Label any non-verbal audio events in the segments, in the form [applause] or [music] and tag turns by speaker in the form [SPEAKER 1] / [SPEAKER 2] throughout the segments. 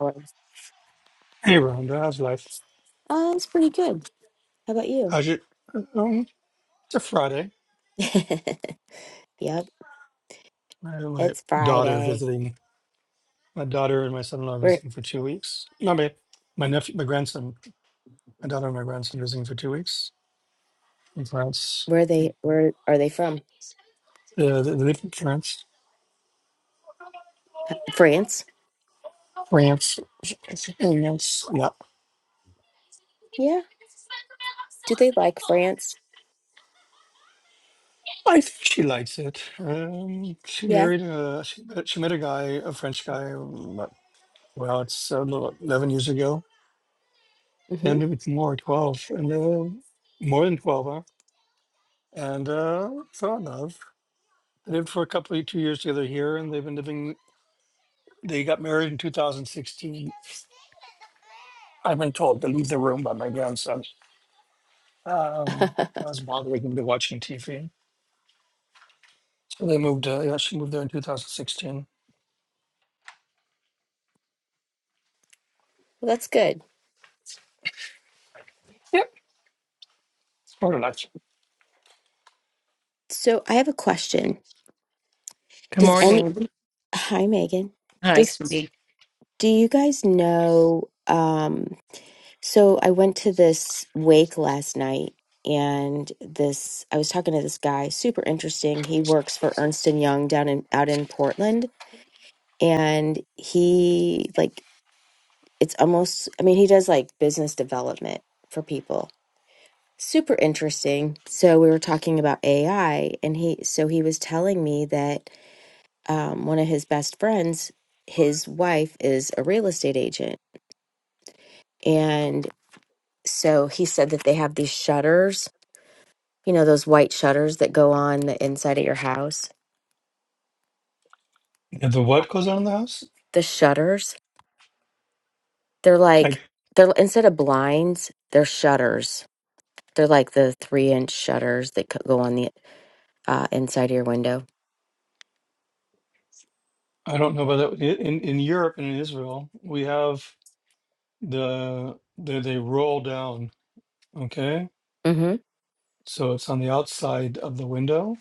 [SPEAKER 1] hours.
[SPEAKER 2] Hey, Rhonda, how's life?
[SPEAKER 1] Uh, it's pretty good. How about you?
[SPEAKER 2] How's your? Um, it's a Friday.
[SPEAKER 1] [laughs] Yep,
[SPEAKER 2] I have my
[SPEAKER 1] it's
[SPEAKER 2] daughter
[SPEAKER 1] Friday.
[SPEAKER 2] visiting. My daughter and my son-in-law
[SPEAKER 1] Where
[SPEAKER 2] visiting for two weeks. No, my my nephew, my grandson, my daughter and my grandson visiting for two weeks in France.
[SPEAKER 1] where are they where are they from?
[SPEAKER 2] Uh, they they live in France.
[SPEAKER 1] P- France?
[SPEAKER 2] France, France. Yeah,
[SPEAKER 1] Yeah. Do they like France?
[SPEAKER 2] I think she likes it. Um, she
[SPEAKER 1] Yeah.
[SPEAKER 2] married. Uh, she, met- she met a guy, a French guy. um, But, well, it's uh, eleven years ago.
[SPEAKER 1] Mm-hmm.
[SPEAKER 2] Ten, maybe it's more, twelve, and uh, more than twelve, huh? and uh, fell in love. They lived for a couple of two years together here, and they've been living. They got married in 2016. I've been told to leave the room by my grandson.
[SPEAKER 1] [laughs]
[SPEAKER 2] Um,
[SPEAKER 1] Well,
[SPEAKER 2] I was bothering him to watching TV. So they moved. Uh, yeah, she moved there in 2016.
[SPEAKER 1] that's good.
[SPEAKER 2] Yep, it's part of life.
[SPEAKER 1] So I have a question.
[SPEAKER 3] Good
[SPEAKER 1] Does
[SPEAKER 2] Yes.
[SPEAKER 1] any
[SPEAKER 3] morning.
[SPEAKER 1] Hi, Megan.
[SPEAKER 3] Hi,
[SPEAKER 1] Does
[SPEAKER 3] sweetie.
[SPEAKER 1] do you guys know? Um, So I went to this wake last night and this I was talking to this guy, super interesting. He works for Ernst and Young down in out in Portland and he like it's almost I mean he does like business development for people. Super interesting. So we were talking about AI and he so he was telling me that um one of his best friends, his wife is a real estate agent and so he said that they have these shutters you know those white shutters that go on the inside of your house
[SPEAKER 2] And the what goes on in the house?
[SPEAKER 1] the shutters they're
[SPEAKER 2] Like
[SPEAKER 1] like they're instead of blinds they're shutters they're like the three inch shutters that co- go on the uh, inside of your window
[SPEAKER 2] I don't know about that. I- In in Europe and in Israel, we have the they they roll down. Okay,
[SPEAKER 1] hmm
[SPEAKER 2] so it's on the outside of the window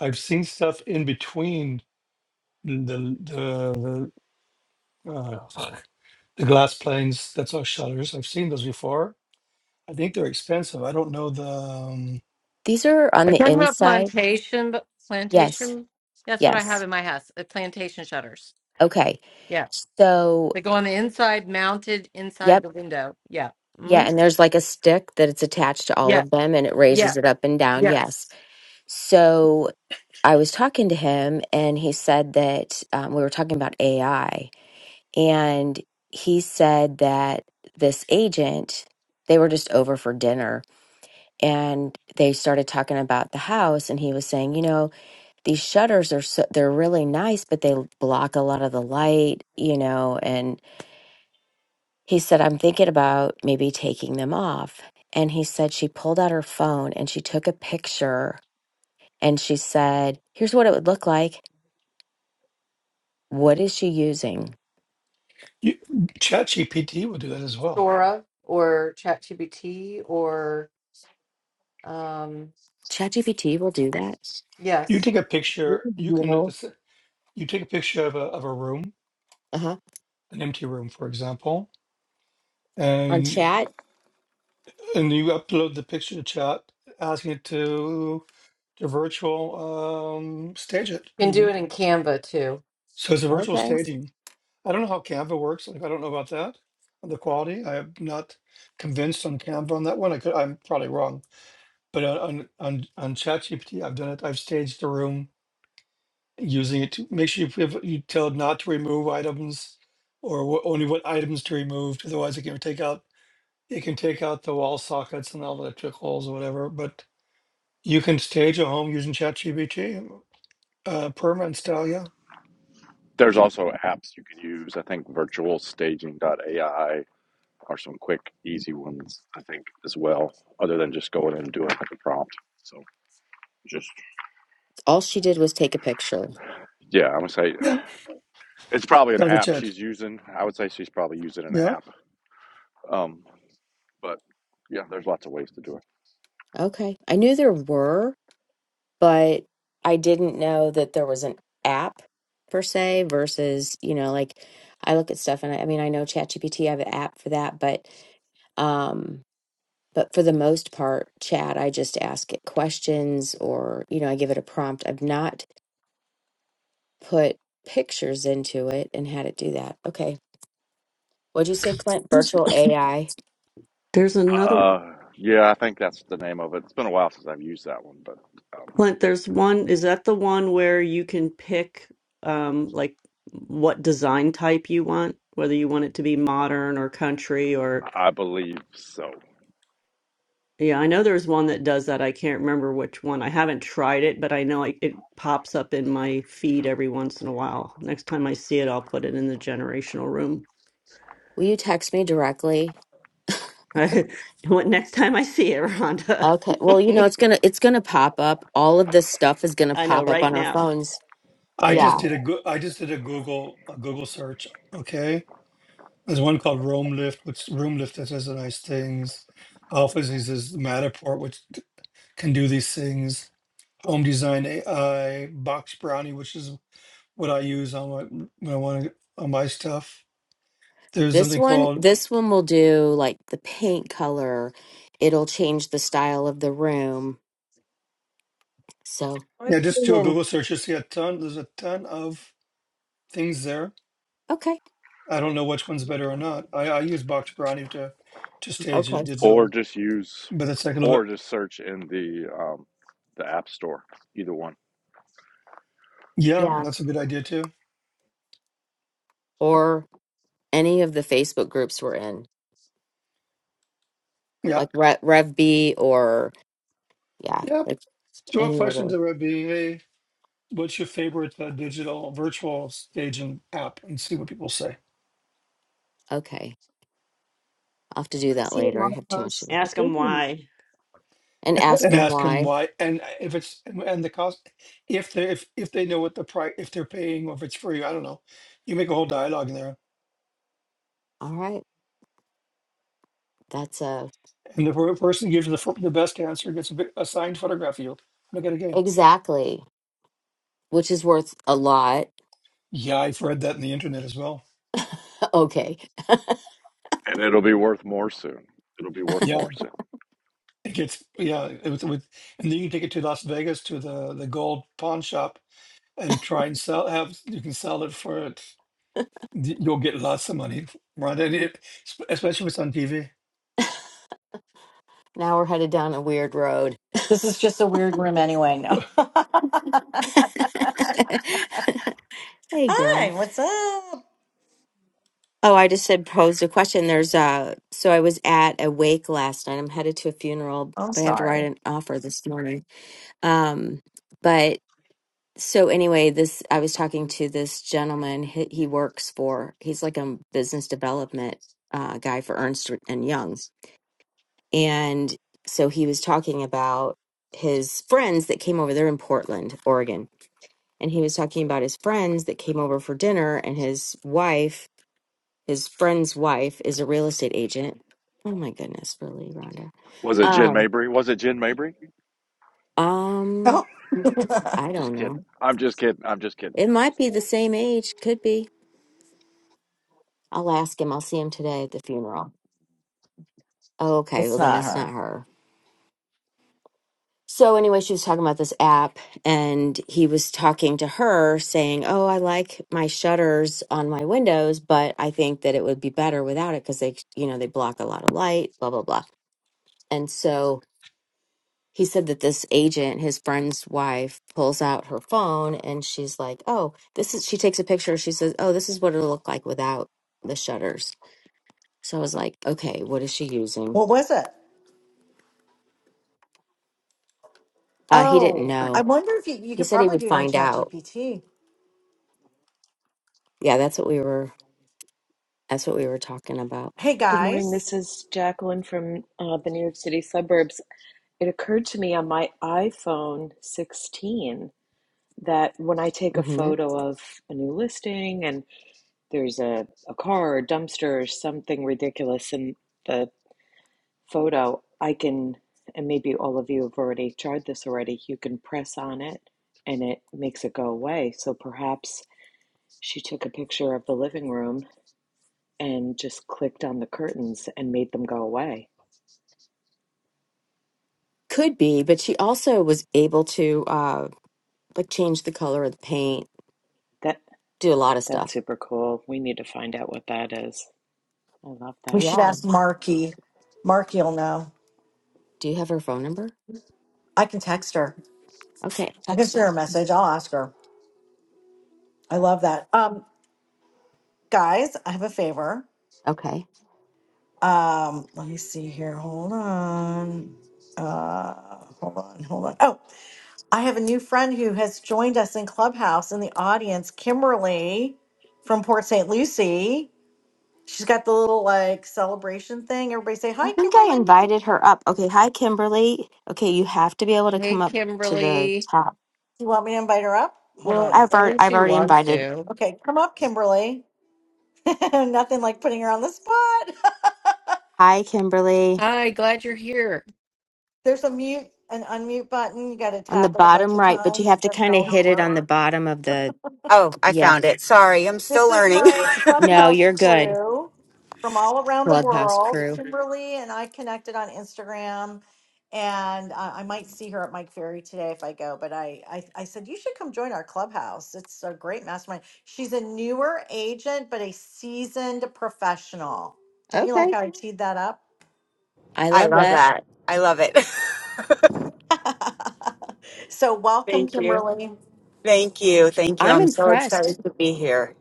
[SPEAKER 2] I've seen stuff in between the the the, uh, the glass planes. That's our shutters. I've seen those before. I think they're expensive. I don't know the um,
[SPEAKER 1] these are on
[SPEAKER 3] We're
[SPEAKER 1] the
[SPEAKER 3] talking about
[SPEAKER 1] inside
[SPEAKER 3] plantation, but
[SPEAKER 1] yes
[SPEAKER 3] plantation. That's what I have
[SPEAKER 1] yes
[SPEAKER 3] in my house. The plantation shutters.
[SPEAKER 1] okay
[SPEAKER 3] Yeah,
[SPEAKER 1] so
[SPEAKER 3] they go on the inside, mounted inside
[SPEAKER 1] yep
[SPEAKER 3] the window. Yeah.
[SPEAKER 1] yeah
[SPEAKER 3] Mm?
[SPEAKER 1] and there's like a stick that it's attached to all
[SPEAKER 3] Yeah.
[SPEAKER 1] of them and it
[SPEAKER 3] Yeah.
[SPEAKER 1] raises it up and down
[SPEAKER 3] Yes.
[SPEAKER 1] yes so i was talking to him and he said that um, we were talking about ai And he said that this agent, they were just over for dinner and they started talking about the house. And he was saying, you know, these shutters are so, they're really nice, but they block a lot of the light, you know. And he said, I'm thinking about maybe taking them off. And he said, she pulled out her phone and she took a picture and she said, here's what it would look like. What is she using?
[SPEAKER 2] you, ChatGPT will do that as well.
[SPEAKER 3] Sora or ChatGPT or um.
[SPEAKER 1] ChatGPT will do that.
[SPEAKER 2] You
[SPEAKER 3] Yes,
[SPEAKER 2] take a
[SPEAKER 4] years
[SPEAKER 2] picture. You can
[SPEAKER 4] ago.
[SPEAKER 2] you take a picture of a of a room,
[SPEAKER 1] Uh huh.
[SPEAKER 2] an empty room, for example,
[SPEAKER 1] On
[SPEAKER 2] and
[SPEAKER 1] chat?
[SPEAKER 2] and you upload the picture to Chat, asking it to to virtual um, stage it.
[SPEAKER 3] you can
[SPEAKER 2] You
[SPEAKER 3] do
[SPEAKER 2] can,
[SPEAKER 3] it in Canva too.
[SPEAKER 2] so it's a virtual
[SPEAKER 1] Okay.
[SPEAKER 2] staging I don't know how Canva works. Like, I don't know about that, the quality. I am not convinced on Canva on that one. I could, I'm probably wrong, but on on on, on ChatGPT, I've done it. I've staged a room using it to make sure you put- you tell it not to remove items, or wha- only what items to remove. Otherwise, it can take out it can take out the wall sockets and all the electric holes or whatever. But you can stage a home using ChatGPT, uh, perma and style. Yeah,
[SPEAKER 5] There's also apps you can use. I think Virtual Staging AI are some quick, easy ones, I think, as well, other than just going in and doing like a prompt. So just,
[SPEAKER 1] All she did was take a picture.
[SPEAKER 5] yeah, I would say
[SPEAKER 2] yeah,
[SPEAKER 5] it's probably an
[SPEAKER 2] sounds a
[SPEAKER 5] app
[SPEAKER 2] chat.
[SPEAKER 5] she's using. I would say she's probably using an
[SPEAKER 2] Yeah.
[SPEAKER 5] app. Um, but yeah, there's lots of ways to do it.
[SPEAKER 1] Okay. I knew there were, but I didn't know that there was an app per se versus, you know, like I look at stuff and I, I mean, I know ChatGPT, I have an app for that, but, um, but for the most part, chat, I just ask it questions or, you know, I give it a prompt. I've not put pictures into it and had it do that. Okay. What'd you say, Clint?
[SPEAKER 6] There's
[SPEAKER 1] Virtual AI.
[SPEAKER 6] there's another
[SPEAKER 5] Uh, yeah, I think that's the name of it. It's been a while since I've used that one, but um,
[SPEAKER 6] Clint, there's one is that the one where you can pick um like what design type you want, whether you want it to be modern or country or
[SPEAKER 5] I believe so.
[SPEAKER 6] yeah, I know there's one that does that. I can't remember which one. I haven't tried it, but I know I, it pops up in my feed every once in a while. Next time I see it, I'll put it in the generational room.
[SPEAKER 1] Will you text me directly?
[SPEAKER 6] [laughs] What next time I see it, Rhonda?
[SPEAKER 1] Okay. Well, you know, it's gonna it's gonna pop up. All of this stuff is
[SPEAKER 6] [laughs]
[SPEAKER 1] gonna
[SPEAKER 6] I know
[SPEAKER 1] pop up
[SPEAKER 6] right
[SPEAKER 1] on our
[SPEAKER 6] now.
[SPEAKER 1] phones.
[SPEAKER 2] I
[SPEAKER 6] Yeah.
[SPEAKER 2] just
[SPEAKER 1] Yeah.
[SPEAKER 2] did a go- I just did a Google a Google search. Okay, there's one called Roam Lift, which Room Lift that does the nice things. Alpha uses Matterport, which d- can do these things. Home Design AI, Box Brownie, which is what I use on my when I want to on my stuff. There's
[SPEAKER 1] This
[SPEAKER 2] something
[SPEAKER 1] one
[SPEAKER 2] called
[SPEAKER 1] this one will do like the paint color. It'll change the style of the room. So
[SPEAKER 4] I've
[SPEAKER 2] yeah. Just
[SPEAKER 4] been
[SPEAKER 2] do a
[SPEAKER 4] in,
[SPEAKER 2] Google search. You see a ton. There's a ton of things there.
[SPEAKER 1] okay.
[SPEAKER 2] I don't know which one's better or not. I, I use Box Brownie to to stage it
[SPEAKER 1] Okay.
[SPEAKER 5] Or
[SPEAKER 2] digital,
[SPEAKER 5] just use,
[SPEAKER 2] but it's like a little
[SPEAKER 5] or
[SPEAKER 2] bit.
[SPEAKER 5] just search in the um, the app store. Either one.
[SPEAKER 2] Yeah,
[SPEAKER 1] Yeah.
[SPEAKER 2] that's a good idea too.
[SPEAKER 1] Or any of the Facebook groups we're in,
[SPEAKER 2] Yeah.
[SPEAKER 1] like Re- RevB or yeah,
[SPEAKER 2] Yeah.
[SPEAKER 1] like
[SPEAKER 2] So a
[SPEAKER 1] any of
[SPEAKER 2] question
[SPEAKER 1] those.
[SPEAKER 2] to Rabbi. What's your favorite uh, digital virtual staging app? And see what people say,
[SPEAKER 1] Okay. I'll have to do
[SPEAKER 4] I've
[SPEAKER 1] that
[SPEAKER 4] seen a
[SPEAKER 1] later. I
[SPEAKER 4] lot of
[SPEAKER 1] have too much to
[SPEAKER 4] posts.
[SPEAKER 1] do.
[SPEAKER 4] I
[SPEAKER 6] Ask them
[SPEAKER 4] think in
[SPEAKER 6] why.
[SPEAKER 1] And ask
[SPEAKER 2] and
[SPEAKER 1] them
[SPEAKER 2] ask them
[SPEAKER 1] why.
[SPEAKER 2] why. And uh, if it's and the cost, if they if if they know what the price, if they're paying or if it's free, I don't know. You make a whole dialogue in there,
[SPEAKER 1] All right. That's a
[SPEAKER 2] and the per- person gives the fir- the best answer gets a, bit, a signed photograph of you. Look at a game.
[SPEAKER 1] exactly, which is worth a lot
[SPEAKER 2] Yeah, I've read that in the internet as well.
[SPEAKER 1] Okay,
[SPEAKER 5] And it'll be worth more soon. It'll be worth
[SPEAKER 2] Yeah,
[SPEAKER 5] more soon.
[SPEAKER 2] it gets yeah, it, with, with, and then you can take it to Las Vegas to the the gold pawn shop and try and sell have you can sell it for it y- you'll get lots of money right and it, especially if it's on tv
[SPEAKER 1] now we're headed down a weird road.
[SPEAKER 7] This is just a weird room anyway. No.
[SPEAKER 2] [laughs]
[SPEAKER 7] [laughs]
[SPEAKER 1] [laughs] Hey,
[SPEAKER 7] Hi,
[SPEAKER 1] girl.
[SPEAKER 7] what's up?
[SPEAKER 1] Oh, I just had posed a question. There's uh so I was at a wake last night. I'm headed to a funeral,
[SPEAKER 7] I'm
[SPEAKER 1] but I have to write
[SPEAKER 7] sorry.
[SPEAKER 1] an offer this morning. Um, but so anyway, this I was talking to this gentleman. He, he works for. He's like a business development uh, guy for Ernst and Young's, and so he was talking about his friends that came over. They're in Portland, Oregon, and he was talking about his friends that came over for dinner and his wife his friend's wife is a real estate agent oh my goodness really rhonda
[SPEAKER 5] Was it Jen
[SPEAKER 1] um
[SPEAKER 5] Mabry? Was it Jen Mabry?
[SPEAKER 1] um
[SPEAKER 7] Oh, [laughs]
[SPEAKER 1] i
[SPEAKER 5] I'm just
[SPEAKER 1] don't
[SPEAKER 5] kidding.
[SPEAKER 1] know
[SPEAKER 5] I'm just kidding. I'm just kidding.
[SPEAKER 1] it
[SPEAKER 5] I was
[SPEAKER 1] might
[SPEAKER 5] just
[SPEAKER 1] be
[SPEAKER 5] kidding.
[SPEAKER 1] the same age could be i'll ask him i'll see him today at the funeral oh, okay
[SPEAKER 7] it's
[SPEAKER 1] well then
[SPEAKER 7] not
[SPEAKER 1] it's not
[SPEAKER 7] her.
[SPEAKER 1] her so anyway she was talking about this app and he was talking to her saying oh i like my shutters on my windows but i think that it would be better without it because they you know they block a lot of light blah blah blah And so he said that this agent, his friend's wife, pulls out her phone and she's like, Oh, this is, she takes a picture. She says, Oh, this is what it'll look like without the shutters. So I was like, Okay, what is she using?
[SPEAKER 7] What was it?
[SPEAKER 1] Uh, he didn't
[SPEAKER 7] Oh, I
[SPEAKER 1] know.
[SPEAKER 7] wonder if you, you
[SPEAKER 1] He
[SPEAKER 7] could
[SPEAKER 1] said he
[SPEAKER 7] probably
[SPEAKER 1] would
[SPEAKER 7] do it in
[SPEAKER 1] find out.
[SPEAKER 7] ChatGPT.
[SPEAKER 1] Yeah, that's what we were, that's what we were talking about.
[SPEAKER 7] Hey
[SPEAKER 8] Good morning.
[SPEAKER 7] guys,
[SPEAKER 8] This is Jacqueline from uh, the New York City suburbs. It occurred to me on my iPhone 16 that when I take a
[SPEAKER 1] hmm
[SPEAKER 8] photo of a new listing and there's a, a car or a dumpster or something ridiculous in the photo, I can, and maybe all of you have already tried this already, you can press on it and it makes it go away. So perhaps she took a picture of the living room and just clicked on the curtains and made them go away.
[SPEAKER 1] Could be, but she also was able to, uh, like change the color of the paint,
[SPEAKER 8] That.
[SPEAKER 1] do a lot of
[SPEAKER 8] That's
[SPEAKER 1] stuff.
[SPEAKER 8] super cool. We need to find out what that is. I love
[SPEAKER 7] we
[SPEAKER 8] that.
[SPEAKER 7] should
[SPEAKER 1] Yeah.
[SPEAKER 7] ask Marky. Marky will know.
[SPEAKER 1] Do you have her phone number?
[SPEAKER 7] I can text her.
[SPEAKER 1] Okay.
[SPEAKER 7] I can
[SPEAKER 1] Text
[SPEAKER 7] send her a message. I'll ask her. I love that. Um, guys, I have a favor.
[SPEAKER 1] her. Okay.
[SPEAKER 7] Um, let me see here. Hold on. Uh, hold on. Hold on. Oh. I have a new friend who has joined us in Clubhouse in the audience, Kimberly from Port St. Lucie. She's got the little like celebration thing. Everybody say,
[SPEAKER 1] I
[SPEAKER 7] Hi,
[SPEAKER 1] think I
[SPEAKER 7] Kimberly.
[SPEAKER 1] invited her up. Okay, hi Kimberly. Okay, you have to be able to
[SPEAKER 3] Hey,
[SPEAKER 1] come up to the
[SPEAKER 3] Kimberly.
[SPEAKER 1] top.
[SPEAKER 7] you want me to invite her up? Hold
[SPEAKER 3] Well,
[SPEAKER 7] on.
[SPEAKER 1] I've already,
[SPEAKER 3] unless
[SPEAKER 1] I've
[SPEAKER 3] she
[SPEAKER 1] already
[SPEAKER 3] wants
[SPEAKER 1] invited.
[SPEAKER 3] to.
[SPEAKER 7] Okay, come up, Kimberly. [laughs] Nothing like putting her on the spot.
[SPEAKER 1] Hi Kimberly
[SPEAKER 3] Hi, glad you're here.
[SPEAKER 7] [laughs] There's a mute, and unmute button. You got to
[SPEAKER 1] on the
[SPEAKER 7] tap it a
[SPEAKER 1] bottom
[SPEAKER 7] bunch of
[SPEAKER 1] right, but you
[SPEAKER 7] times.
[SPEAKER 1] have
[SPEAKER 7] It
[SPEAKER 1] to
[SPEAKER 7] doesn't
[SPEAKER 1] kind of
[SPEAKER 7] always
[SPEAKER 1] hit it
[SPEAKER 7] work.
[SPEAKER 1] on the bottom of the
[SPEAKER 9] Oh, I
[SPEAKER 1] yeah.
[SPEAKER 9] found it. Sorry, I'm still
[SPEAKER 7] This is
[SPEAKER 9] learning.
[SPEAKER 7] my
[SPEAKER 1] No,
[SPEAKER 7] clubhouse
[SPEAKER 1] you're good.
[SPEAKER 7] crew from all around the
[SPEAKER 1] Clubhouse
[SPEAKER 7] world.
[SPEAKER 1] crew.
[SPEAKER 7] Kimberly and I connected on Instagram, and uh, I might see her at Mike Ferry today if I go. But I, I, I said you should come join our clubhouse. It's a great mastermind. She's a newer agent, but a seasoned professional. Don't you like
[SPEAKER 1] Okay.
[SPEAKER 7] how I teed that up?
[SPEAKER 1] I
[SPEAKER 9] [laughs] I
[SPEAKER 1] love
[SPEAKER 9] love
[SPEAKER 1] that.
[SPEAKER 9] that. I love it.
[SPEAKER 7] [laughs] so
[SPEAKER 9] [laughs]
[SPEAKER 7] welcome,
[SPEAKER 9] Thank you.
[SPEAKER 7] Kimberly.
[SPEAKER 9] Thank you. Thank you.
[SPEAKER 1] I'm
[SPEAKER 9] I'm so
[SPEAKER 1] impressed.
[SPEAKER 9] excited to be here.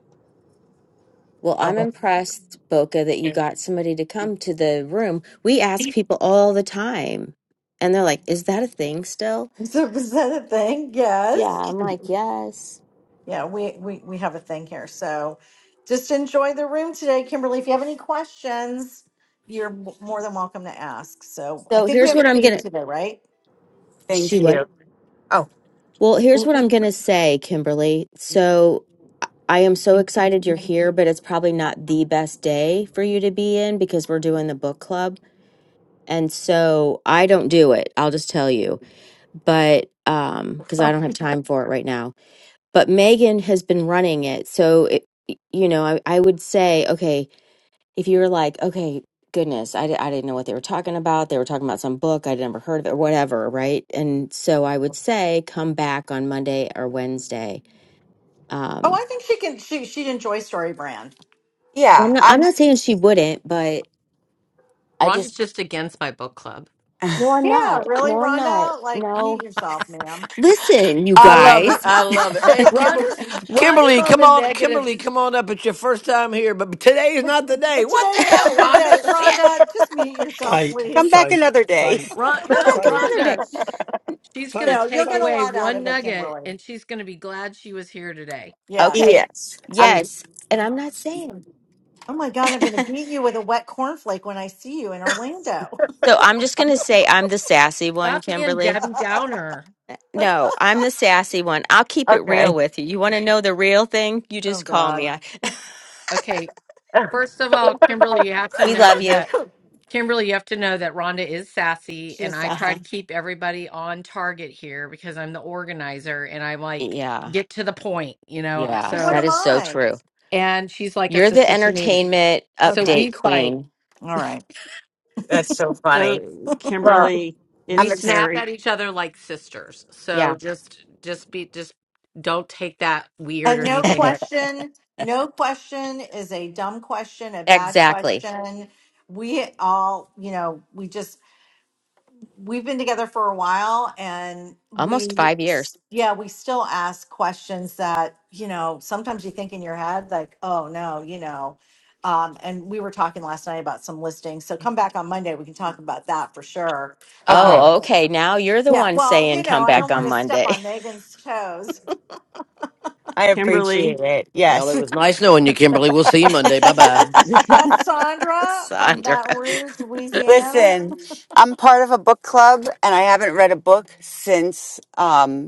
[SPEAKER 1] Well, I'm
[SPEAKER 9] Oh,
[SPEAKER 1] impressed, Boca, that you got somebody to come to the room. We ask people all the time, and they're like, "Is that a thing still?"
[SPEAKER 7] [laughs] Is that a thing?
[SPEAKER 1] Yeah,
[SPEAKER 7] Yes.
[SPEAKER 1] I'm like, "Yes."
[SPEAKER 7] Yeah, we, we, we have a thing here. So just enjoy the room today, Kimberly. If you have any questions, you're w- more than welcome to ask. So I
[SPEAKER 1] So
[SPEAKER 7] think we
[SPEAKER 1] here's
[SPEAKER 7] have a
[SPEAKER 1] what I'm
[SPEAKER 7] theme
[SPEAKER 1] gonna
[SPEAKER 7] today, right?
[SPEAKER 9] thank
[SPEAKER 1] She what?
[SPEAKER 9] you. Oh,
[SPEAKER 1] Well, here's what I'm going to say, Kimberly. So I I am so excited you're here, but it's probably not the best day for you to be in because we're doing the book club. And so I don't do it. I'll just tell you. But um because I don't
[SPEAKER 3] [laughs]
[SPEAKER 1] have time for it right now. But Megan has been running it. So it, you know, I, I would say, okay, if you were like, okay, goodness, I, di- I didn't know what they were talking about. They were talking about some book I'd never heard of it, or whatever, right? And so I would say, come back on Monday or Wednesday.
[SPEAKER 7] Oh,
[SPEAKER 1] Um,
[SPEAKER 7] I think she can, she, she'd enjoy Story Brand.
[SPEAKER 1] well, I'm
[SPEAKER 9] yeah.
[SPEAKER 1] not, I'm
[SPEAKER 9] I'm
[SPEAKER 1] not saying she wouldn't, but I just,
[SPEAKER 3] Rhonda's just against my book club.
[SPEAKER 1] no, I'm
[SPEAKER 7] Yeah,
[SPEAKER 1] not.
[SPEAKER 7] really,
[SPEAKER 1] No, I'm not.
[SPEAKER 7] Rhonda? Like, mute
[SPEAKER 1] No.
[SPEAKER 7] yourself, ma'am.
[SPEAKER 1] Listen, you
[SPEAKER 10] I love it.
[SPEAKER 1] guys,
[SPEAKER 10] I
[SPEAKER 7] [laughs]
[SPEAKER 10] love it. Hey,
[SPEAKER 7] but,
[SPEAKER 10] Kimberly,
[SPEAKER 3] Rhonda's Rhonda's
[SPEAKER 10] Kimberly,
[SPEAKER 3] on
[SPEAKER 10] come
[SPEAKER 3] the
[SPEAKER 10] on,
[SPEAKER 3] negative.
[SPEAKER 10] Kimberly,
[SPEAKER 3] s-
[SPEAKER 10] come on up. It's your first time here, but today is not the day.
[SPEAKER 7] but
[SPEAKER 10] What the
[SPEAKER 7] today's not a
[SPEAKER 10] hell,
[SPEAKER 7] good
[SPEAKER 10] Rhonda?
[SPEAKER 7] day.
[SPEAKER 10] Shit.
[SPEAKER 7] Rhonda, just mute yourself,
[SPEAKER 2] fight
[SPEAKER 9] come
[SPEAKER 7] please.
[SPEAKER 9] back
[SPEAKER 2] fight
[SPEAKER 9] another day. [laughs]
[SPEAKER 2] fight
[SPEAKER 3] Ron,
[SPEAKER 1] come back
[SPEAKER 3] no,
[SPEAKER 2] fight
[SPEAKER 1] another day.
[SPEAKER 3] Rhonda, she's gonna
[SPEAKER 2] fight
[SPEAKER 7] No, you'll
[SPEAKER 3] take
[SPEAKER 7] get a
[SPEAKER 2] fight
[SPEAKER 3] away
[SPEAKER 7] lot out
[SPEAKER 3] one
[SPEAKER 7] of it,
[SPEAKER 3] nugget,
[SPEAKER 7] Kimberly.
[SPEAKER 3] and she's gonna be glad she was here today.
[SPEAKER 1] Okay.
[SPEAKER 7] Yes.
[SPEAKER 9] Yes. I'm
[SPEAKER 1] Yes. And I'm not saying.
[SPEAKER 7] Oh my
[SPEAKER 1] [laughs]
[SPEAKER 7] God, I'm going to
[SPEAKER 1] so
[SPEAKER 7] beat you with a wet cornflake when I see you in Orlando.
[SPEAKER 1] I'm just going to say I'm the sassy one,
[SPEAKER 3] Stop being
[SPEAKER 1] Kimberly.
[SPEAKER 3] Debbie
[SPEAKER 7] [laughs]
[SPEAKER 3] Downer.
[SPEAKER 1] No, I'm the sassy one. I'll keep it real
[SPEAKER 9] okay.
[SPEAKER 1] with you. You want to know the real thing? You
[SPEAKER 7] oh
[SPEAKER 1] just call
[SPEAKER 7] God.
[SPEAKER 1] me. I,
[SPEAKER 3] Okay, first of all, Kimberly, you
[SPEAKER 9] [laughs]
[SPEAKER 3] have to
[SPEAKER 1] we love
[SPEAKER 3] know
[SPEAKER 1] you.
[SPEAKER 3] that Kimberly, you have to know that Rhonda is sassy,
[SPEAKER 7] She
[SPEAKER 3] and
[SPEAKER 7] is
[SPEAKER 3] I
[SPEAKER 1] Uh
[SPEAKER 3] try
[SPEAKER 7] sassy.
[SPEAKER 1] huh.
[SPEAKER 3] to keep everybody on target here because I'm the organizer, and I like
[SPEAKER 1] Yeah.
[SPEAKER 3] get to the point, you know.
[SPEAKER 1] Yeah.
[SPEAKER 7] But what
[SPEAKER 3] So,
[SPEAKER 1] That
[SPEAKER 7] am
[SPEAKER 1] is so
[SPEAKER 7] I?
[SPEAKER 1] true.
[SPEAKER 3] and she's like a
[SPEAKER 1] You're the
[SPEAKER 3] sister to me,
[SPEAKER 1] entertainment
[SPEAKER 3] so
[SPEAKER 7] Okay.
[SPEAKER 1] update
[SPEAKER 3] we fight.
[SPEAKER 1] queen.
[SPEAKER 7] All right.
[SPEAKER 9] That's so funny.
[SPEAKER 6] So,
[SPEAKER 9] Well,
[SPEAKER 6] Kimberly,
[SPEAKER 3] we
[SPEAKER 9] I'm
[SPEAKER 6] it's
[SPEAKER 9] ex-
[SPEAKER 3] snap
[SPEAKER 6] Terry.
[SPEAKER 3] at each other like sisters so
[SPEAKER 1] Yeah.
[SPEAKER 3] just just be just don't take that weird
[SPEAKER 7] And
[SPEAKER 3] or
[SPEAKER 7] no
[SPEAKER 3] anything
[SPEAKER 1] [laughs]
[SPEAKER 3] but
[SPEAKER 7] question, no question is a dumb question, a bad
[SPEAKER 1] Exactly.
[SPEAKER 7] question. We all, you know, we just, we've been together for a while and
[SPEAKER 1] Almost
[SPEAKER 7] we,
[SPEAKER 1] five years.
[SPEAKER 7] yeah, we still ask questions that, you know, sometimes you think in your head, like, oh no, you know. Um, and we were talking last night about some listings. So come back on Monday. We can talk about that for sure.
[SPEAKER 9] okay.
[SPEAKER 7] Um,
[SPEAKER 1] Oh, okay. Now you're the
[SPEAKER 7] Yeah,
[SPEAKER 1] one
[SPEAKER 7] well,
[SPEAKER 1] saying
[SPEAKER 7] you know,
[SPEAKER 1] come
[SPEAKER 7] I
[SPEAKER 1] back
[SPEAKER 7] don't
[SPEAKER 1] on
[SPEAKER 7] want to step
[SPEAKER 1] Monday.
[SPEAKER 7] on Megan's toes.
[SPEAKER 9] I
[SPEAKER 6] Kimberly,
[SPEAKER 9] appreciate it.
[SPEAKER 10] Well,
[SPEAKER 9] Yes. [laughs]
[SPEAKER 10] it was nice knowing you, Kimberly. We'll see you Monday. Bye bye.
[SPEAKER 6] [laughs]
[SPEAKER 7] [laughs]
[SPEAKER 1] [laughs]
[SPEAKER 7] That's Sandra from
[SPEAKER 1] Sandra.
[SPEAKER 7] Baton Rouge, Louisiana.
[SPEAKER 9] Listen, I'm part of a book club and I haven't read a book since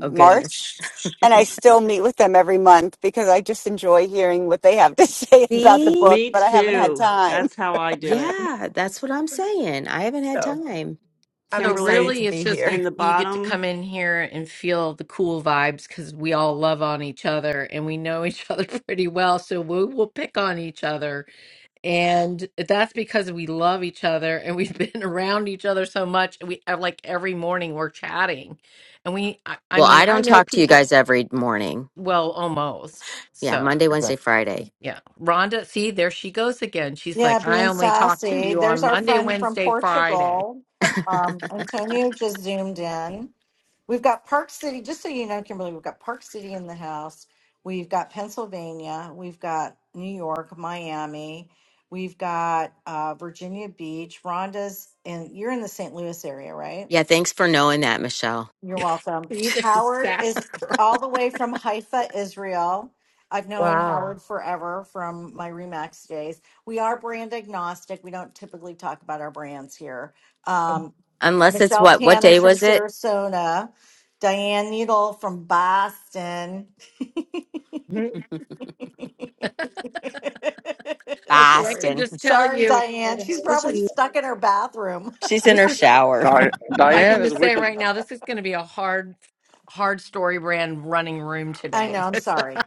[SPEAKER 1] Oh, goodness.
[SPEAKER 9] March. And I still meet with them every month because I just enjoy hearing what they have to [laughs] say about the
[SPEAKER 1] See?
[SPEAKER 9] book,
[SPEAKER 6] me
[SPEAKER 9] but I haven't had
[SPEAKER 6] too.
[SPEAKER 9] time.
[SPEAKER 6] That's how I do it.
[SPEAKER 1] Yeah, that's what I'm saying. I haven't had
[SPEAKER 9] So
[SPEAKER 1] time.
[SPEAKER 9] I'm
[SPEAKER 3] so
[SPEAKER 9] excited
[SPEAKER 6] Kimberly,
[SPEAKER 9] to
[SPEAKER 3] really it's
[SPEAKER 9] be
[SPEAKER 3] just you
[SPEAKER 9] here.
[SPEAKER 6] in the
[SPEAKER 3] you get to come
[SPEAKER 6] bottom.
[SPEAKER 3] in here and feel the cool vibes because we all love on each other and we know each [laughs] other pretty well so we will pick on each other and that's because we love each other and we've been [laughs] around each other so much we uh, like every morning we're chatting and we i, I
[SPEAKER 1] Well,
[SPEAKER 3] mean
[SPEAKER 1] I
[SPEAKER 3] i
[SPEAKER 1] don't
[SPEAKER 3] know
[SPEAKER 1] talk to you
[SPEAKER 3] people
[SPEAKER 1] guys every morning.
[SPEAKER 3] well almost
[SPEAKER 1] Yeah,
[SPEAKER 3] so
[SPEAKER 1] Monday, Wednesday, Friday.
[SPEAKER 3] Yeah. Rhonda, see, there she goes again. She's
[SPEAKER 7] Yeah,
[SPEAKER 3] like, I
[SPEAKER 7] being
[SPEAKER 3] only talk to
[SPEAKER 7] sassy.
[SPEAKER 3] you
[SPEAKER 7] There's
[SPEAKER 3] on
[SPEAKER 7] our
[SPEAKER 3] Monday,
[SPEAKER 7] friend from
[SPEAKER 3] Wednesday, Friday.
[SPEAKER 7] Portugal. Um, Antonio just zoomed in. We've got Park City, just so you know, Kimberly, we've got Park City in the house. We've got Pennsylvania. We've got New York, Miami. We've got uh, Virginia
[SPEAKER 3] [laughs]
[SPEAKER 7] Beach. Rhonda's in, you're in the St. Louis area, right?
[SPEAKER 1] Yeah, thanks for knowing that, Michelle.
[SPEAKER 7] You're welcome.
[SPEAKER 3] Either
[SPEAKER 7] Howard
[SPEAKER 3] sassy.
[SPEAKER 7] is all the way from Haifa, Israel. I've known
[SPEAKER 9] Wow.
[SPEAKER 7] Howard forever from my Remax days. We are brand agnostic. We don't typically talk about our brands here. Um,
[SPEAKER 1] Unless it's
[SPEAKER 7] Michelle
[SPEAKER 1] what? What day
[SPEAKER 7] Tanner's from
[SPEAKER 1] was it?
[SPEAKER 7] Sarasota. Diane Needle from Boston. [laughs]
[SPEAKER 9] Mhm.
[SPEAKER 1] [laughs]
[SPEAKER 3] Okay, I
[SPEAKER 7] sorry.
[SPEAKER 3] can
[SPEAKER 1] Boston.
[SPEAKER 3] just tell
[SPEAKER 7] Sorry,
[SPEAKER 3] you
[SPEAKER 7] Diane. She's
[SPEAKER 4] Idaho
[SPEAKER 3] this
[SPEAKER 7] probably
[SPEAKER 3] is
[SPEAKER 4] too,
[SPEAKER 7] stuck in her bathroom.
[SPEAKER 1] She's in her
[SPEAKER 3] this is
[SPEAKER 1] shower.
[SPEAKER 5] Di-
[SPEAKER 3] I
[SPEAKER 5] Diane
[SPEAKER 3] can
[SPEAKER 5] is
[SPEAKER 3] just say
[SPEAKER 5] wicked.
[SPEAKER 3] right now this is going to be a hard hard story brand running room
[SPEAKER 5] I
[SPEAKER 7] [laughs] I
[SPEAKER 5] was
[SPEAKER 3] today.
[SPEAKER 7] know.
[SPEAKER 3] [laughs]
[SPEAKER 7] I'm
[SPEAKER 3] Just-
[SPEAKER 7] sorry.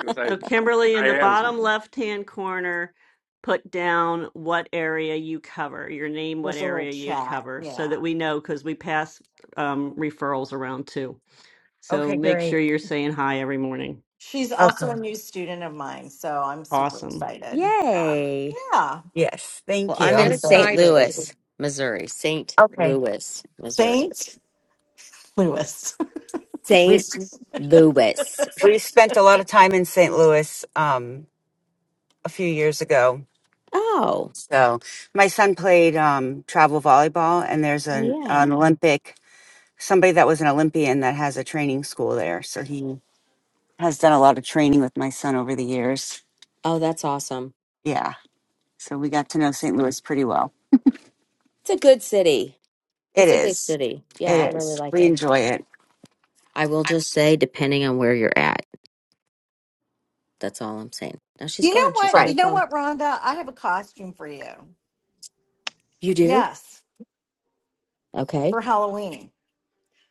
[SPEAKER 5] gonna say
[SPEAKER 6] So, Kimberly, in the
[SPEAKER 5] Diane's
[SPEAKER 6] bottom left hand corner, put down what area you cover, your name, what
[SPEAKER 7] There's a little
[SPEAKER 6] area you
[SPEAKER 7] chat.
[SPEAKER 6] cover, so
[SPEAKER 7] Yeah.
[SPEAKER 6] that we know because we pass um, referrals around too. So,
[SPEAKER 9] Okay,
[SPEAKER 6] make sure
[SPEAKER 9] great.
[SPEAKER 6] you're saying hi every morning.
[SPEAKER 7] She's also a
[SPEAKER 9] Okay.
[SPEAKER 7] new student of mine, so I'm super
[SPEAKER 6] Awesome.
[SPEAKER 1] [laughs]
[SPEAKER 7] excited. Yeah.
[SPEAKER 1] Yay.
[SPEAKER 7] Yeah.
[SPEAKER 9] Yes,
[SPEAKER 1] Well,
[SPEAKER 9] thank
[SPEAKER 3] Well,
[SPEAKER 9] you.
[SPEAKER 1] I'm
[SPEAKER 3] get
[SPEAKER 1] in
[SPEAKER 9] I'm very
[SPEAKER 1] St.
[SPEAKER 3] excited.
[SPEAKER 9] excited.
[SPEAKER 1] Louis, Missouri. St.
[SPEAKER 9] Okay.
[SPEAKER 1] Louis, Missouri.
[SPEAKER 7] Saint Louis. [laughs]
[SPEAKER 9] We,
[SPEAKER 1] St.
[SPEAKER 9] s-
[SPEAKER 1] Louis.
[SPEAKER 9] we spent a lot of time in St. Louis um, a few years ago
[SPEAKER 1] Oh,
[SPEAKER 9] So my son played um, travel volleyball, and there's
[SPEAKER 1] oh,
[SPEAKER 9] an,
[SPEAKER 1] yeah.
[SPEAKER 9] an Olympic somebody that was an Olympian that has a training school there. So he has done a lot of training with my son over the years.
[SPEAKER 1] Oh, that's awesome.
[SPEAKER 9] Yeah, so we got to know St. Louis pretty well.
[SPEAKER 1] It's a good city.
[SPEAKER 9] It
[SPEAKER 1] It's a good
[SPEAKER 9] is,
[SPEAKER 1] city. Yeah, I
[SPEAKER 9] it
[SPEAKER 1] really
[SPEAKER 9] is.
[SPEAKER 1] like
[SPEAKER 9] We
[SPEAKER 1] it.
[SPEAKER 9] enjoy it.
[SPEAKER 1] I will just say, depending on where you're at, that's all I'm saying. Now she's
[SPEAKER 7] You know
[SPEAKER 1] gone. She's
[SPEAKER 7] what?
[SPEAKER 1] on her
[SPEAKER 7] You
[SPEAKER 9] Right.
[SPEAKER 7] know
[SPEAKER 1] phone.
[SPEAKER 7] what, Rhonda? I have a costume for you.
[SPEAKER 1] You do?
[SPEAKER 7] Yes,
[SPEAKER 1] Okay.
[SPEAKER 7] for Halloween.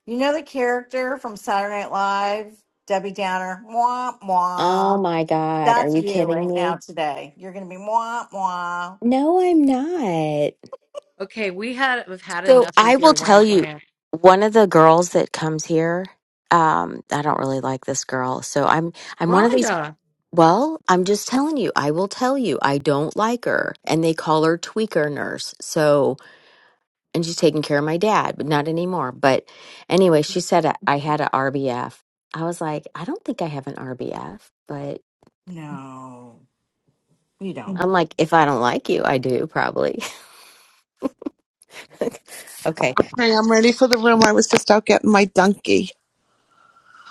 [SPEAKER 7] You know the character from Saturday Night Live, Debbie Downer? Mwah,
[SPEAKER 1] Oh
[SPEAKER 7] mwah.
[SPEAKER 1] my God. Are
[SPEAKER 7] That's
[SPEAKER 1] you
[SPEAKER 7] you
[SPEAKER 1] kidding
[SPEAKER 7] right now
[SPEAKER 1] me?
[SPEAKER 7] today. You're going to be mwah, mwah.
[SPEAKER 1] No, I'm not.
[SPEAKER 3] Okay, we had we've had
[SPEAKER 1] So
[SPEAKER 3] enough
[SPEAKER 1] I
[SPEAKER 3] of
[SPEAKER 1] will
[SPEAKER 3] your
[SPEAKER 1] tell
[SPEAKER 3] rant
[SPEAKER 1] you,
[SPEAKER 3] rant.
[SPEAKER 1] one of the girls that comes here, um, I don't really like this girl. So I'm I'm one of these
[SPEAKER 3] Rhonda.
[SPEAKER 1] well, I'm just telling you, I will tell you, I don't like her. And they call her tweaker nurse. So and she's taking care of my dad, but not anymore. But anyway, she said I I had a RBF. I was like, I don't think I have an RBF, but
[SPEAKER 7] No, you don't.
[SPEAKER 1] I'm like, if I don't like you, I do probably. [laughs] okay.
[SPEAKER 11] Hey, I'm ready for the room. I was just out getting my donkey.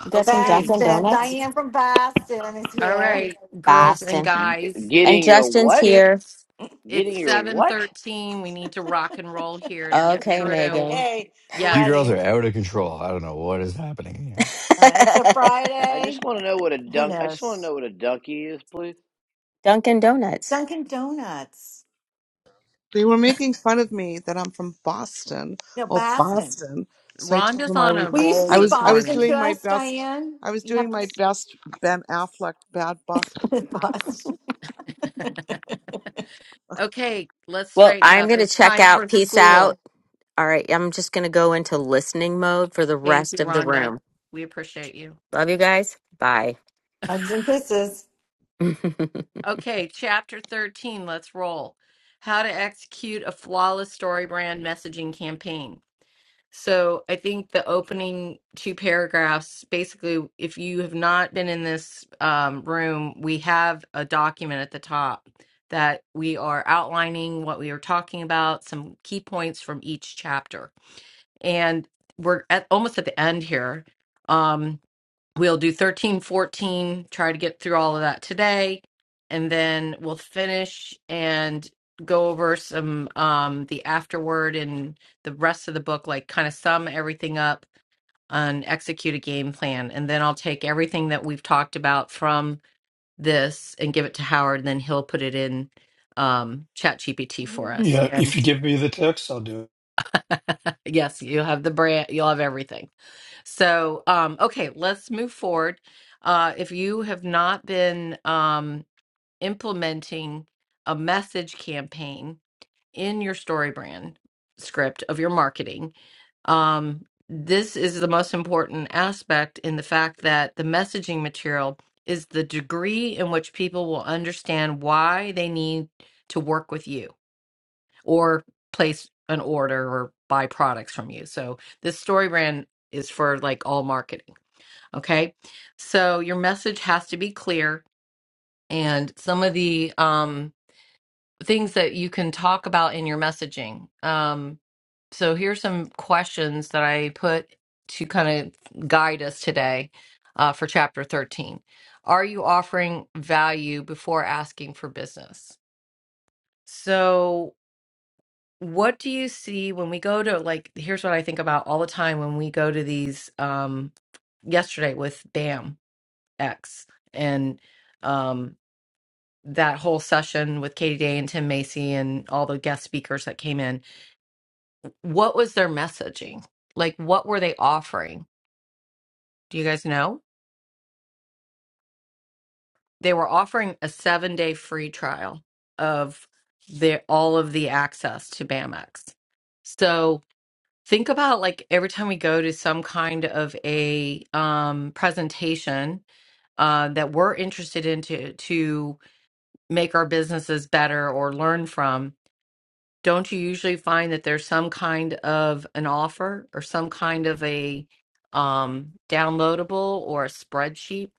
[SPEAKER 1] You got some
[SPEAKER 3] Okay.
[SPEAKER 1] Dunkin'
[SPEAKER 7] Baston,
[SPEAKER 1] Donuts?
[SPEAKER 7] Diane from Baston is
[SPEAKER 3] All
[SPEAKER 7] here. [laughs]
[SPEAKER 3] right,
[SPEAKER 9] Yeah.
[SPEAKER 3] girls and
[SPEAKER 1] Boston.
[SPEAKER 10] G-
[SPEAKER 3] guys.
[SPEAKER 1] And
[SPEAKER 10] getting your
[SPEAKER 1] Justin's
[SPEAKER 10] what?
[SPEAKER 1] here.
[SPEAKER 3] Kids,
[SPEAKER 10] Getting
[SPEAKER 3] it's
[SPEAKER 10] your
[SPEAKER 3] seven
[SPEAKER 10] what?
[SPEAKER 3] thirteen. We need to rock and roll here to get
[SPEAKER 1] Okay,
[SPEAKER 3] through.
[SPEAKER 1] Megan.
[SPEAKER 7] Okay, we're
[SPEAKER 12] You girls
[SPEAKER 3] Yes,
[SPEAKER 12] are
[SPEAKER 7] ready.
[SPEAKER 12] out of control. I don't know what is happening here.
[SPEAKER 7] Uh, it's a
[SPEAKER 1] [laughs]
[SPEAKER 10] I just
[SPEAKER 7] Friday.
[SPEAKER 10] want to know what a
[SPEAKER 7] Who
[SPEAKER 10] dunk. I just want to
[SPEAKER 7] knows?
[SPEAKER 10] know what a donkey is, please.
[SPEAKER 1] Dunkin' Donuts.
[SPEAKER 7] Dunkin' Donuts.
[SPEAKER 11] They were making fun of me that I'm from Boston
[SPEAKER 7] No,
[SPEAKER 11] or
[SPEAKER 7] Boston.
[SPEAKER 11] Boston. So I told
[SPEAKER 3] Rhonda's
[SPEAKER 11] them I
[SPEAKER 3] on
[SPEAKER 11] was
[SPEAKER 3] a
[SPEAKER 7] Will you
[SPEAKER 3] roll
[SPEAKER 11] I
[SPEAKER 7] speak
[SPEAKER 11] was
[SPEAKER 3] this
[SPEAKER 11] I was
[SPEAKER 7] Boston
[SPEAKER 3] morning.
[SPEAKER 7] to
[SPEAKER 11] doing my
[SPEAKER 7] us,
[SPEAKER 11] best.
[SPEAKER 7] Diane?
[SPEAKER 11] I was
[SPEAKER 7] You have
[SPEAKER 11] doing
[SPEAKER 7] to
[SPEAKER 11] my
[SPEAKER 7] speak
[SPEAKER 11] best Ben Affleck bad
[SPEAKER 7] [laughs] Boston.
[SPEAKER 3] Okay, let's
[SPEAKER 1] Well,
[SPEAKER 3] straighten
[SPEAKER 1] I'm
[SPEAKER 3] up.
[SPEAKER 1] going to
[SPEAKER 3] It's
[SPEAKER 1] check
[SPEAKER 3] time
[SPEAKER 1] out.
[SPEAKER 3] for
[SPEAKER 1] Peace
[SPEAKER 3] school.
[SPEAKER 1] out. All right. I'm just going to go into listening mode for the
[SPEAKER 3] Thank
[SPEAKER 1] rest
[SPEAKER 3] you,
[SPEAKER 1] of the
[SPEAKER 3] Rhonda.
[SPEAKER 1] room.
[SPEAKER 3] We appreciate you.
[SPEAKER 1] Love you guys. Bye.
[SPEAKER 7] Hugs and kisses.
[SPEAKER 1] [laughs]
[SPEAKER 3] Okay, chapter thirteen. Let's roll. How to execute a flawless story brand messaging campaign. So I think the opening two paragraphs basically, if you have not been in this um, room, we have a document at the top that we are outlining what we are talking about, some key points from each chapter. And we're at, almost at the end here. Um, We'll do 13, 14. try to get through all of that today, and then we'll finish and go over some um the afterward and the rest of the book, like kind of sum everything up and execute a game plan. And then I'll take everything that we've talked about from this and give it to Howard, and then he'll put it in um chat GPT for us.
[SPEAKER 2] yeah if
[SPEAKER 3] And
[SPEAKER 2] you give me the text i'll do it
[SPEAKER 3] Yes, you'll have the brand, you'll have everything. So, um, okay, let's move forward. Uh, if you have not been um, implementing a message campaign in your story brand script of your marketing, um, this is the most important aspect in the fact that the messaging material is the degree in which people will understand why they need to work with you or place an order or buy products from you. So this story brand is for like all marketing. Okay. So your message has to be clear and some of the um, things that you can talk about in your messaging. Um, so here's some questions that I put to kind of guide us today uh, for chapter 13. Are you offering value before asking for business? So what do you see when we go to like here's what I think about all the time when we go to these um yesterday with Bam X and um that whole session with Katie Day and Tim Macy and all the guest speakers that came in. What was their messaging? Like what were they offering? Do you guys know? They were offering a 7-day free trial of their all of the access to BAMX. So think about like every time we go to some kind of a um, presentation uh, that we're interested in to, to make our businesses better or learn from don't you usually find that there's some kind of an offer or some kind of a um, downloadable or a spreadsheet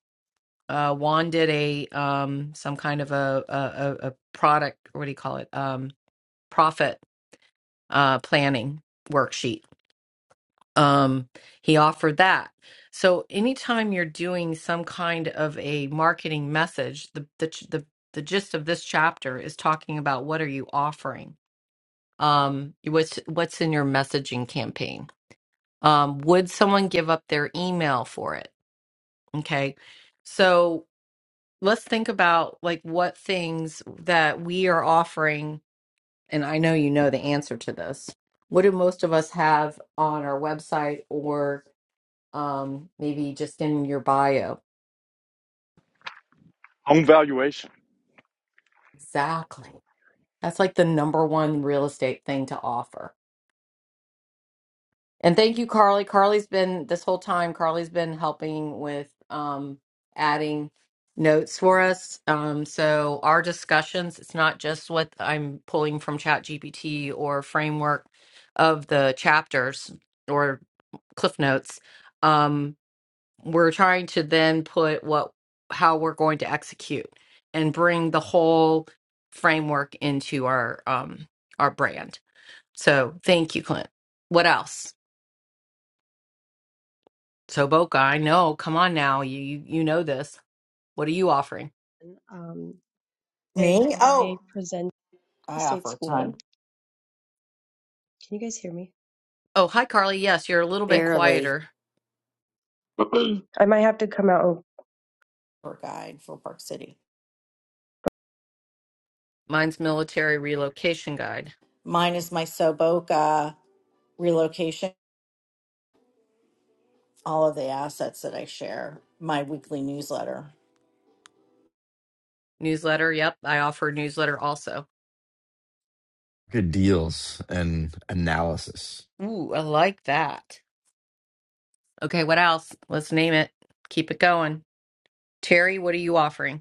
[SPEAKER 3] uh, juan did a um, some kind of a, a, a a product what do you call it um, profit uh, planning worksheet um, he offered that. So anytime you're doing some kind of a marketing message, the the ch- the, the gist of this chapter is talking about what are you offering? Um, what's what's in your messaging campaign? Um, would someone give up their email for it? Okay, so let's think about like what things that we are offering. And I know you know the answer to this. What do most of us have on our website or? um maybe just in your bio
[SPEAKER 5] home valuation.
[SPEAKER 3] exactly that's like the number one real estate thing to offer and thank you carly carly's been this whole time carly's been helping with um adding notes for us um so our discussions it's not just what i'm pulling from ChatGPT or framework of the chapters or cliff notes Um. we're trying to then put what how we're going to execute and bring the whole framework into our um our brand so thank you clint what else so boca i know come on now you you, you know this what are you offering
[SPEAKER 4] and, um, and
[SPEAKER 7] Me?
[SPEAKER 4] I
[SPEAKER 7] Oh,
[SPEAKER 4] present
[SPEAKER 7] I
[SPEAKER 4] state
[SPEAKER 7] offer a
[SPEAKER 4] school.
[SPEAKER 7] ton
[SPEAKER 4] Can you guys hear me?
[SPEAKER 3] oh hi carly yes you're a little bit
[SPEAKER 4] Oh,
[SPEAKER 1] Barely.
[SPEAKER 3] quieter
[SPEAKER 4] [clears throat] I might have to come out. Oh,
[SPEAKER 7] for guide for Park City.
[SPEAKER 3] mine's military relocation guide
[SPEAKER 7] Mine is my Soboka relocation, all of the assets that I share, my weekly newsletter.
[SPEAKER 3] newsletter yep i offer newsletter also
[SPEAKER 12] Good deals and analysis.
[SPEAKER 3] ooh i like that okay what else let's name it keep it going terry what are you offering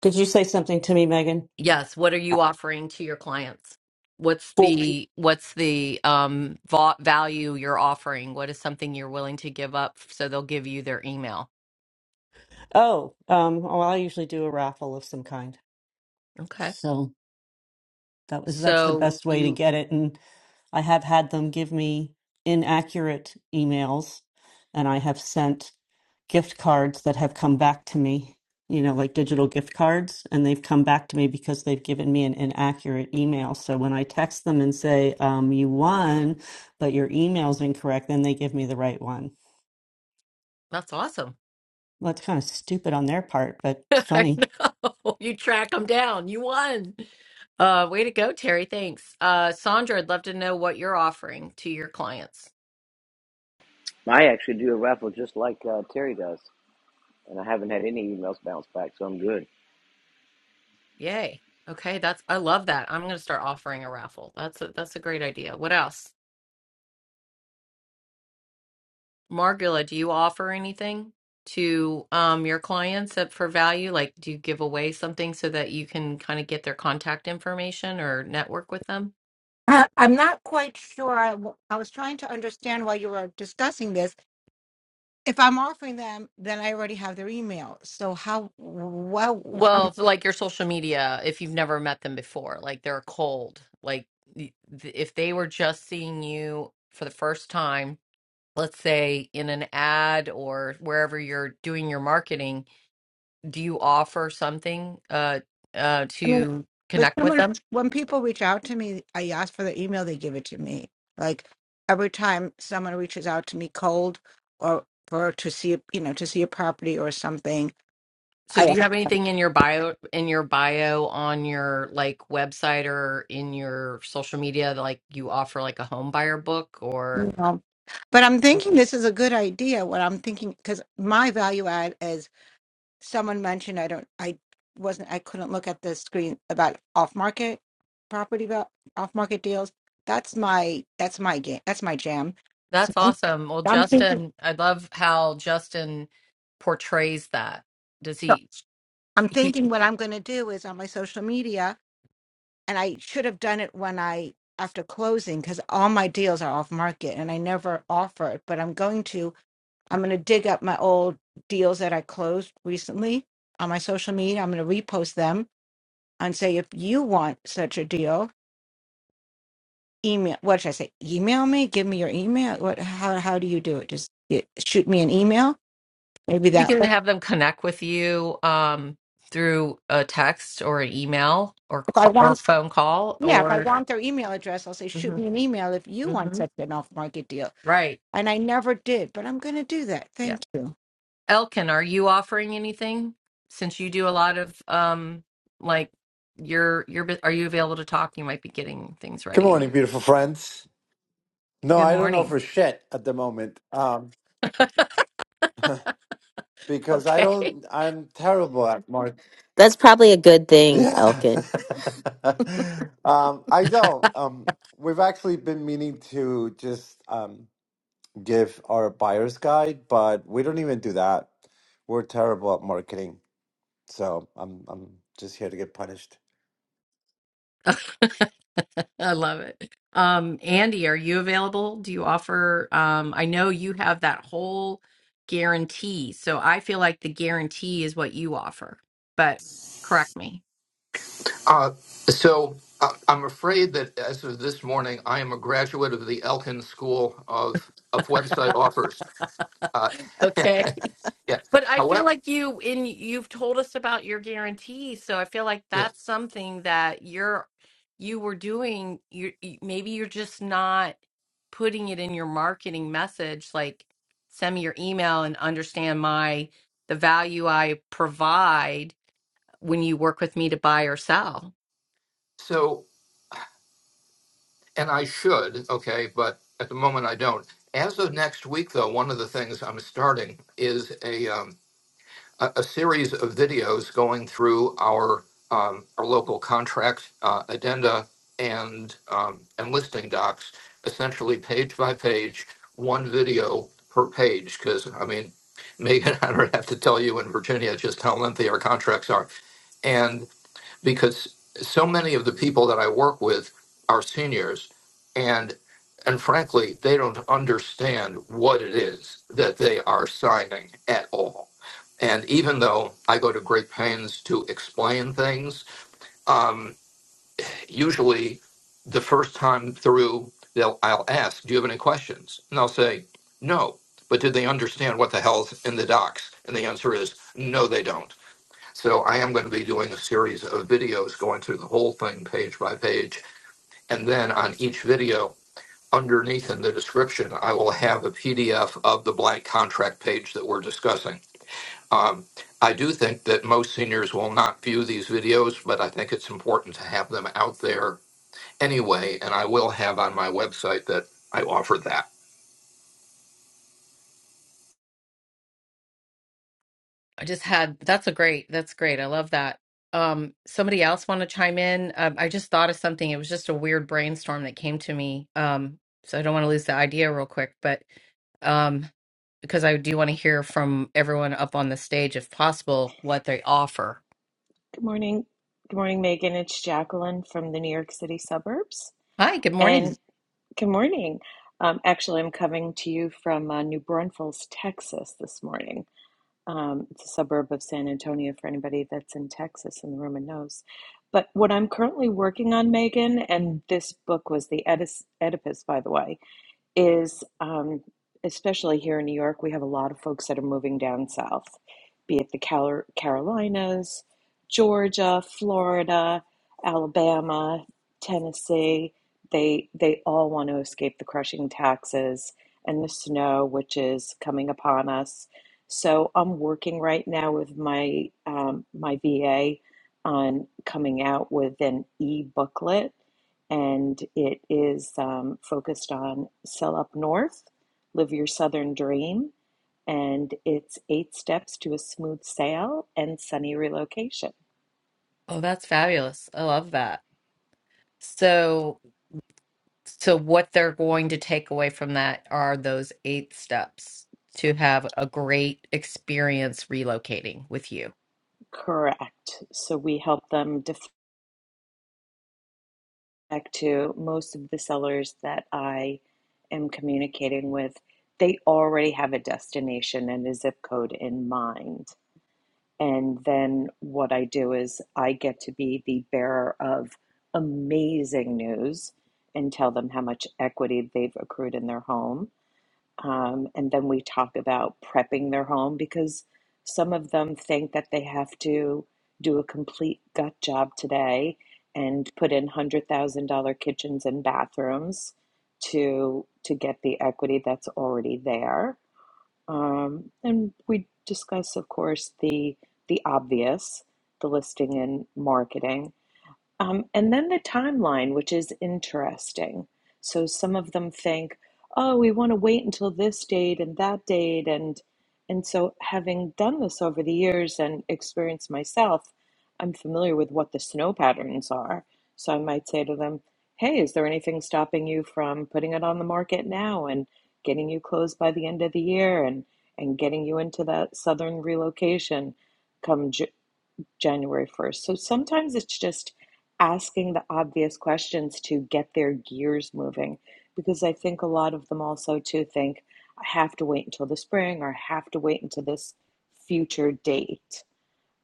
[SPEAKER 6] Did you say something to me, Megan?
[SPEAKER 3] Yes. What are you offering to your clients? What's
[SPEAKER 6] Full.
[SPEAKER 3] the what's the um va- value you're offering? What is something you're willing to give up so they'll give you their email?
[SPEAKER 6] Oh, um, well, I usually do a raffle of some kind.
[SPEAKER 3] Okay.
[SPEAKER 6] So that was that's the
[SPEAKER 3] So
[SPEAKER 6] best way to
[SPEAKER 3] you
[SPEAKER 6] get it. And I have had them give me inaccurate emails, and I have sent gift cards that have come back to me, you know, like digital gift cards, and they've come back to me because they've given me an inaccurate email. So when I text them and say, um, you won, but your email's incorrect, then they give me the right one.
[SPEAKER 3] that's awesome.
[SPEAKER 6] Well, it's kind of stupid on their part, but
[SPEAKER 3] [laughs]
[SPEAKER 6] it's
[SPEAKER 3] I
[SPEAKER 6] funny.
[SPEAKER 3] know. You track them down. You won. Uh way to go, Terry. Thanks. Uh Sandra, I'd love to know what you're offering to your clients.
[SPEAKER 10] I actually do a raffle just like uh, Terry does, and I haven't had any emails bounce back, so I'm good.
[SPEAKER 3] Yay. Okay, that's I love that. I'm going to start offering a raffle. That's a, that's a great idea. What else? Margula, do you offer anything to um, your clients up for value? Like, do you give away something so that you can kind of get their contact information or network with them?
[SPEAKER 13] I- I'm not quite sure. I, w- I was trying to understand while you were discussing this. If I'm offering them, then I already have their email. So how, well, how,
[SPEAKER 3] Well, for, like your social media, if you've never met them before, like they're cold. Like, y- th- if they were just seeing you for the first time, let's say in an ad or wherever you're doing your marketing, do you offer something uh, uh,
[SPEAKER 13] I mean,
[SPEAKER 3] to
[SPEAKER 13] but
[SPEAKER 3] connect with
[SPEAKER 13] someone
[SPEAKER 3] them?
[SPEAKER 13] when people reach out to me, I ask for their email, they give it to me. Like every time someone reaches out to me cold or for to see a- you know to see a property or something,
[SPEAKER 3] So
[SPEAKER 13] I
[SPEAKER 3] do
[SPEAKER 13] ask,
[SPEAKER 3] you have anything in your bio in your bio on your like website or in your social media that, like you offer like a home buyer book or
[SPEAKER 13] you know. But I'm thinking this is a good idea. What I'm thinking because my value add is someone mentioned I don't I wasn't I couldn't look at the screen about off market property about off market deals. That's my that's my game that's my jam. So
[SPEAKER 3] that's
[SPEAKER 13] I'm
[SPEAKER 3] awesome. Well,
[SPEAKER 13] I'm thinking.
[SPEAKER 3] Justin, I love how Justin portrays that. Does
[SPEAKER 13] so
[SPEAKER 3] he,
[SPEAKER 13] I'm
[SPEAKER 3] he
[SPEAKER 13] thinking what I'm going to do is on my social media, and I should have done it when I after closing because all my deals are off market and I never offer it. But I'm going to I'm going to dig up my old deals that I closed recently on my social media. I'm going to repost them and say if you want such a deal, email. What should I say? Email me. Give me your email. What? How? How do you do it? Just get, shoot me an email. Maybe
[SPEAKER 3] you
[SPEAKER 13] that.
[SPEAKER 3] can have them connect with you um through a text or an email or
[SPEAKER 13] If I
[SPEAKER 3] call, or
[SPEAKER 13] want.
[SPEAKER 3] phone call
[SPEAKER 13] Yeah, if I
[SPEAKER 3] or
[SPEAKER 13] want their email address, I'll say shoot
[SPEAKER 3] Mhm,
[SPEAKER 13] me an email if you want
[SPEAKER 3] mhm.
[SPEAKER 13] such an off-market deal
[SPEAKER 3] right.
[SPEAKER 13] and I never did, but I'm going to do that.
[SPEAKER 3] Yeah.
[SPEAKER 13] Thank you.
[SPEAKER 3] Elkin, are you offering anything since you do a lot of um like you're you're bu- are you available to talk? You might be getting things
[SPEAKER 14] Good
[SPEAKER 3] ready in
[SPEAKER 14] morning,
[SPEAKER 3] there.
[SPEAKER 14] beautiful friends. No,
[SPEAKER 3] Good
[SPEAKER 14] I don't know
[SPEAKER 3] morning.
[SPEAKER 14] for shit at the moment. Um, [laughs] because I
[SPEAKER 3] Okay. [laughs]
[SPEAKER 14] don't, I'm terrible at marketing.
[SPEAKER 1] That's probably a good thing,
[SPEAKER 14] Yeah.
[SPEAKER 1] Elkin.
[SPEAKER 14] [laughs] um, I don't. Um, we've actually been meaning to just um, give our buyer's guide, but we don't even do that. We're terrible at marketing. So I'm, I'm just here to get punished.
[SPEAKER 3] I love it. Um Andy, are you available? Do you offer um I know you have that whole guarantee. So I feel like the guarantee is what you offer. But correct me.
[SPEAKER 15] Uh, so uh, I'm afraid that as of this morning, I am a graduate of the Elkin School of of Website Offers. Uh,
[SPEAKER 3] Okay.
[SPEAKER 15] yeah.
[SPEAKER 3] But I feel
[SPEAKER 15] However,
[SPEAKER 3] like you in you've told us about your guarantee, so I feel like
[SPEAKER 15] yeah.
[SPEAKER 3] that's something that you're you were doing. You you- maybe you're just not putting it in your marketing message, like send me your email and understand my the value I provide when you work with me to buy or sell.
[SPEAKER 15] So, and I should, okay, but at the moment I don't. As of next week, though, one of the things I'm starting is a um, a, a series of videos going through our um, our local contract uh, addenda and um, and listing docs, essentially page by page, one video per page. Because I mean, Megan, [laughs] I don't have to tell you in Virginia just how lengthy our contracts are, because so many of the people that I work with are seniors and and frankly they don't understand what it is that they are signing at all. And even though I go to great pains to explain things, um, usually the first time through, they'll, I'll ask, Do you have any questions? And they'll say, No. But do they understand what the hell's in the docs? And the answer is, No, they don't so I am going to be doing a series of videos going through the whole thing page by page. And then on each video, underneath in the description, I will have a PDF of the blank contract page that we're discussing. Um, I do think that most seniors will not view these videos, but I think it's important to have them out there anyway. And I will have on my website that I offer that.
[SPEAKER 3] I just had that's a great that's great. I love that. Um, somebody else want to chime in? Um, I just thought of something. It was just a weird brainstorm that came to me. Um, so I don't want to lose the idea real quick, but um, because I do want to hear from everyone up on the stage, if possible, what they offer.
[SPEAKER 8] Good morning. Good morning, Megan. It's Jacqueline from the New York City suburbs.
[SPEAKER 3] Hi, good morning.
[SPEAKER 8] And good morning. Um, actually, I'm coming to you from uh, New Braunfels, Texas this morning. Um, it's a suburb of San Antonio for anybody that's in Texas in the room and knows. But what I'm currently working on, Megan, and this book was the Oedipus, Oedipus by the way, is um, especially here in New York, we have a lot of folks that are moving down south, be it the Cal- Carolinas, Georgia, Florida, Alabama, Tennessee. They they all want to escape the crushing taxes and the snow, which is coming upon us. So I'm working right now with my um, my VA on coming out with an e booklet and it is um, focused on Sell Up North, Live Your Southern Dream, and it's eight steps to a smooth sale and sunny relocation.
[SPEAKER 3] Oh, that's fabulous. I love that. So, so what they're going to take away from that are those eight steps to have a great experience relocating with you
[SPEAKER 8] Correct. So we help them defect to most of the sellers that I am communicating with. They already have a destination and a zip code in mind. And then what I do is I get to be the bearer of amazing news and tell them how much equity they've accrued in their home. Um, and then we talk about prepping their home because some of them think that they have to do a complete gut job today and put in $100,000 kitchens and bathrooms to to get the equity that's already there um, and we discuss, of course, the the obvious, the listing and marketing. Um, and then the timeline, which is interesting. So some of them think, oh, we want to wait until this date and that date. And, and so, having done this over the years and experienced myself, I'm familiar with what the snow patterns are. So I might say to them, hey, is there anything stopping you from putting it on the market now and getting you closed by the end of the year and, and getting you into that southern relocation? come." June? January 1st. So sometimes it's just asking the obvious questions to get their gears moving because I think a lot of them also too think I have to wait until the spring or I have to wait until this future date.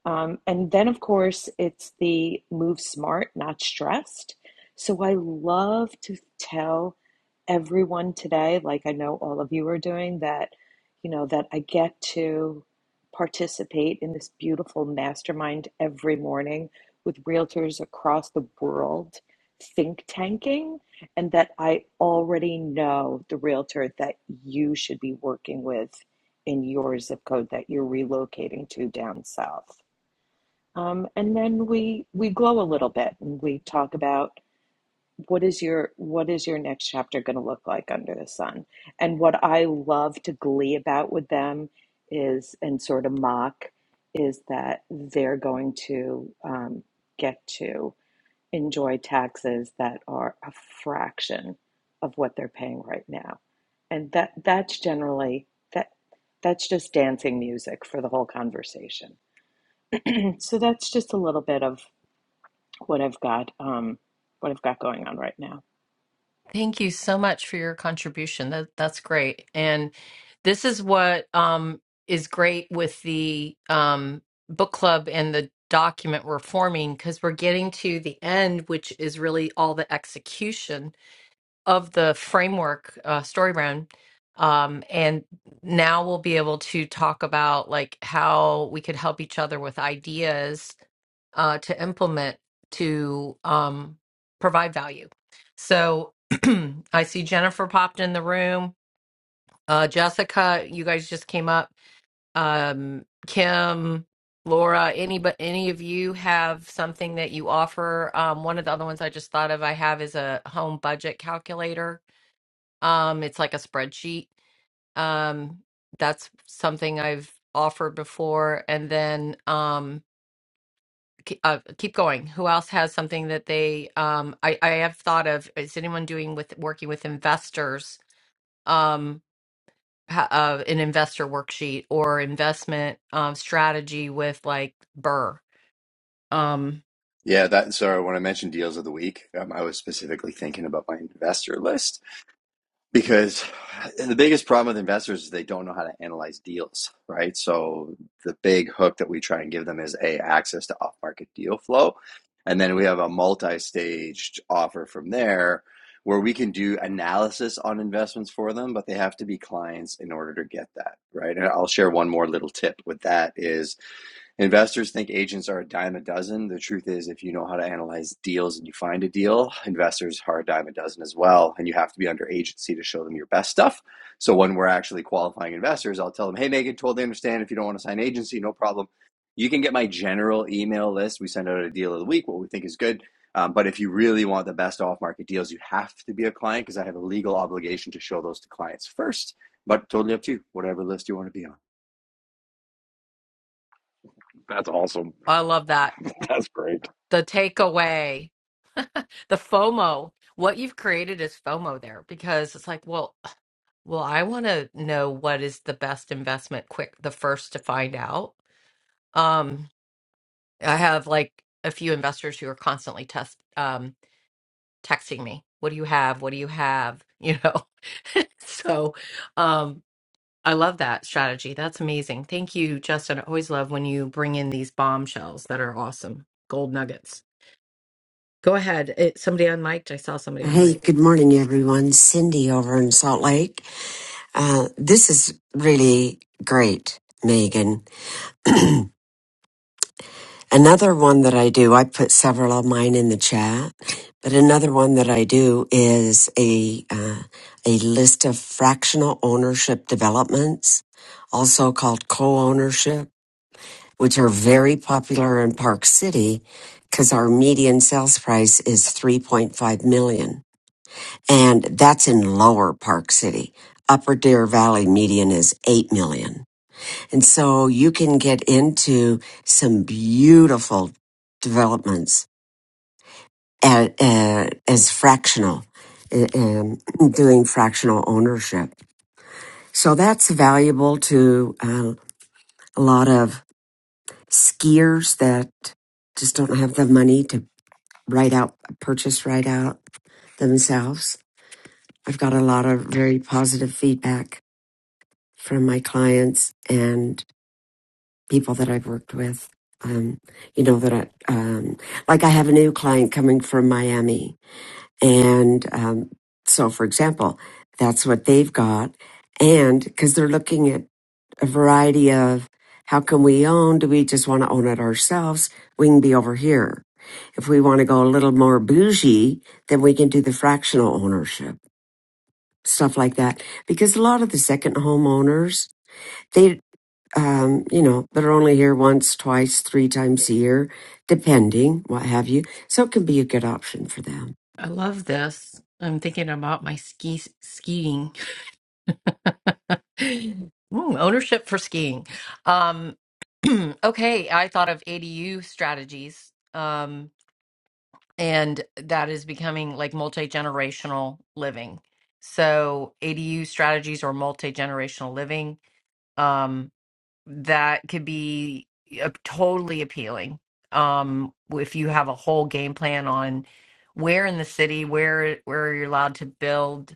[SPEAKER 8] Um, and then, of course, it's the move smart, not stressed. So I love to tell everyone today, like I know all of you are doing, that, you know, that I get to participate in this beautiful mastermind every morning with realtors across the world think tanking and that I already know the realtor that you should be working with in your zip code that you're relocating to down south. Um, and then we we glow a little bit and we talk about what is your what is your next chapter going to look like under the sun. And what I love to glee about with them is and sort of mock is that they're going to um, get to enjoy taxes that are a fraction of what they're paying right now. And that that's generally that that's just dancing music for the whole conversation. And So that's just a little bit of what I've got um what I've got going on right now.
[SPEAKER 3] Thank you so much for your contribution. That that's great. And this is what um is great with the um book club and the document we're forming because we're getting to the end, which is really all the execution of the framework uh, StoryBrand, um, and now we'll be able to talk about like how we could help each other with ideas uh, to implement to um, provide value. So [clears throat] I see Jennifer popped in the room. Uh, Jessica, you guys just came up. Um, Kim, Laura, any but any of you have something that you offer? Um, one of the other ones I just thought of I have is a home budget calculator um, it's like a spreadsheet. Um, that's something I've offered before. And then um, ke- uh, keep going. Who else has something that they? Um, I I have thought of. Is anyone doing with working with investors? Um, ha- uh, an investor worksheet or investment um, strategy with like Burr. Um,
[SPEAKER 12] Yeah, that. Sorry, when I mentioned deals of the week, um, I was specifically thinking about my investor list. because and the biggest problem with investors is they don't know how to analyze deals right so the big hook that we try and give them is a access to off market deal flow and then we have a multi-staged offer from there where we can do analysis on investments for them but they have to be clients in order to get that right and i'll share one more little tip with that is Investors think agents are a dime a dozen. The truth is, if you know how to analyze deals and you find a deal, investors are a dime a dozen as well. And you have to be under agency to show them your best stuff. So when we're actually qualifying investors, I'll tell them, hey, Megan, totally understand if you don't want to sign agency, no problem. You can get my general email list. We send out a deal of the week, what we think is good. Um, but if you really want the best off market deals, you have to be a client because I have a legal obligation to show those to clients first. But totally up to you, whatever list you want to be on.
[SPEAKER 5] That's awesome.
[SPEAKER 3] I love that.
[SPEAKER 5] [laughs] That's great.
[SPEAKER 3] The takeaway, the FOMO. What you've created is FOMO there because it's like, well, Well, I want to know what is the best investment quick, the first to find out. Um, I have like a few investors who are constantly test um texting me, "What do you have? What do you have?" You know. [laughs] So, um I love that strategy. That's amazing. Thank you, Justin. I always love when you bring in these bombshells that are awesome. Gold nuggets. Go ahead. It, somebody unmiked. I saw somebody unmiked.
[SPEAKER 16] Hey, good morning, everyone. Cindy over in Salt Lake. Uh, this is really great, Megan. Another one that I do, I put several of mine in the chat, but another one that I do is a, uh, a list of fractional ownership developments, also called co-ownership, which are very popular in Park City because our median sales price is 3.5 million. and that's in lower Park City. Upper Deer Valley median is 8 million. And so you can get into some beautiful developments at, uh, as fractional, uh, um, [clears throat] doing fractional ownership. So that's valuable to uh, a lot of skiers that just don't have the money to write out, purchase right out themselves. I've got a lot of very positive feedback from my clients and people that I've worked with. Um, you know that I um, like I have a new client coming from Miami, and um, so for example, that's what they've got, and because they're looking at a variety of how can we own? Do we just want to own it ourselves? We can be over here. If we want to go a little more bougie, then we can do the fractional ownership stuff like that. Because a lot of the second homeowners they um, you know, but are only here once, twice, three times a year, depending, what have you. So it can be a good option for them.
[SPEAKER 3] I love this. I'm thinking about my ski skiing. [laughs] Ooh, ownership for skiing. Um, [clears throat] okay, I thought of ADU strategies, um, and that is becoming like multi-generational living. So ADU strategies or multi-generational living, um, that could be uh, totally appealing. Um, if you have a whole game plan on where in the city, where where you're allowed to build,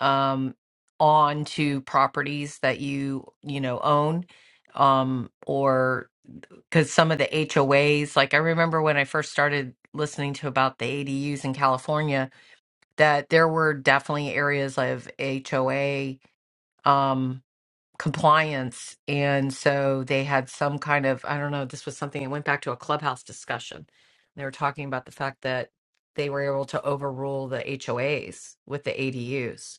[SPEAKER 3] um, on to properties that you you know own um, or because some of the HOAs, like I remember when I first started listening to about the ADUs in California, that there were definitely areas of HOA um, compliance, and so they had some kind of I don't know. This was something that went back to a clubhouse discussion. They were talking about the fact that they were able to overrule the HOAs with the ADUs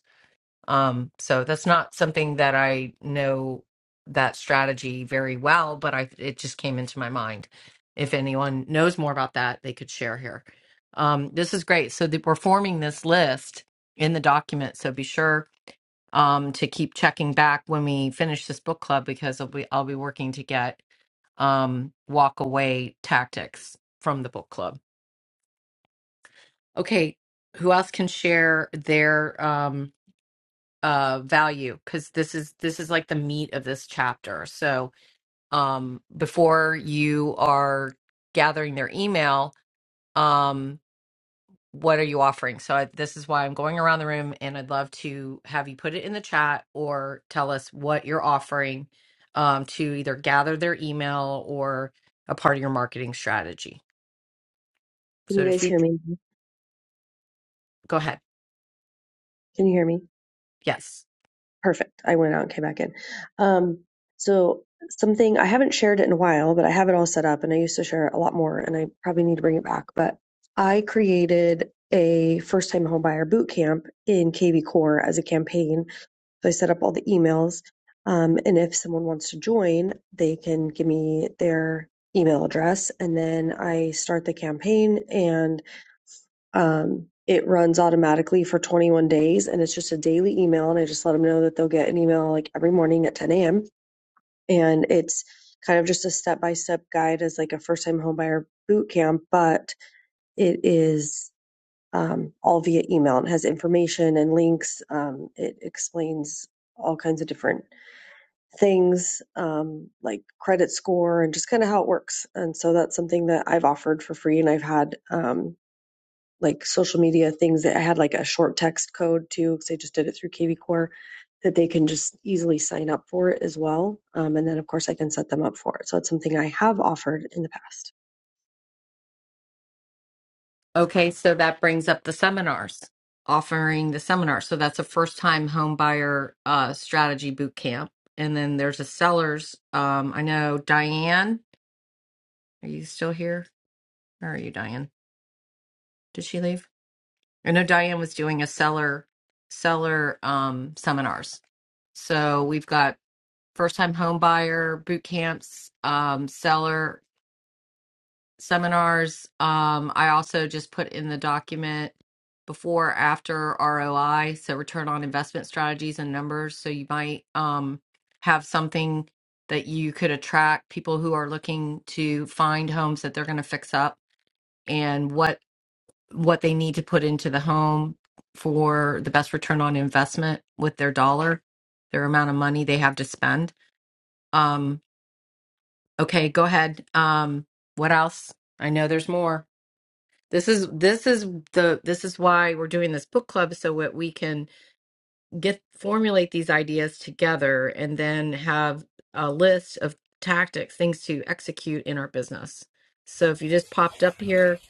[SPEAKER 3] um, so that's not something that I know that strategy very well, but I it just came into my mind. If anyone knows more about that, they could share here. Um, this is great. So that we're forming this list in the document. So be sure um, to keep checking back when we finish this book club because I'll be I'll be working to get um, walk away tactics from the book club. Okay, who else can share their? Um, uh value because this is this is like the meat of this chapter so um before you are gathering their email um what are you offering so I, this is why i'm going around the room and i'd love to have you put it in the chat or tell us what you're offering um to either gather their email or a part of your marketing strategy
[SPEAKER 4] can
[SPEAKER 3] so
[SPEAKER 4] you
[SPEAKER 3] if
[SPEAKER 4] guys
[SPEAKER 3] you
[SPEAKER 4] hear me?
[SPEAKER 3] go ahead
[SPEAKER 4] Can you hear me?
[SPEAKER 3] yes
[SPEAKER 4] Perfect. I went out and came back in. Um, so something I haven't shared it in a while, but I have it all set up, and I used to share it a lot more, and I probably need to bring it back. But I created a first-time homebuyer boot camp in KV Core as a campaign So I set up all the emails. Um, and if someone wants to join, they can give me their email address. And then I start the campaign and um, it runs automatically for 21 days. And it's just a daily email. And I just let them know that they'll get an email like every morning at 10 a.m. And it's kind of just a step by step guide as like a first time homebuyer boot camp, but it is um, all via email. It has information and links. Um, it explains all kinds of different things um, like credit score and just kind of how it works. And so that's something that I've offered for free. And I've had um, like social media things that I had like a short text code too, because I just did it through KV Core that they can just easily sign up for it as well. Um, and then, of course, I can set them up for it. So it's something I have offered in the past.
[SPEAKER 3] Okay, so that brings up the seminars, offering the seminar. So that's a first time home buyer uh, strategy boot camp. And then there's a sellers. Um, I know Diane, are you still here? Where are you, Diane? Did she leave? I know Diane was doing a seller seller um, seminars. So we've got first time home buyer boot camps, um, seller seminars. Um, I also just put in the document before after ROI, so return on investment strategies and numbers. So you might um, have something that you could attract people who are looking to find homes that they're going to fix up and what what they need to put into the home for the best return on investment with their dollar, their amount of money they have to spend. Um, okay, go ahead. Um, what else? I know there's more. This is this is the this is why we're doing this book club so that we can get formulate these ideas together and then have a list of tactics, things to execute in our business. So if you just popped up here,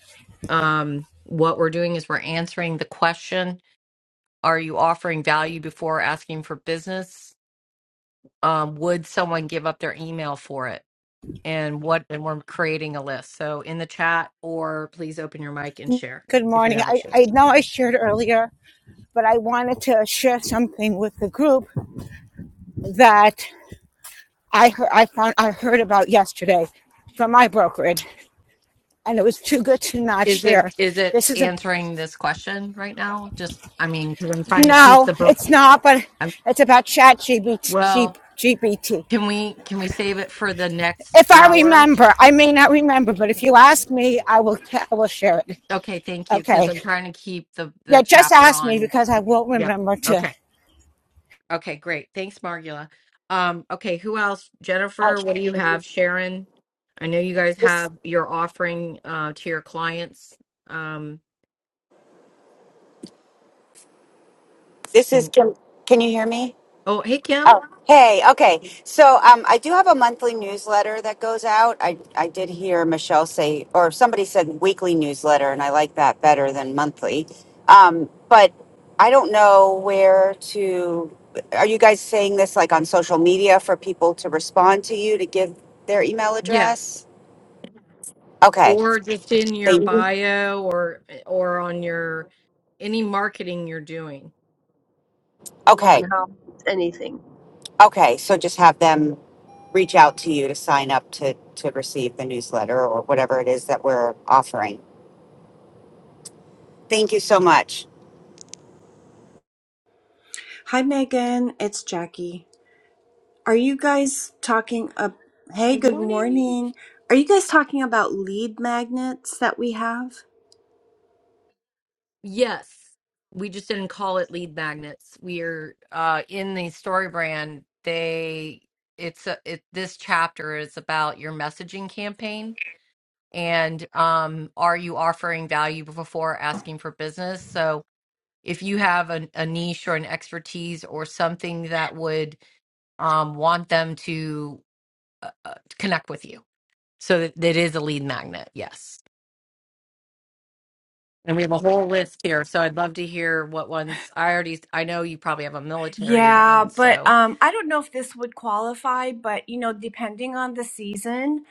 [SPEAKER 3] um, what we're doing is we're answering the question: Are you offering value before asking for business? Um, would someone give up their email for it? And what? And we're creating a list. So in the chat, or please open your mic and share
[SPEAKER 13] Good
[SPEAKER 3] if you
[SPEAKER 13] morning.
[SPEAKER 3] haven't
[SPEAKER 13] I,
[SPEAKER 3] shared.
[SPEAKER 13] I know I shared earlier, but I wanted to share something with the group that I heard, I found I heard about yesterday from my brokerage, and it was too good to not
[SPEAKER 3] Is it
[SPEAKER 13] share.
[SPEAKER 3] is it
[SPEAKER 13] This is a
[SPEAKER 3] answering this question right now? Just I mean, 'cause I'm trying to keep
[SPEAKER 13] no,
[SPEAKER 3] the book.
[SPEAKER 13] it's not, but
[SPEAKER 3] I'm,
[SPEAKER 13] it's about Chat GPT.
[SPEAKER 3] well, can we can we save it for the next
[SPEAKER 13] If I
[SPEAKER 3] hour?
[SPEAKER 13] remember, I may not remember, but if you ask me, I will I will share it.
[SPEAKER 3] Okay, thank you, because
[SPEAKER 13] Okay.
[SPEAKER 3] I'm trying to keep the
[SPEAKER 13] Yeah,
[SPEAKER 3] the
[SPEAKER 13] just
[SPEAKER 3] chapter
[SPEAKER 13] ask me
[SPEAKER 3] on.
[SPEAKER 13] because I will not
[SPEAKER 3] Yep.
[SPEAKER 13] remember to.
[SPEAKER 3] Okay. Okay. Great. Thanks, Margula. Um. Okay. Who else?
[SPEAKER 9] I-
[SPEAKER 3] Jennifer. What do you have? Sharon. I know you guys
[SPEAKER 9] This,
[SPEAKER 3] have your offering uh, to your clients. Um.
[SPEAKER 9] this is.
[SPEAKER 3] Can,
[SPEAKER 9] Kim. can you hear me?
[SPEAKER 3] oh, hey Kim.
[SPEAKER 9] Oh, hey, okay. So um, I do have a monthly newsletter that goes out. I, I did hear Michelle say, or somebody said weekly newsletter, and I like that better than monthly. Um, but I don't know where to. Are you guys saying this like on social media for people to respond to you to give their email
[SPEAKER 3] Yes.
[SPEAKER 9] address? Okay.
[SPEAKER 3] or just in your
[SPEAKER 9] They,
[SPEAKER 3] bio or or on your any marketing you're doing.
[SPEAKER 4] An open
[SPEAKER 9] okay.
[SPEAKER 4] house, it's anything.
[SPEAKER 9] Okay. So just have them reach out to you to sign up to, to receive the newsletter or whatever it is that we're offering. Thank you so much.
[SPEAKER 17] Hi, Megan. It's Jackie. Are you guys talking up? Hey,
[SPEAKER 3] Good
[SPEAKER 17] good
[SPEAKER 3] morning.
[SPEAKER 17] morning. Are you guys talking about lead magnets that we have?
[SPEAKER 3] Yes. We just didn't call it lead magnets. We're uh in the story brand, they it's a, it this chapter is about your messaging campaign and um are you offering value before asking for business? So if you have a, a niche or an expertise or something that would um want them to uh, uh, connect with you So that it is a lead magnet, yes. And we have a whole list here. So I'd love to hear what ones I already I know you probably have a military
[SPEAKER 17] Yeah,
[SPEAKER 3] one.
[SPEAKER 17] but
[SPEAKER 3] So
[SPEAKER 17] um, I don't know if this would qualify, but you know, depending on the season,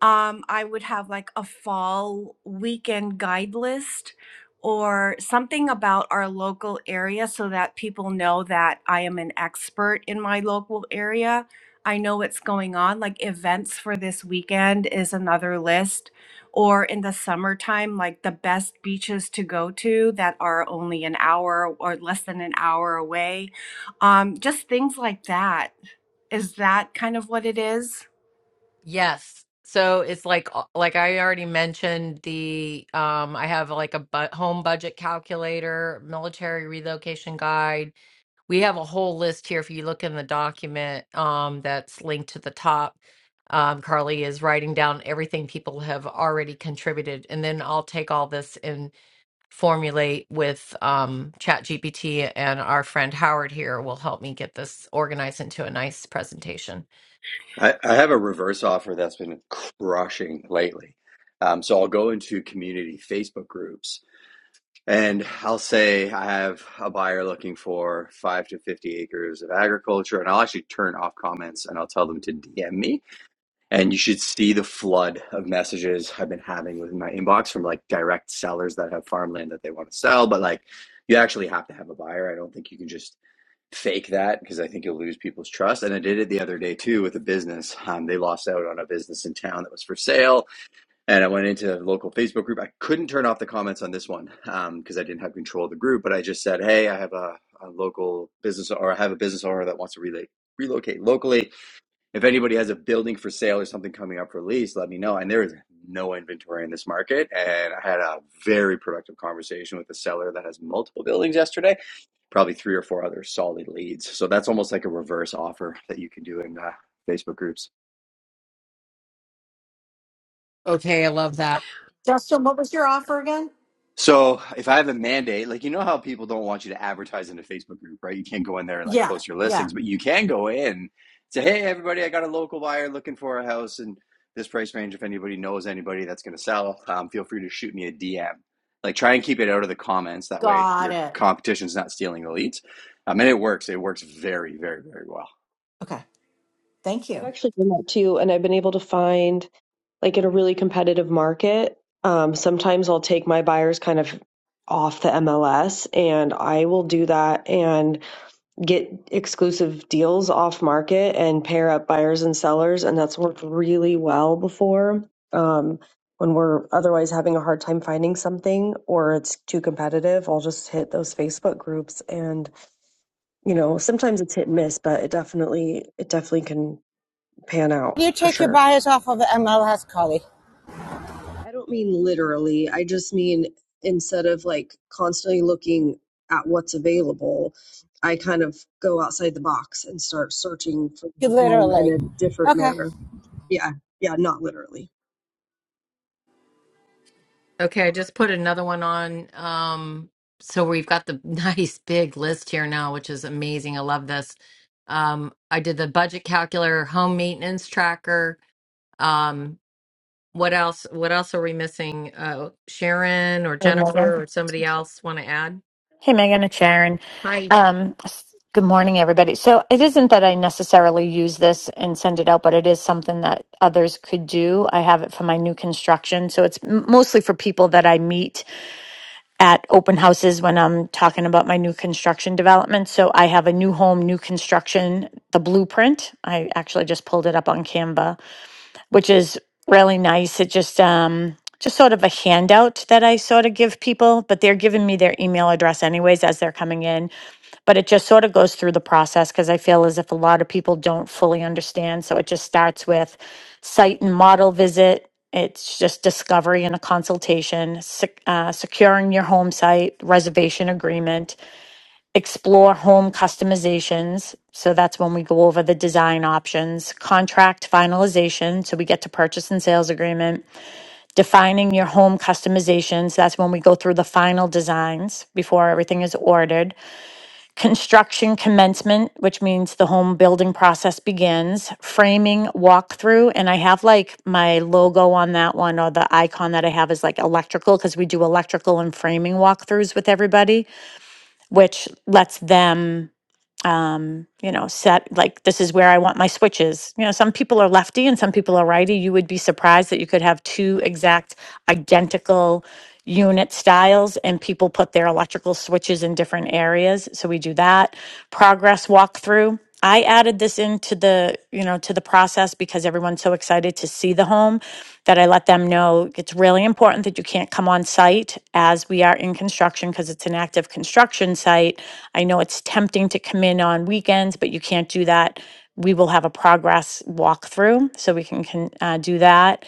[SPEAKER 17] um, I would have like a fall weekend guide list or something about our local area so that people know that I am an expert in my local area. I know what's going on, like events for this weekend is another list. Or in the summertime, like the best beaches to go to that are only an hour or less than an hour away. Um, just things like that. Is that kind of what it is?
[SPEAKER 3] yes. So it's like uh, like I already mentioned the um I have like a bu- home budget calculator, military relocation guide. We have a whole list here if you look in the document um that's linked to the top. Um, Carly is writing down everything people have already contributed, and then I'll take all this and. formulate with um, ChatGPT, and our friend Howard here will help me get this organized into a nice presentation.
[SPEAKER 12] I, I have a reverse offer that's been crushing lately. Um, so I'll go into community Facebook groups and I'll say I have a buyer looking for five to 50 acres of agriculture. And I'll actually turn off comments and I'll tell them to DM me. And you should see the flood of messages I've been having within my inbox from like direct sellers that have farmland that they want to sell. But like, you actually have to have a buyer. I don't think you can just fake that because I think you'll lose people's trust. And I did it the other day too with a business. Um, they lost out on a business in town that was for sale. And I went into a local Facebook group. I couldn't turn off the comments on this one because um, I didn't have control of the group. But I just said, hey, I have a, a local business or I have a business owner that wants to relate, relocate locally if anybody has a building for sale or something coming up for lease, let me know. And there is no inventory in this market. And I had a very productive conversation with a seller that has multiple buildings yesterday, probably three or four other solid leads. So that's almost like a reverse offer that you can do in uh, Facebook groups.
[SPEAKER 3] Okay, I love that.
[SPEAKER 7] Justin, what was your offer again?
[SPEAKER 12] So if I have a mandate, like you know how people don't want you to advertise in a Facebook group, right? You can't go in there and like
[SPEAKER 7] Yeah,
[SPEAKER 12] post your
[SPEAKER 7] yeah.
[SPEAKER 12] listings, but you can go in and say, "Hey, everybody, I got a local buyer looking for a house in this price range. If anybody knows anybody that's going to sell, um, feel free to shoot me a DM." Like try and keep it out of the comments. That way,
[SPEAKER 7] Got
[SPEAKER 12] your
[SPEAKER 7] it.
[SPEAKER 12] competition's not stealing the leads. Um, and it works. It works very, very, very well.
[SPEAKER 7] Okay. Thank
[SPEAKER 4] I've
[SPEAKER 7] you.
[SPEAKER 4] actually done that too. And I've been able to find like in a really competitive market, um, sometimes I'll take my buyers kind of off the MLS and I will do that and get exclusive deals off market and pair up buyers and sellers. And that's worked really well before um, when we're otherwise having a hard time finding something or it's too competitive. I'll just hit those Facebook groups and, you know, sometimes it's hit and miss, but it definitely, it definitely can pan out
[SPEAKER 13] You
[SPEAKER 4] for
[SPEAKER 13] take your
[SPEAKER 4] sure.
[SPEAKER 13] bias off of MLS, Carly.
[SPEAKER 4] I don't mean literally. I just mean instead of like constantly looking at what's available, I kind of go outside the box and start searching for
[SPEAKER 13] You
[SPEAKER 4] the home
[SPEAKER 13] literally.
[SPEAKER 4] in a different
[SPEAKER 13] Okay.
[SPEAKER 4] manner. Yeah. Yeah. Not literally.
[SPEAKER 3] Okay, I just put another one on. Um, so we've got the [laughs] nice big list here now, which is amazing. I love this. Um, I did the budget calculator, home maintenance tracker. Um, what else? What else are we missing? Uh, Sharon or
[SPEAKER 18] Hey, Megan.
[SPEAKER 3] Jennifer or somebody else want to add?
[SPEAKER 18] Hey, Megan, it's Sharon.
[SPEAKER 3] Hi.
[SPEAKER 18] Um, s- good morning, everybody. So it isn't that I necessarily use this and send it out, but it is something that others could do. I have it for my new construction. So it's m- mostly for people that I meet at open houses when I'm talking about my new construction development. So I have a new home, new construction, the blueprint. I actually just pulled it up on Canva which is really nice. It just um just sort of a handout that I sort of give people, but they're giving me their email address anyways as they're coming in. But it just sort of goes through the process because I feel as if a lot of people don't fully understand. So it just starts with site and model visit. It's just discovery and a consultation, sec- uh, securing your home site, reservation agreement, explore home customizations. So that's when we go over the design options, contract finalization. So we get to purchase and sales agreement, defining your home customizations. That's when we go through the final designs before everything is ordered, construction commencement, which means the home building process begins, framing walkthrough. And I have like my logo on that one or the icon that I have is like electrical because we do electrical and framing walkthroughs with everybody, which lets them um, you know, set like this is where I want my switches. You know, some people are lefty and some people are righty. You would be surprised that you could have two exact identical unit styles and people put their electrical switches in different areas. So we do that. Progress walkthrough. I added this into the, you know, to the process because everyone's so excited to see the home that I let them know it's really important that you can't come on site as we are in construction because it's an active construction site. I know it's tempting to come in on weekends, but you can't do that. We will have a progress walkthrough so we can, can uh, do that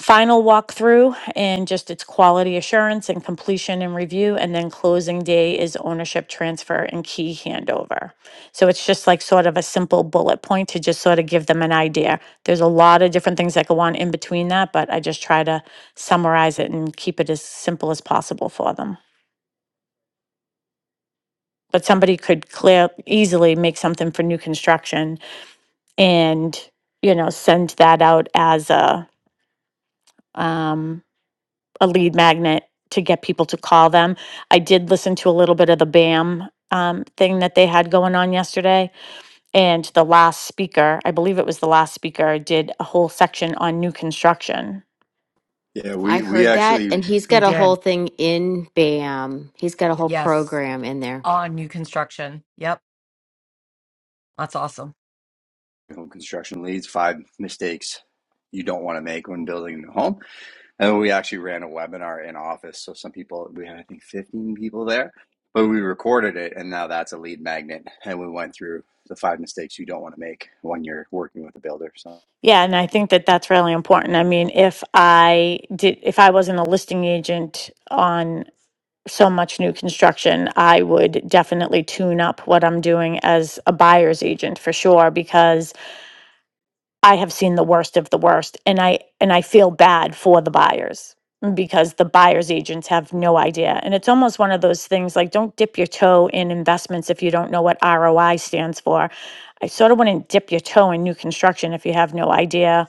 [SPEAKER 18] final walkthrough and just its quality assurance and completion and review. And then closing day is ownership transfer and key handover. So it's just like sort of a simple bullet point to just sort of give them an idea. There's a lot of different things that go on in between that, but I just try to summarize it and keep it as simple as possible for them. But somebody could clear easily make something for new construction and, you know, send that out as a um a lead magnet to get people to call them. I did listen to a little bit of the BAM um, thing that they had going on yesterday And the last speaker, I believe it was the last speaker, did a whole section on new construction.
[SPEAKER 12] Yeah,
[SPEAKER 1] I
[SPEAKER 12] we we
[SPEAKER 1] heard that,
[SPEAKER 12] actually
[SPEAKER 1] and
[SPEAKER 12] you
[SPEAKER 1] he's
[SPEAKER 3] We
[SPEAKER 1] got a whole
[SPEAKER 3] did.
[SPEAKER 1] thing in BAM. He's got a whole
[SPEAKER 3] Yes.
[SPEAKER 1] program in there.
[SPEAKER 3] on new construction. Yep, that's awesome.
[SPEAKER 12] know, construction leads five mistakes you don't want to make when building a new home. And we actually ran a webinar in office. So some people, we had, I think, 15 people there, but we recorded it. And now that's a lead magnet. And we went through the five mistakes you don't want to make when you're working with a builder. So
[SPEAKER 18] Yeah, and I think that that's really important. I mean, if I did, if I wasn't a listing agent on so much new construction, I would definitely tune up what I'm doing as a buyer's agent for sure because I have seen the worst of the worst and I and I feel bad for the buyers because the buyer's agents have no idea. And it's almost one of those things like don't dip your toe in investments if you don't know what ROI stands for. I sort of wouldn't dip your toe in new construction if you have no idea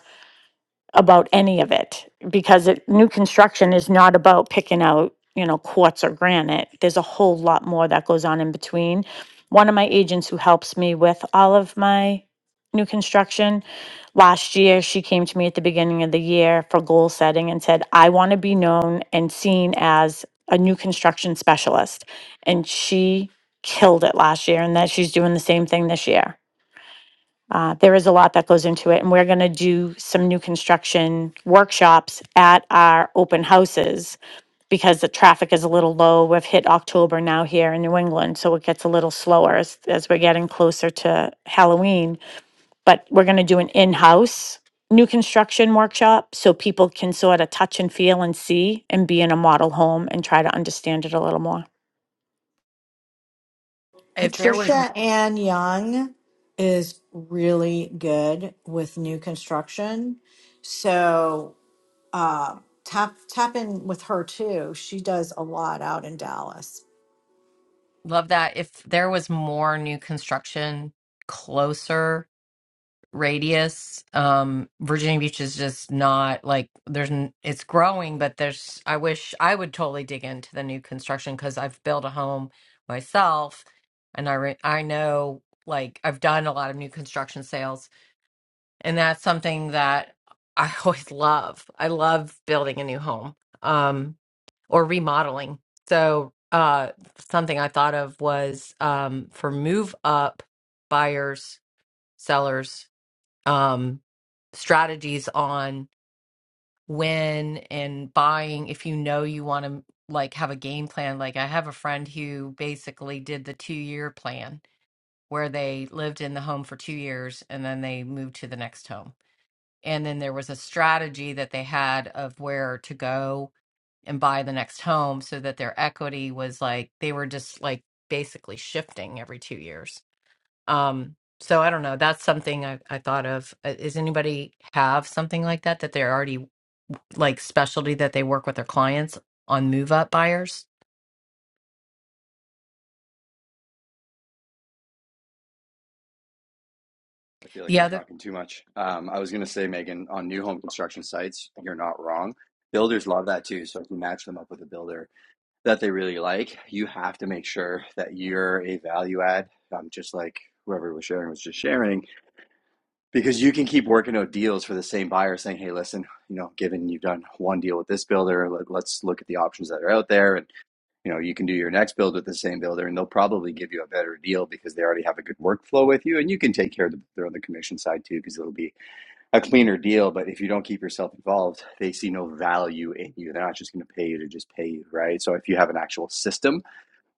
[SPEAKER 18] about any of it because it, new construction is not about picking out, you know, quartz or granite. There's a whole lot more that goes on in between. One of my agents who helps me with all of my new construction last year, she came to me at the beginning of the year for goal setting and said, I want to be known and seen as a new construction specialist. And she killed it last year and that she's doing the same thing this year uh, there is a lot that goes into it, and we're going to do some new construction workshops at our open houses because the traffic is a little low. We've hit October now here in New England, so it gets a little slower as, as we're getting closer to Halloween. But we're going to do an in house new construction workshop so people can sort of touch and feel and see and be in a model home and try to understand it a little more.
[SPEAKER 3] If there was,
[SPEAKER 7] Patricia Ann Young is really good with new construction. So uh, tap tap in with her too. She does a lot out in Dallas.
[SPEAKER 3] love that. If there was more new construction closer radius, um, Virginia Beach is just not like there's, n- it's growing, but there's, I wish I would totally dig into the new construction because I've built a home myself and I, re- I know like I've done a lot of new construction sales and that's something that I [laughs] always love. I love building a new home um, or remodeling. So uh, something I thought of was um, for move up buyers, sellers, um, strategies on when and buying if you know you want to like have a game plan like i have a friend who basically did the two year plan where they lived in the home for two years and then they moved to the next home and then there was a strategy that they had of where to go and buy the next home so that their equity was like they were just like basically shifting every two years um so i don't know that's something i, I thought of Uh, is anybody have something like that that they're already like specialty that they work with their clients on move up buyers
[SPEAKER 12] I feel like
[SPEAKER 3] the
[SPEAKER 12] I'm
[SPEAKER 3] other
[SPEAKER 12] talking too much. Um, I was going to say, Megan, on new home construction sites, you're not wrong. Builders love that too. So if you match them up with a builder that they really like, you have to make sure that you're a value add. Um, just like whoever was sharing was just sharing because you can keep working out deals for the same buyer saying hey listen you know given you've done one deal with this builder let, let's look at the options that are out there and you know you can do your next build with the same builder and they'll probably give you a better deal because they already have a good workflow with you and you can take care of the builder on the commission side too because it'll be a cleaner deal but if you don't keep yourself involved they see no value in you they're not just going to pay you to just pay you right so if you have an actual system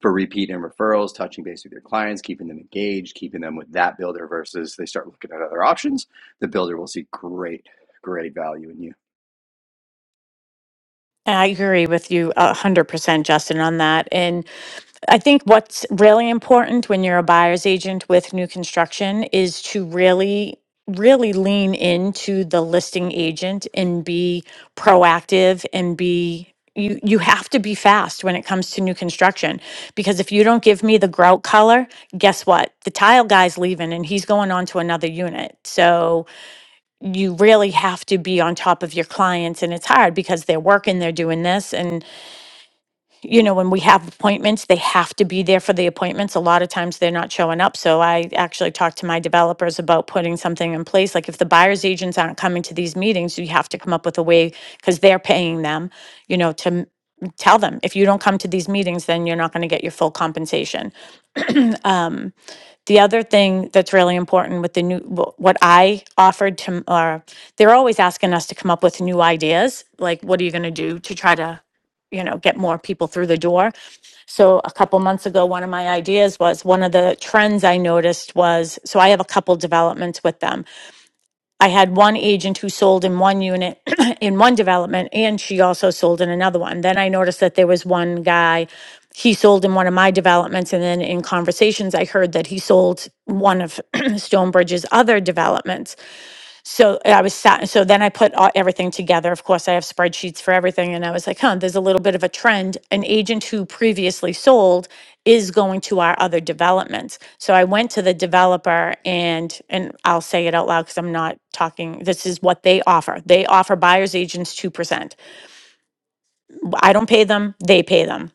[SPEAKER 12] for repeat and referrals, touching base with your clients, keeping them engaged, keeping them with that builder versus they start looking at other options, the builder will see great, great value in you.
[SPEAKER 18] I agree with you a hundred percent, Justin, on that. And I think what's really important when you're a buyer's agent with new construction is to really, really lean into the listing agent and be proactive and be you you have to be fast when it comes to new construction because if you don't give me the grout color guess what the tile guy's leaving and he's going on to another unit so you really have to be on top of your clients and it's hard because they're working they're doing this and you know when we have appointments they have to be there for the appointments a lot of times they're not showing up so i actually talked to my developers about putting something in place like if the buyers agents aren't coming to these meetings you have to come up with a way because they're paying them you know to m- tell them if you don't come to these meetings then you're not going to get your full compensation Um. The other thing that's really important with the new, wh- what I offered to, or they're always asking us to come up with new ideas. Like, what are you going to do to try to, you know, get more people through the door? So a couple months ago, one of my ideas was one of the trends I noticed was so I have a couple developments with them. I had one agent who sold in one unit [clears throat] in one development, and she also sold in another one. Then I noticed that there was one guy, he sold in one of my developments. And then in conversations, I heard that he sold one of [clears throat] Stonebridge's other developments so I was sat, so then I put all, everything together. Of course, I have spreadsheets for everything. And I was like, huh, there's a little bit of a trend. An agent who previously sold is going to our other developments. So I went to the developer and, and I'll say it out loud because I'm not talking, this is what they offer. They offer buyer's agents 2%. I don't pay them, they pay them.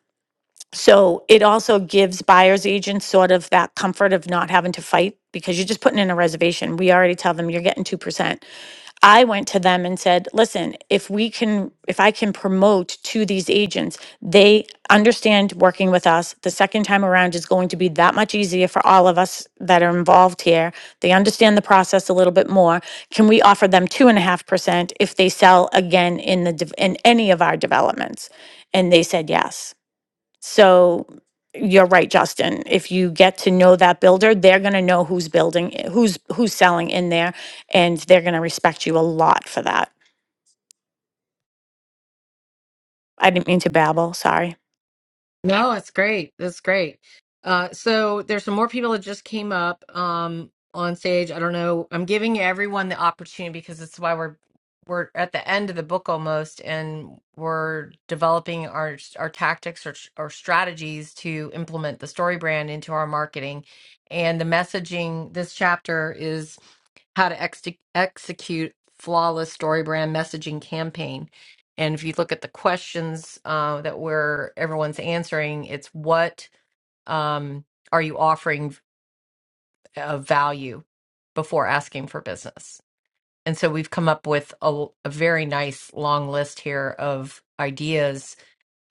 [SPEAKER 18] So it also gives buyer's agents sort of that comfort of not having to fight because you're just putting in a reservation. We already tell them you're getting 2%. I went to them and said, listen, if we can, if I can promote to these agents, they understand working with us. The second time around is going to be that much easier for all of us that are involved here. They understand the process a little bit more. Can we offer them two and a half percent if they sell again in the, dev- in any of our developments? And they said yes. So you're right, Justin. If you get to know that builder, they're going to know who's building, i- who's who's selling in there, and they're going to respect you a lot for that. I didn't mean to babble. Sorry.
[SPEAKER 3] No, it's great. That's great. Uh, so there's some more people that just came up um, on stage. I don't know. I'm giving everyone the opportunity because it's why we're we're at the end of the book almost, and we're developing our our tactics or or strategies to implement the story brand into our marketing. And the messaging this chapter how to ex- execute flawless story brand messaging campaign and if you look at the questions uh, that we're everyone's answering it's what um, are you offering of value before asking for business and so we've come up with a, a very nice long list here of ideas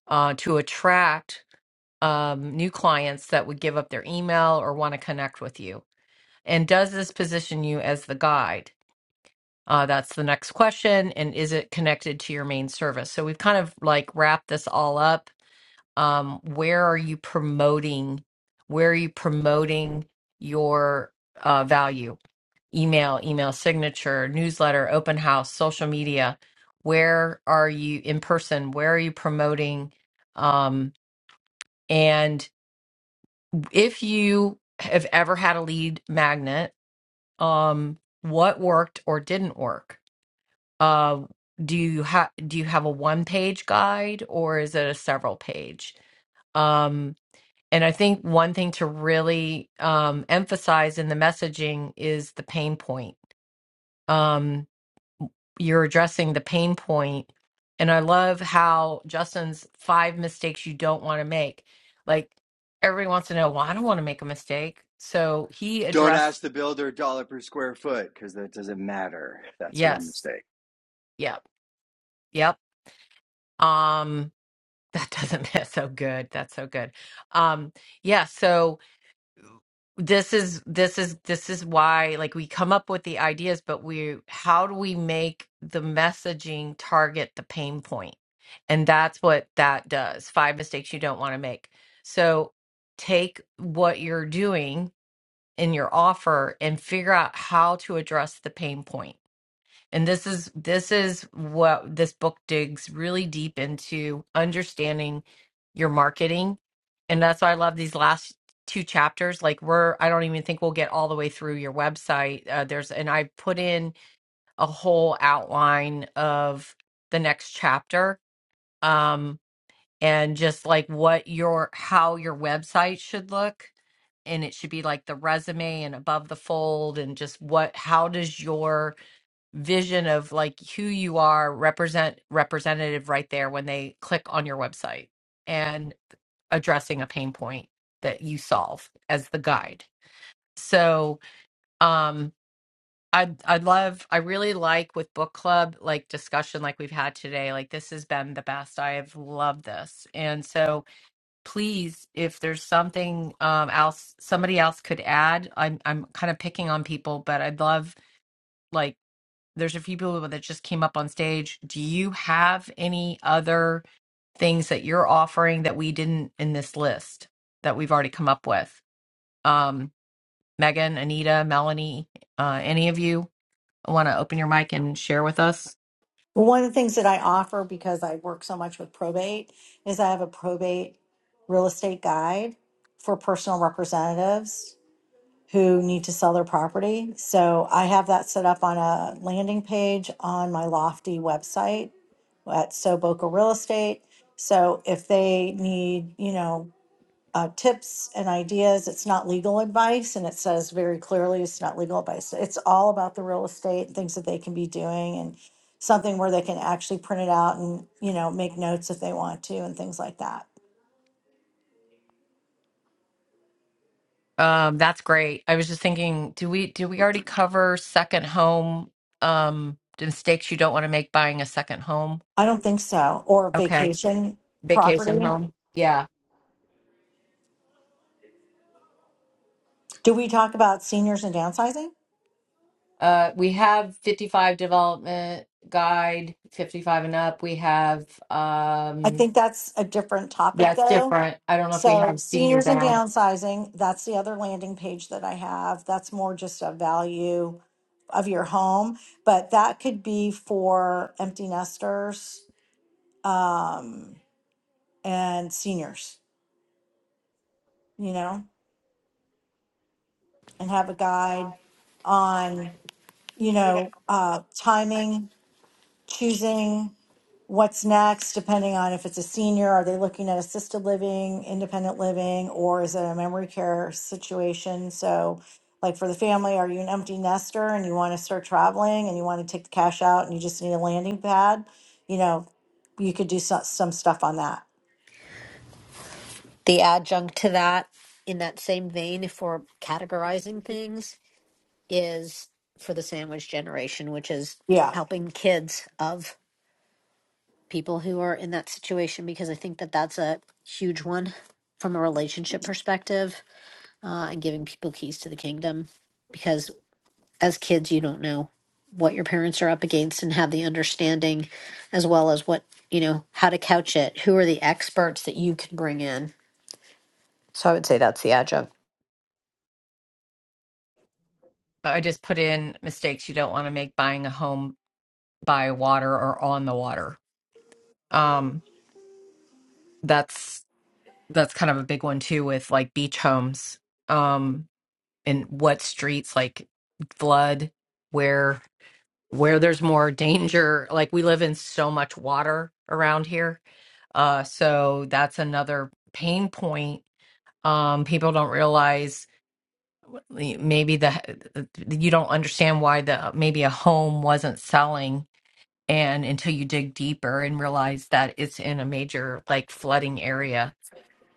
[SPEAKER 3] uh, to attract um, new clients that would give up their email or want to connect with you and does this position you as the guide Uh, that's the next question. And is it connected to your main service? So we've kind of like wrapped this all up. Um, where are you promoting? Where are you promoting your uh, value? Email, email signature, newsletter, open house, social media. Where are you in person? Where are you promoting? Um, and if you have ever had a lead magnet, um, what worked or didn't work? Uh, do you have do you have a one page guide or is it a several page? Um, and I think one thing to really um, emphasize in the messaging is the pain point. Um, you're addressing the pain point, and I love how Justin's five mistakes you don't want to make. Like everybody wants to know, well, I don't want to make a mistake. So he
[SPEAKER 12] Don't
[SPEAKER 3] addressed,
[SPEAKER 12] ask the builder dollar per square foot because that doesn't matter. That's one
[SPEAKER 3] yes,
[SPEAKER 12] mistake.
[SPEAKER 3] yep, yep. Um, That doesn't [laughs] that's so good. That's so good. Um yeah, so this is this is this is why like we come up with the ideas but we how do we make the messaging target the pain point? And that's what that does. Five mistakes you don't want to make. So take what you're doing in your offer and figure out how to address the pain point and this is this is what this book digs really deep into understanding your marketing. And that's why I love these last two chapters. Like we're I don't even think we'll get all the way through your website. Uh, there's and I put in a whole outline of the next chapter um and just like what your how your website should look and it should be like the resume and above the fold and just what how does your vision of like who you are represent representative right there when they click on your website and addressing a pain point that you solve as the guide so um i i love i really like with book club like discussion like we've had today like this has been the best i have loved this and so please if there's something um else somebody else could add i'm i'm kind of picking on people but i'd love like there's a few people that just came up on stage. Do you have any other things that you're offering that we didn't in this list that we've already come up with? Um, Megan, Anita, Melanie, uh, any of you want to open your mic and share with us?
[SPEAKER 7] One of the things that I offer because I work so much with probate is I have a probate real estate guide for personal representatives who need to sell their property. So I have that set up on a landing page on my Lofty website at So Boca Real Estate. So if they need, you know, uh, tips and ideas, it's not legal advice, and it says very clearly it's not legal advice. It's all about the real estate and things that they can be doing, and something where they can actually print it out and you know make notes if they want to and things like that.
[SPEAKER 3] Um, that's great. I was just thinking, do we do we already cover second home um the mistakes you don't want to make buying a second home?
[SPEAKER 7] I don't think so. Or
[SPEAKER 3] Okay.
[SPEAKER 7] vacation
[SPEAKER 3] Vacation
[SPEAKER 7] property.
[SPEAKER 3] home. Yeah.
[SPEAKER 7] Do we talk about seniors and downsizing?
[SPEAKER 3] Uh, we have 55 development guide, 55 and up. We have,
[SPEAKER 7] I
[SPEAKER 3] um,
[SPEAKER 7] think that's a different
[SPEAKER 3] that's
[SPEAKER 7] topic though.
[SPEAKER 3] different. I don't know if we
[SPEAKER 7] So,
[SPEAKER 3] have senior
[SPEAKER 7] seniors and
[SPEAKER 3] down.
[SPEAKER 7] downsizing, that's the other landing page that I have. That's more just a value of your home, but that could be for empty nesters um, and seniors, you know, and have a guide on, you
[SPEAKER 19] you know,
[SPEAKER 7] know, uh,
[SPEAKER 19] like
[SPEAKER 7] timing choosing what's next depending on if it's a senior are they looking at assisted living independent living or is it a memory care situation so like for the family are you an empty nester and you want to start traveling and you want to take the cash out and you just need a landing pad you know you could do some, some stuff on that
[SPEAKER 19] the adjunct to that in that same vein if we're categorizing things is for the sandwich generation which is
[SPEAKER 7] yeah
[SPEAKER 19] helping kids of people who are in that situation because i think that that's a huge one from a relationship perspective uh, and giving people keys to the kingdom because as kids you don't know what your parents are up against and have the understanding as well as what you know how to couch it who are the experts that you can bring in So I would say that's the adjunct.
[SPEAKER 3] I just put in mistakes you don't want to make buying a home by water or on the water. Um, that's that's kind of a big one too with like beach homes. Um, and what streets like flood, where where there's more danger. Like we live in so much water around here. Uh, so that's another pain point. Um, people don't realize maybe the you don't understand why the maybe a home wasn't selling and until you dig deeper and realize that it's in a major like flooding area.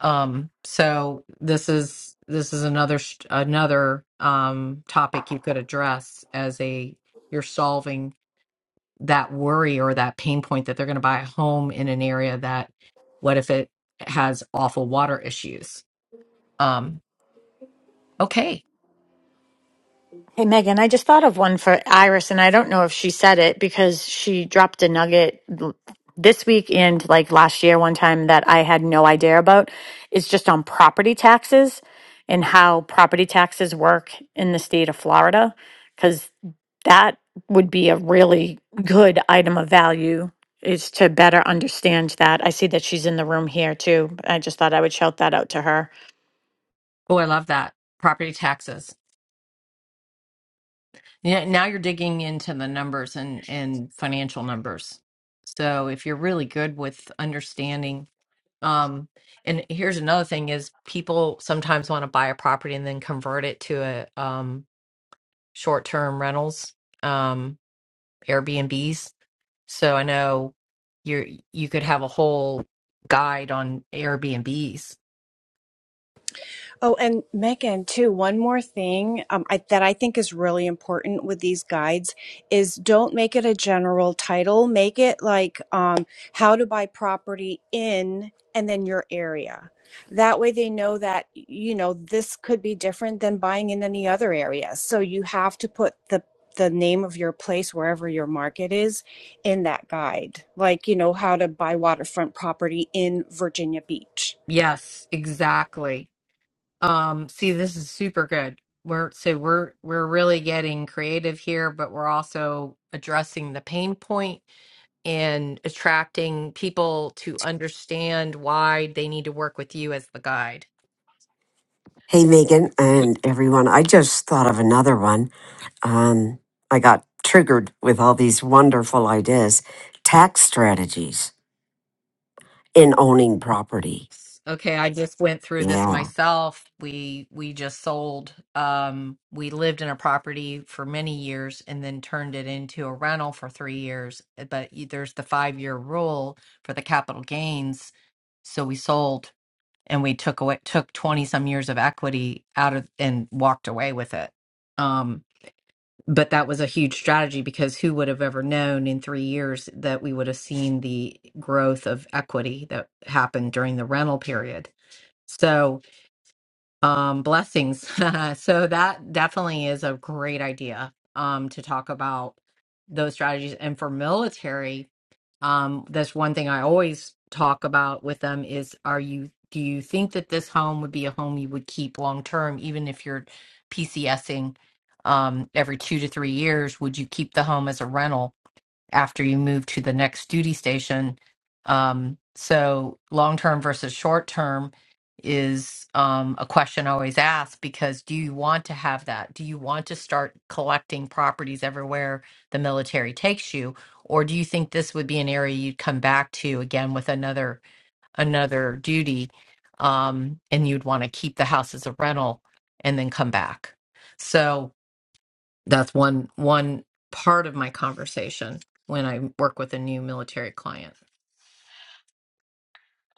[SPEAKER 3] Um, so this is this is another sh- another um topic you could address as a you're solving that worry or that pain point that they're going to buy a home in an area that what if it has awful water issues um okay
[SPEAKER 18] Hey, Megan, I just thought of one for Iris, and I don't know if she said it because she dropped a nugget l- this week and like last year one time that I had no idea about. It's just on property taxes and how property taxes work in the state of Florida, because that would be a really good item of value is to better understand that. I see that she's in the room here too. I just thought I would shout that out to her.
[SPEAKER 3] oh i love that property taxes yeah now you're digging into the numbers and and financial numbers so if you're really good with understanding um and here's another thing is people sometimes want to buy a property and then convert it to a um short-term rentals um airbnbs So I know you're you could have a whole guide on Airbnbs.
[SPEAKER 17] Oh, and Megan, too, one more thing um, I, that I think is really important with these guides is don't make it a general title. Make it like um, how to buy property in and then your area. That way they know that, you know, this could be different than buying in any other area. So you have to put the the name of your place wherever your market is in that guide like you know how to buy waterfront property in virginia beach
[SPEAKER 3] Yes, exactly. Um, see, this is super good. We're so we're we're really getting creative here, but we're also addressing the pain point and attracting people to understand why they need to work with you as the guide.
[SPEAKER 16] Hey, Megan
[SPEAKER 20] Good
[SPEAKER 16] and everyone. I just thought of another one. Um, I got triggered with all these wonderful ideas. Tax strategies in owning property.
[SPEAKER 3] Okay, I just went through this
[SPEAKER 16] Yeah.
[SPEAKER 3] myself. We we just sold um we lived in a property for many years and then turned it into a rental for 3 years, eh, but y- there's the 5-year rule for the capital gains, so we sold and we took away took 20 some years of equity out of and walked away with it. Um but that was a huge strategy because who would have ever known in 3 years that we would have seen the growth of equity that happened during the rental period so, um, blessings. [laughs] so that definitely is a great idea, um, to talk about those strategies. And for military, um, that's one thing I always talk about with them is, are you, do you think that this home would be a home you would keep long term, even if you're PCSing, um, every two to three years? Would you keep the home as a rental? after you move to the next duty station. Um, so, long term versus short term is um, a question I always ask because do you want to have that? Do you want to start collecting properties everywhere the military takes you, or do you think this would be an area you'd come back to again with another another duty, um, and you'd want to keep the house as a rental and then come back? So that's one one part of my conversation when I work with a new military client.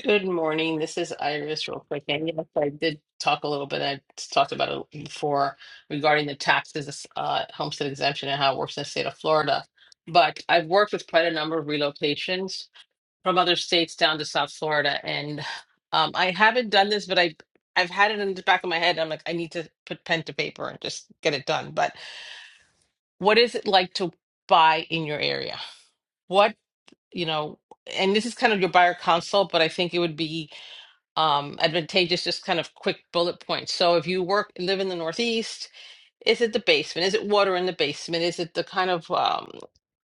[SPEAKER 20] good morning. This is Iris real quick. And yes, I did talk a little bit. I talked about it before regarding the taxes, uh, homestead exemption and how it works in the state of Florida. But I've worked with quite a number of relocations from other states down to South Florida. And um, I haven't done this, but I, I've had it in the back of my head. I'm like, I need to put pen to paper and just get it done. But what is it like to buy in your area? you know, and this is kind of your buyer consult, but I think it would be um, advantageous just kind of quick bullet points. So if you work live in the Northeast, is it the basement? Is it water in the basement? Is it the kind of um,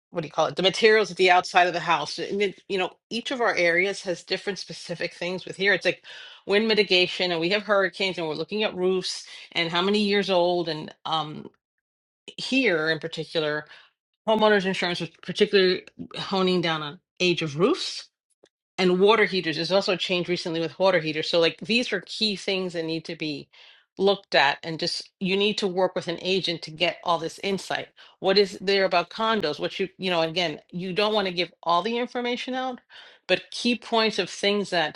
[SPEAKER 20] what do you call it? The materials at the outside of the house. And it, you know, each of our areas has different specific things. With here, it's like wind mitigation, and we have hurricanes, and we're looking at roofs and how many years old. And um, here in particular, homeowners insurance was particularly honing down on age of roofs and water heaters. There's also a change recently with water heaters. So like these are key things that need to be looked at and just you need to work with an agent to get all this insight. What is there about condos? What you you know, again, you don't want to give all the information out, but key points of things that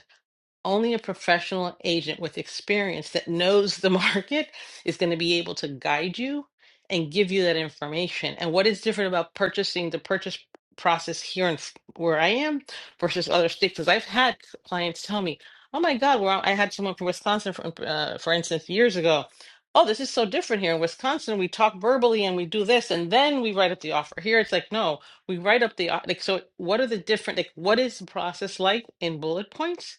[SPEAKER 20] only a professional agent with experience that knows the [laughs] market is going to be able to guide you and give you that information. And what is different about purchasing the purchase process here in f- where I am versus other states? Because I've had c- clients tell me, "Oh my God, well, I had someone from Wisconsin, for, uh, for instance, years ago." Oh, this is so different here in Wisconsin. We talk verbally and we do this, and then we write up the offer. Here, it's like, no, we write up the o- like. So, what are the different? Like, what is the process like in bullet points?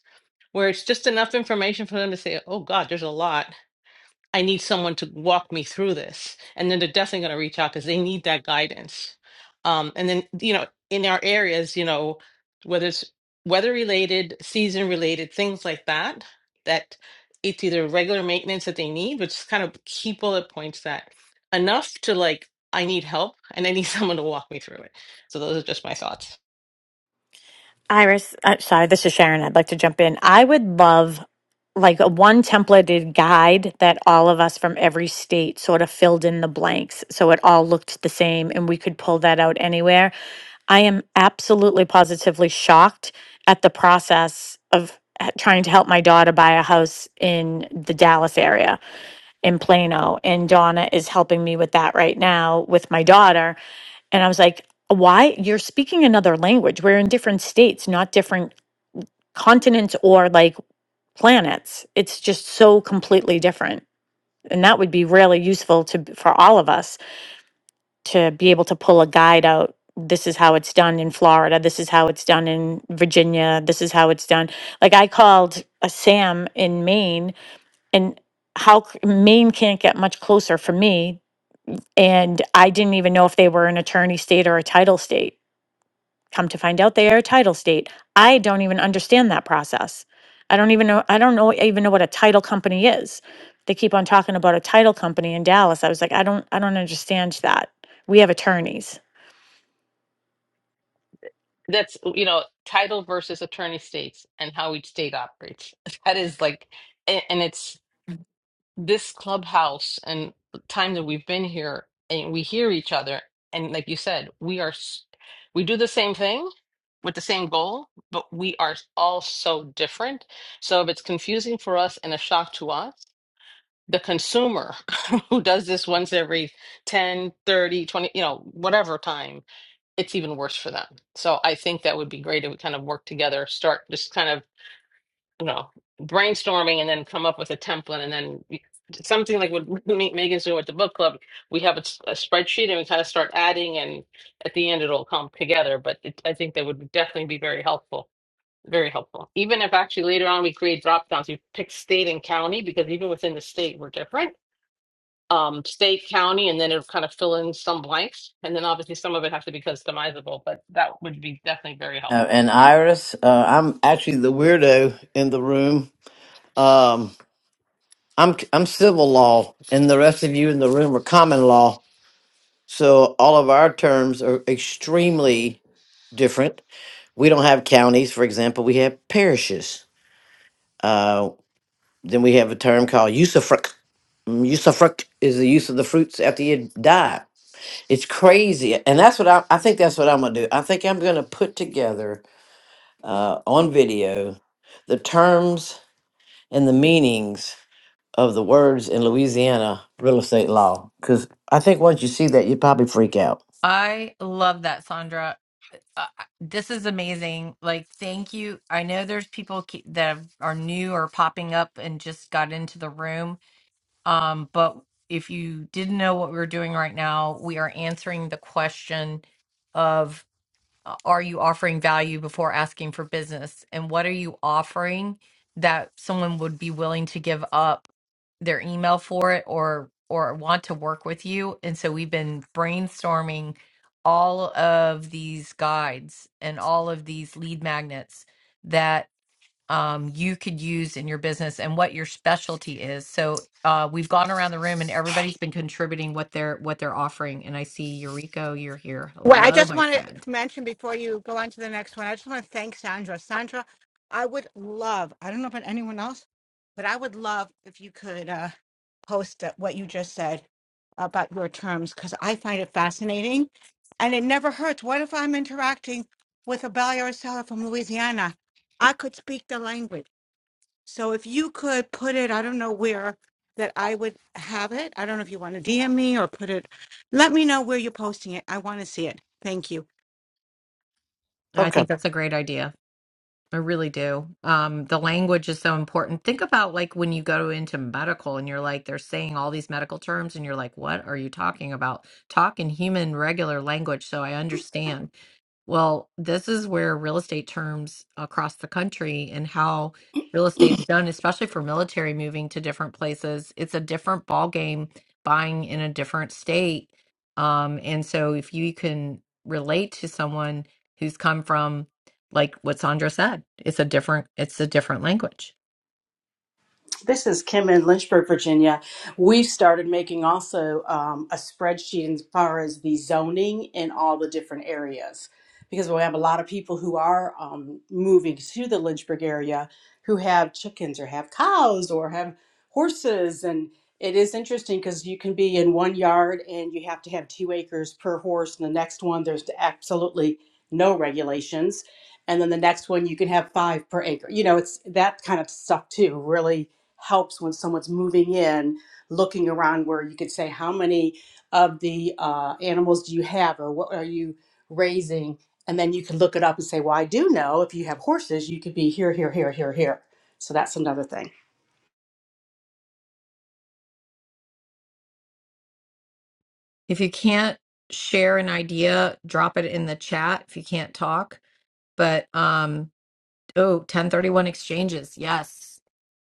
[SPEAKER 20] where it's just enough information for them to say, oh God, there's a lot. I need someone to walk me through this. And then they're definitely going to reach out because they need that guidance. Um, and then, you know, in our areas, you know, whether it's weather related, season related, things like that, that it's either regular maintenance that they need, which is kind of key bullet points that enough to like, I need help and I need [laughs] someone to walk me through it. So those are just my thoughts.
[SPEAKER 18] Iris, uh, sorry, this is Sharon. I'd like to jump in. I would love like a one templated guide that all of us from every state sort of filled in the blanks so it all looked the same and we could pull that out anywhere. I am absolutely positively shocked at the process of h- trying to help my daughter buy a house in the Dallas area in Plano and Donna is helping me with that right now with my daughter and I was like, why? You're speaking another language. We're in different states, not different continents or like planets. It's just so completely different. And that would be really useful to for all of us to be able to pull a guide out. This is how it's done in Florida. This is how it's done in Virginia. This is how it's done. Like I called a Sam in Maine, and how c- Maine can't get much closer for me. And I didn't even know if they were an attorney state or a title state Come to find out, they are a title state. I don't even understand that process. I don't even know. I don't know even know what a title company is. They keep on talking about a title company in Dallas. I was like, I don't. I don't understand that. We have attorneys.
[SPEAKER 20] That's, you know, title versus attorney states and how each state operates. [laughs] That is like, a- and it's this clubhouse and the time that we've been here and we hear each other. And like you said, we are, s- we do the same thing with the same goal, but we are all so different. So if it's confusing for us and a shock to us, the consumer [laughs] who does this once every 10, 30, 20, you know, whatever time it's even worse for them. So I think that would be great if we kind of work together, start just kind of, you know, brainstorming and then come up with a template and then we- something like what [laughs] Me- Megan's doing with the book club. We have a, s- a spreadsheet and we kind of start adding and at the end it'll come together. But it, I think that would definitely be very helpful. Very helpful. Even if actually later on we create drop downs, we pick state and county because even within the state we're different um, state, county, and then it'll kind of fill in some blanks. And then obviously some of it has to be customizable, but that would be definitely very
[SPEAKER 10] Uh,
[SPEAKER 20] helpful.
[SPEAKER 10] and Iris, uh, I'm actually the weirdo in the room. I'm I'm civil law, and the rest of you in the room are common law. So all of our terms are extremely different. We don't have counties, for example. We have parishes. Uh, then we have a term called usufruct. Mm, Usufruct is the use of the fruits after you die. It's crazy, and that's what I, I think. That's what I'm gonna do. I think I'm gonna put together uh, on video the terms and the meanings of the words in Louisiana real estate law because I think once you see that, you probably freak out.
[SPEAKER 3] I love that, Sandra. Uh, this is amazing. Like, thank you. I know there's people ke- that are new or popping up and just got into the room. Um, but if you didn't know what we were doing right now, we are answering the question of uh, are you offering value before asking for business? And what are you offering that someone would be willing to give up their email for it or or want to work with you? And so we've been brainstorming all of these guides and all of these lead magnets um, you could use in your business and what your specialty is. So uh, we've gone around the room and everybody's been contributing what they're what they're offering. And I see Eureka, you're here.
[SPEAKER 13] Well, I
[SPEAKER 3] Hello,
[SPEAKER 13] just
[SPEAKER 3] my
[SPEAKER 13] want to
[SPEAKER 3] friend.
[SPEAKER 13] mention before you go on to the next one, I just want to thank Sandra. Sandra, I would love, I don't know about anyone else, but I would love if you could uh, post that- what you just said about your terms because I find it fascinating and it never hurts. What if I'm interacting with a buyer or seller from Louisiana? I could speak the language. So if you could put it, I don't know where that I would have it. I don't know if you want to DM me or put it. Let me know where you're posting it. I want to see it. Thank you.
[SPEAKER 3] I
[SPEAKER 10] Okay.
[SPEAKER 3] think that's a great idea. I really do. Um, the language is so important. Think about like when you go into medical and you're like, they're saying all these medical terms, and you're like, what are you talking about? Talk in human, regular language so I understand. Well, this is where real estate terms across the country and how real estate's done, especially for military moving to different places, it's a different ball game buying in a different state. Um, and so if you can relate to someone who's come from like what Sandra said, it's a different it's a different language.
[SPEAKER 21] This is Kim in Lynchburg, Virginia. We've started making also um, a spreadsheet as far as the zoning in all the different areas because we have a lot of people who are um, moving to the Lynchburg area who have chickens or have cows or have horses. And it is interesting because you can be in one yard and you have to have two acres per horse. And the next one, there's absolutely no regulations. And then the next one, you can have five per acre. You know, it's that kind of stuff too, really helps when someone's moving in, looking around where you could say, how many of the uh, animals do you have or what are you raising? And then you can look it up and say, well, I do know if you have horses, you could be here, here, here, here, here. So that's another thing.
[SPEAKER 3] If you can't share an idea, drop it in the chat if you can't talk. But um Oh, 1031 exchanges. Yes.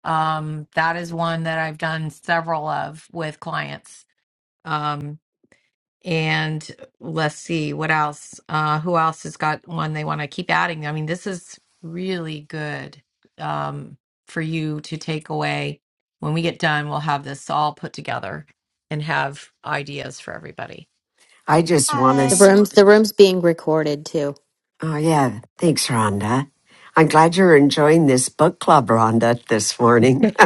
[SPEAKER 3] Um, that is one that I've done several of with clients. Um, and let's see what else. Uh, who else has got one they want to keep adding? I mean, this is really good um, for you to take away. When we get done, we'll have this all put together and have ideas for everybody.
[SPEAKER 16] I just want
[SPEAKER 1] The
[SPEAKER 16] to.
[SPEAKER 22] Hi.
[SPEAKER 1] room's the room's being recorded too.
[SPEAKER 16] Oh, yeah. Thanks, Rhonda. I'm glad you're enjoying this book club, Rhonda, this morning. [laughs]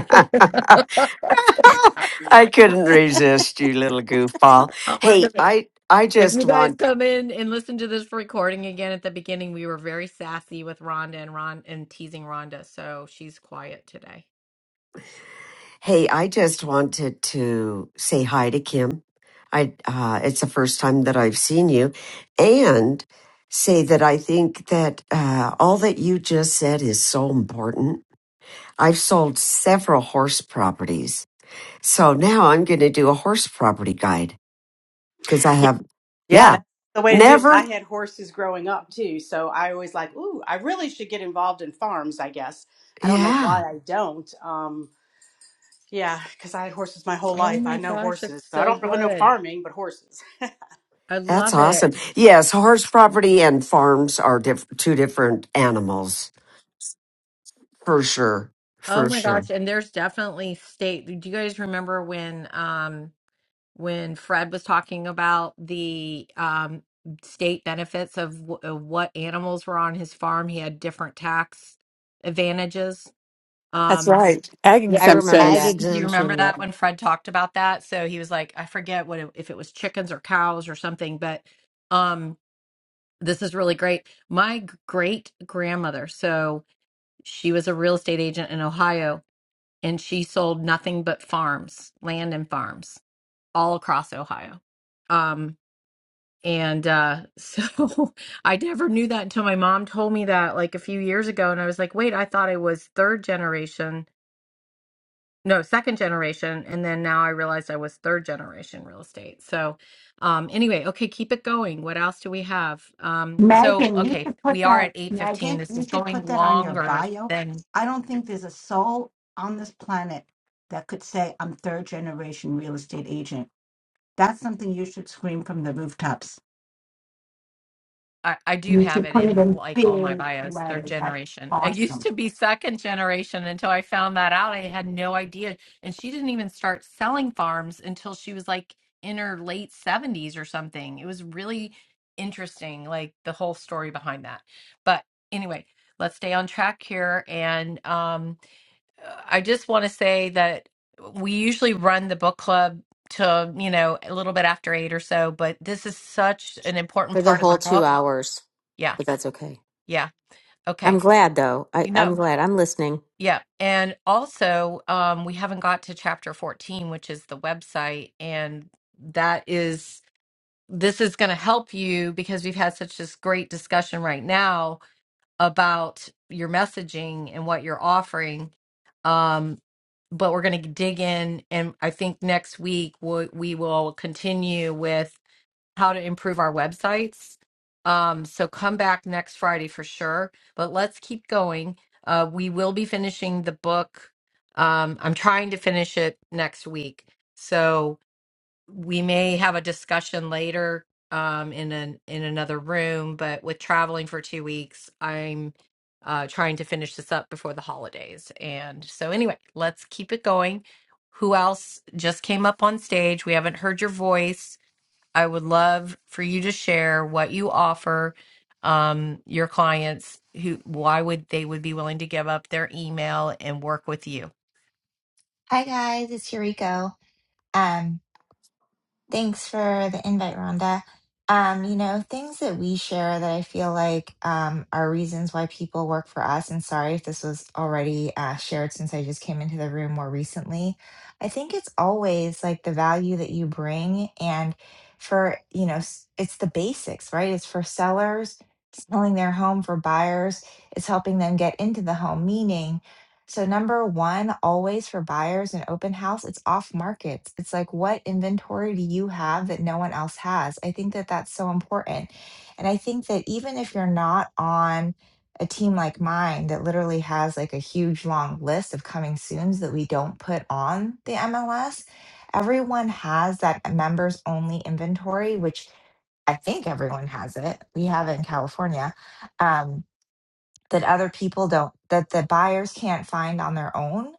[SPEAKER 16] I couldn't resist you, little goofball.
[SPEAKER 3] Oh, we're
[SPEAKER 16] Hey,
[SPEAKER 3] good.
[SPEAKER 16] I, I
[SPEAKER 3] If you
[SPEAKER 16] just
[SPEAKER 3] guys
[SPEAKER 16] want,
[SPEAKER 3] come in and listen to this recording again at the beginning, we were very sassy with Rhonda and Ron and teasing Rhonda, so she's quiet today.
[SPEAKER 16] hey, I just wanted to say hi to Kim. I, uh, it's the first time that I've seen you and say that I think that, uh, all that you just said is so important. I've sold several horse properties. So now I'm going to do a horse property guide because I
[SPEAKER 21] Yeah,
[SPEAKER 16] have,
[SPEAKER 21] yeah
[SPEAKER 16] yeah,
[SPEAKER 21] that's the way to do it.
[SPEAKER 16] never,
[SPEAKER 21] I had horses growing up too. So I always like, ooh, I really should get involved in farms, I guess. I don't know
[SPEAKER 16] yeah,
[SPEAKER 21] why I don't. Um, yeah, because I had horses my whole
[SPEAKER 3] Oh
[SPEAKER 21] life. I
[SPEAKER 3] my
[SPEAKER 21] know
[SPEAKER 3] gosh,
[SPEAKER 21] horses.
[SPEAKER 3] it's
[SPEAKER 21] So I
[SPEAKER 3] so
[SPEAKER 21] don't really know
[SPEAKER 3] good.
[SPEAKER 21] farming, but horses.
[SPEAKER 3] I
[SPEAKER 16] that's
[SPEAKER 3] love it.
[SPEAKER 16] awesome. Yes, horse property and farms are diff- two different animals for sure,
[SPEAKER 3] Oh
[SPEAKER 16] for
[SPEAKER 3] my
[SPEAKER 16] sure.
[SPEAKER 3] gosh, and there's definitely state. Do you guys remember when um when Fred was talking about the um state benefits of, w- of what animals were on his farm? He had different tax advantages.
[SPEAKER 23] That's
[SPEAKER 3] Um
[SPEAKER 23] right. Ag
[SPEAKER 1] I remember
[SPEAKER 19] Ag
[SPEAKER 23] exemptions.
[SPEAKER 1] that
[SPEAKER 3] Do you remember
[SPEAKER 19] exemption, yep.
[SPEAKER 3] that when Fred talked about that? So he was like, I forget what it, if it was chickens or cows or something, but um this is really great. My great grandmother, so she was a real estate agent in Ohio and she sold nothing but farms, land and farms all across Ohio. Um and uh so [laughs] I never knew that until my mom told me that like a few years ago and I was like, "Wait, I thought I was third generation." no second generation and then now i realized i was third generation real estate so um anyway okay keep it going what else do we have um so
[SPEAKER 13] Megan, you
[SPEAKER 3] okay
[SPEAKER 13] should put
[SPEAKER 3] we are
[SPEAKER 13] that,
[SPEAKER 3] at 8:15
[SPEAKER 13] Megan,
[SPEAKER 3] this
[SPEAKER 13] you
[SPEAKER 3] is
[SPEAKER 13] should
[SPEAKER 3] going
[SPEAKER 13] put that on your
[SPEAKER 3] longer
[SPEAKER 13] bio.
[SPEAKER 3] than
[SPEAKER 13] I don't think there's a soul on this planet that could say, I'm third generation real estate agent. That's something you should scream from the rooftops.
[SPEAKER 3] I, I do
[SPEAKER 13] You
[SPEAKER 3] have
[SPEAKER 13] should
[SPEAKER 3] it
[SPEAKER 13] put it
[SPEAKER 3] in
[SPEAKER 13] in
[SPEAKER 3] like all my
[SPEAKER 13] big
[SPEAKER 3] bios, third
[SPEAKER 13] letters. That's
[SPEAKER 3] generation. I used
[SPEAKER 13] awesome.
[SPEAKER 3] to be second generation until I found that out. I had no idea. And she didn't even start selling farms until she was like in her late 70s or something. It was really interesting, like the whole story behind that. But anyway, let's stay on track here. And um, I just want to say that we usually run the book club to, you know, a little bit after eight or so, but this is such an important
[SPEAKER 1] for the
[SPEAKER 3] part of the
[SPEAKER 1] whole two
[SPEAKER 3] book.
[SPEAKER 1] hours,
[SPEAKER 3] Yeah
[SPEAKER 1] but that's okay.
[SPEAKER 3] yeah.
[SPEAKER 1] I'm
[SPEAKER 3] Okay.
[SPEAKER 1] glad though. I,
[SPEAKER 3] You know,
[SPEAKER 1] I'm glad. I'm listening.
[SPEAKER 3] yeah. And also, um, we haven't got to chapter 14, which is the website. And that is, this is going to help you because we've had such this great discussion right now about your messaging and what you're offering. Um, but we're going to dig in. And I think next week we, we will continue with how to improve our websites. Um, so come back next Friday for sure. But let's keep going. Uh, we will be finishing the book. Um, I'm trying to finish it next week, so we may have a discussion later um, in an in another room. But with traveling for two weeks, I'm uh, trying to finish this up before the holidays. And so anyway, let's keep it going. Who else just came up on stage? We haven't heard your voice I would love for you to share what you offer um, your clients who why would they would be willing to give up their email and work with you.
[SPEAKER 22] Hi guys, it's Yuriko. Um, thanks for the invite, Rhonda. Um, you know, things that we share that I feel like um are reasons why people work for us, and sorry if this was already uh shared since I just came into the room more recently. I think it's always like the value that you bring and for, you know, s- it's the basics, right? It's for sellers selling their home for buyers, it's helping them get into the home, meaning So number one, always for buyers in open house, it's off market. It's like, what inventory do you have that no one else has? I think that that's so important. And I think that even if you're not on a team like mine that literally has like a huge long list of coming soons that we don't put on the MLS, everyone has that members only inventory, which I think everyone has it. We have it in California. Um, that other people don't that the buyers can't find on their own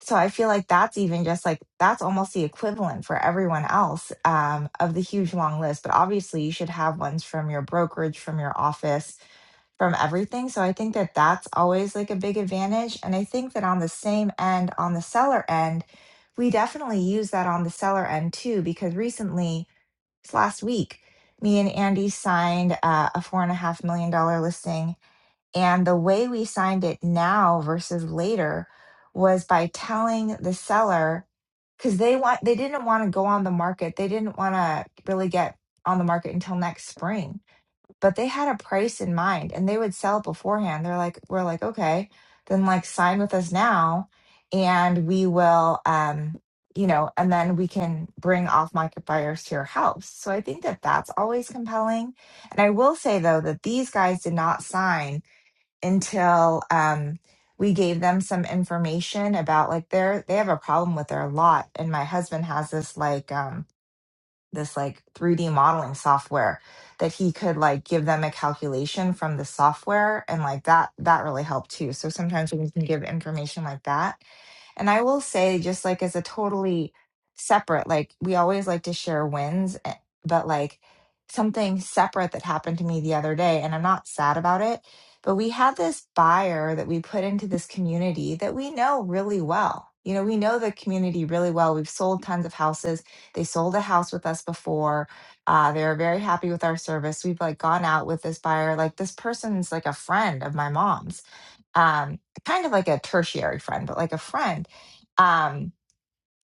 [SPEAKER 22] so i feel like that's even just like that's almost the equivalent for everyone else um, of the huge long list but obviously you should have ones from your brokerage from your office from everything so i think that that's always like a big advantage and i think that on the same end on the seller end we definitely use that on the seller end too because recently this last week me and andy signed uh, a four and a half million dollar listing and the way we signed it now versus later was by telling the seller because they want they didn't want to go on the market. They didn't want to really get on the market until next spring. But they had a price in mind and they would sell it beforehand. They're like, we're like, okay, then like sign with us now and we will um you know, and then we can bring off market buyers to your house. So I think that that's always compelling. And I will say though that these guys did not sign until um, we gave them some information about like their they have a problem with their lot and my husband has this like um, this like 3d modeling software that he could like give them a calculation from the software and like that that really helped too so sometimes we can give information like that and I will say, just like as a totally separate, like we always like to share wins, eh, but like something separate that happened to me the other day, and I'm not sad about it, but we had this buyer that we put into this community that we know really well. You know, we know the community really well. We've sold tons of houses. They sold a house with us before. Uh, they are very happy with our service. We've like gone out with this buyer. Like this person's like a friend of my mom's um, kind of like a tertiary friend, but like a friend. Um,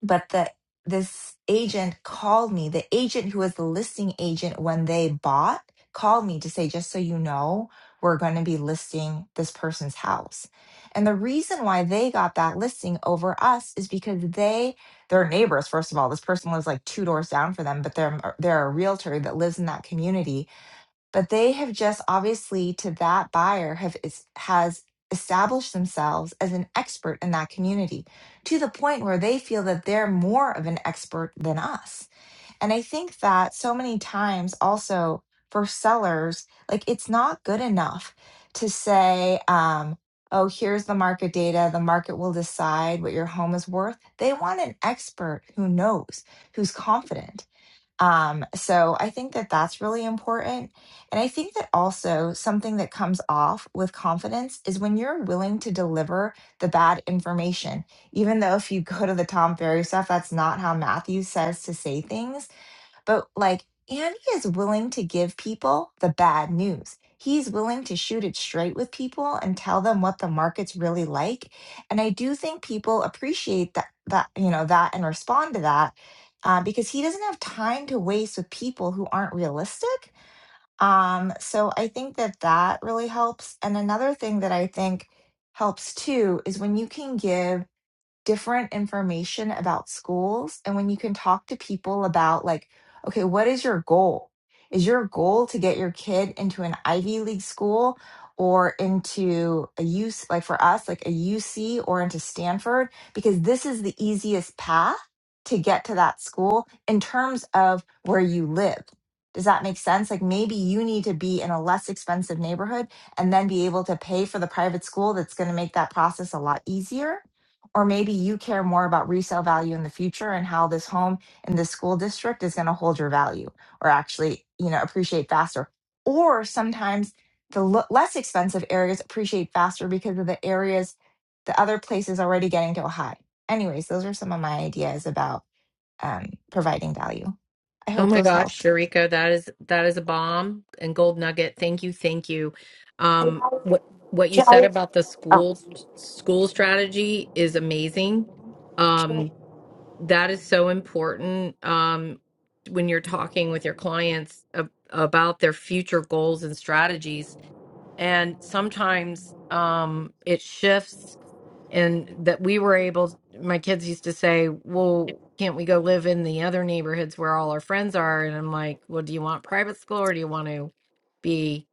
[SPEAKER 22] but the this agent called me. The agent who was the listing agent when they bought called me to say, just so you know, we're going to be listing this person's house. And the reason why they got that listing over us is because they, their neighbors, first of all, this person lives like two doors down for them, but they're they're a realtor that lives in that community but they have just obviously to that buyer have is, has established themselves as an expert in that community to the point where they feel that they're more of an expert than us and i think that so many times also for sellers like it's not good enough to say um oh here's the market data the market will decide what your home is worth they want an expert who knows who's confident um, so I think that that's really important. And I think that also something that comes off with confidence is when you're willing to deliver the bad information. Even though if you go to the Tom Ferry stuff, that's not how Matthew says to say things but like Andy is willing to give people the bad news. He's willing to shoot it straight with people and tell them what the market's really like. And I do think people appreciate that that you know that and respond to that uh, because he doesn't have time to waste with people who aren't realistic. Um, so I think that that really helps. And another thing that I think helps too is when you can give different information about schools and when you can talk to people about like okay what is your goal is your goal to get your kid into an ivy league school or into a U C, like for us like a uc or into stanford because this is the easiest path to get to that school in terms of where you live does that make sense like maybe you need to be in a less expensive neighborhood and then be able to pay for the private school that's going to make that process a lot easier or maybe you care more about resale value in the future and how this home in this school district is going to hold your value or actually, you know, appreciate faster. Or sometimes the l- less expensive areas appreciate faster because of the areas the other places already getting to a high. Anyways, those are some of my ideas about um, providing value. I
[SPEAKER 3] Oh
[SPEAKER 22] hope
[SPEAKER 3] my
[SPEAKER 22] those
[SPEAKER 3] gosh,
[SPEAKER 22] helped.
[SPEAKER 3] Sharika, that is that is a bomb and gold nugget. Thank you, thank you. Um, what what you said about the school school strategy is amazing. Um, that is so important um, when you're talking with your clients ab- about their future goals and strategies and sometimes um it shifts and that we were able my kids used to say well can't we go live in the other neighborhoods where all our friends are and i'm like well do you want private school or do you want to be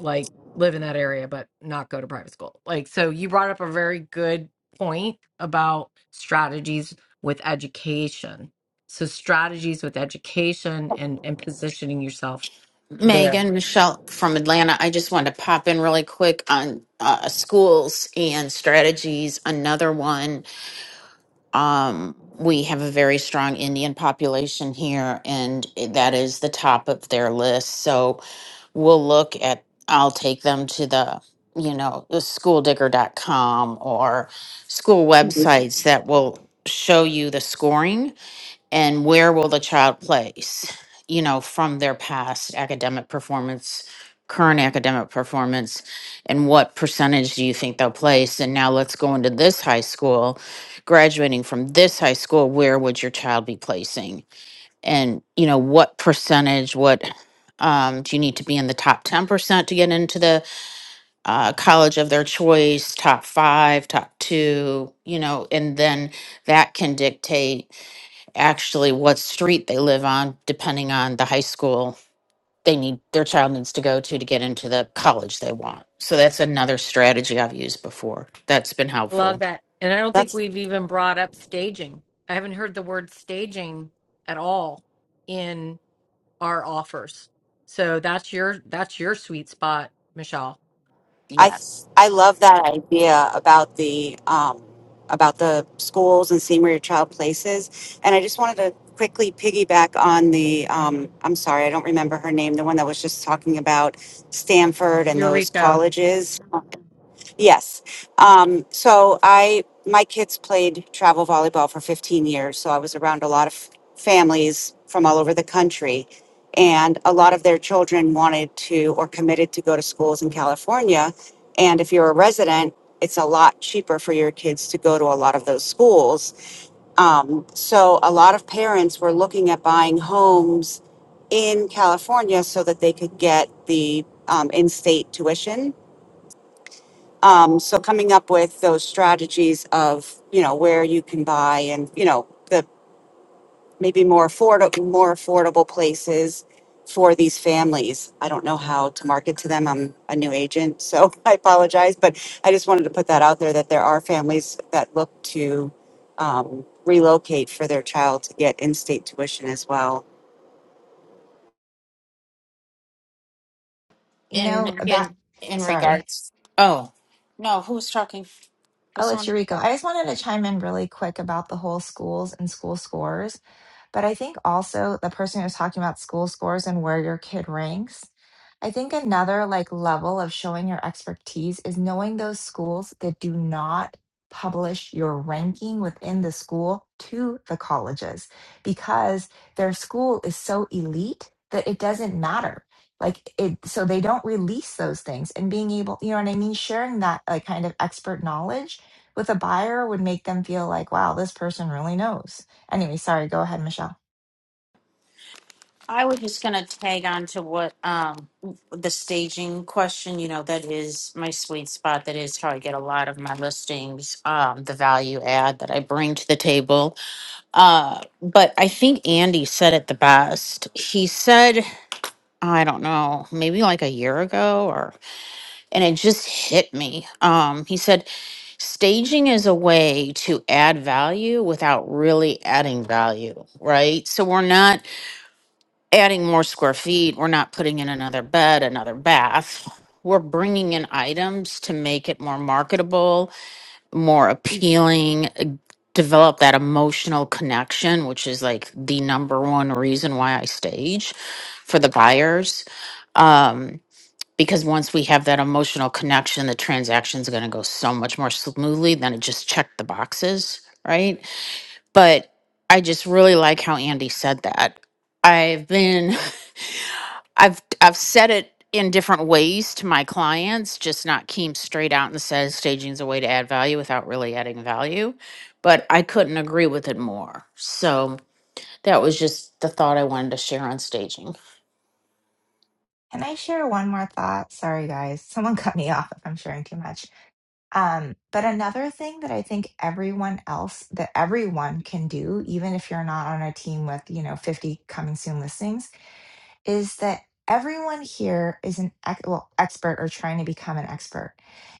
[SPEAKER 3] like live in that area but not go to private school like so you brought up a very good point about strategies with education so strategies with education and and positioning yourself there
[SPEAKER 24] Megan, Michelle from Atlanta. I just wanted to pop in really quick on uh, schools and strategies. Another one, um, we have a very strong Indian population here, and that is the top of their list. So we'll look at, I'll take them to the, you know, the schooldigger.com or school websites that will show you the scoring and where will the child place you know from their past academic performance current academic performance and what percentage do you think they'll place and now let's go into this high school graduating from this high school where would your child be placing and you know what percentage what um, do you need to be in the top 10% to get into the uh, college of their choice top five top two you know and then that can dictate actually what street they live on, depending on the high school they need their child needs to go to to get into the college they want. So that's another strategy I've used before. That's been
[SPEAKER 3] Love
[SPEAKER 24] helpful.
[SPEAKER 3] that. And I don't think
[SPEAKER 9] That's
[SPEAKER 3] we've even brought up staging. I haven't heard the word staging at all in our offers. So that's your that's your sweet spot, Michelle.
[SPEAKER 9] I
[SPEAKER 24] Yes.
[SPEAKER 9] I love that idea about the um, about the schools and seeing where your child places. And I just wanted to quickly piggyback on the um, I'm sorry I don't remember her name the one that was just talking about Stanford and those
[SPEAKER 3] Eureka.
[SPEAKER 9] colleges Yes. Um, so I, my kids played travel volleyball for 15 years. So I was around a lot of families from all over the country. And a lot of their children wanted to or committed to go to schools in California. And if you're a resident, it's a lot cheaper for your kids to go to a lot of those schools. Um, so a lot of parents were looking at buying homes in California so that they could get the um, in state tuition um, so coming up with those strategies of, you know, where you can buy and, you know, the maybe more affordable, more affordable places for these families. I don't know how to market to them. I'm a new agent, so [laughs] I apologize, but I just wanted to put that out there that there are families that look to um, relocate for their child to get in-state tuition as well
[SPEAKER 22] You
[SPEAKER 24] In
[SPEAKER 22] know, about,
[SPEAKER 24] in in
[SPEAKER 22] sorry.
[SPEAKER 24] regards. Oh no, who was talking? Was
[SPEAKER 22] Oh, it's
[SPEAKER 24] someone?
[SPEAKER 22] Eureka. I just wanted to chime in really quick about the whole schools and school scores. But I think also the person who was talking about school scores and where your kid ranks, I think another like level of showing your expertise is knowing those schools that do not publish your ranking within the school to the colleges because their school is so elite that it doesn't matter. Like it, so they don't release those things and being able, you know what I mean? Sharing that like kind of expert knowledge with a buyer would make them feel like, wow, this person really knows Anyway, sorry, go ahead, Michelle.
[SPEAKER 24] I was just gonna tag on to what um the staging question. You know that is my sweet spot. That is how I get a lot of my listings. Um, the value add that I bring to the table Uh, but I think Andy said it the best. He said, I don't know, maybe like a year ago or and it just hit me. Um, he said staging is a way to add value without really adding value, right? So we're not adding more square feet, we're not putting in another bed, another bath. We're bringing in items to make it more marketable more appealing, develop that emotional connection, which is like the number one reason why I stage for the buyers. Um, because once we have that emotional connection, the transaction's going to go so much more smoothly than it just checked the boxes, right? But I just really like how Andy said that. I've been [laughs] I've I've said it in different ways to my clients, just not came straight out and says staging is a way to add value without really adding value. But I couldn't agree with it more. So that was just the thought I wanted to share on staging.
[SPEAKER 22] Can I share one more thought? Sorry, guys. [laughs] Someone cut me off if I'm sharing too much. Um, but another thing that I think everyone else, that everyone can do, even if you're not on a team with, you know, 50 coming soon listings, is that everyone here is an ex- well, expert or trying to become an expert.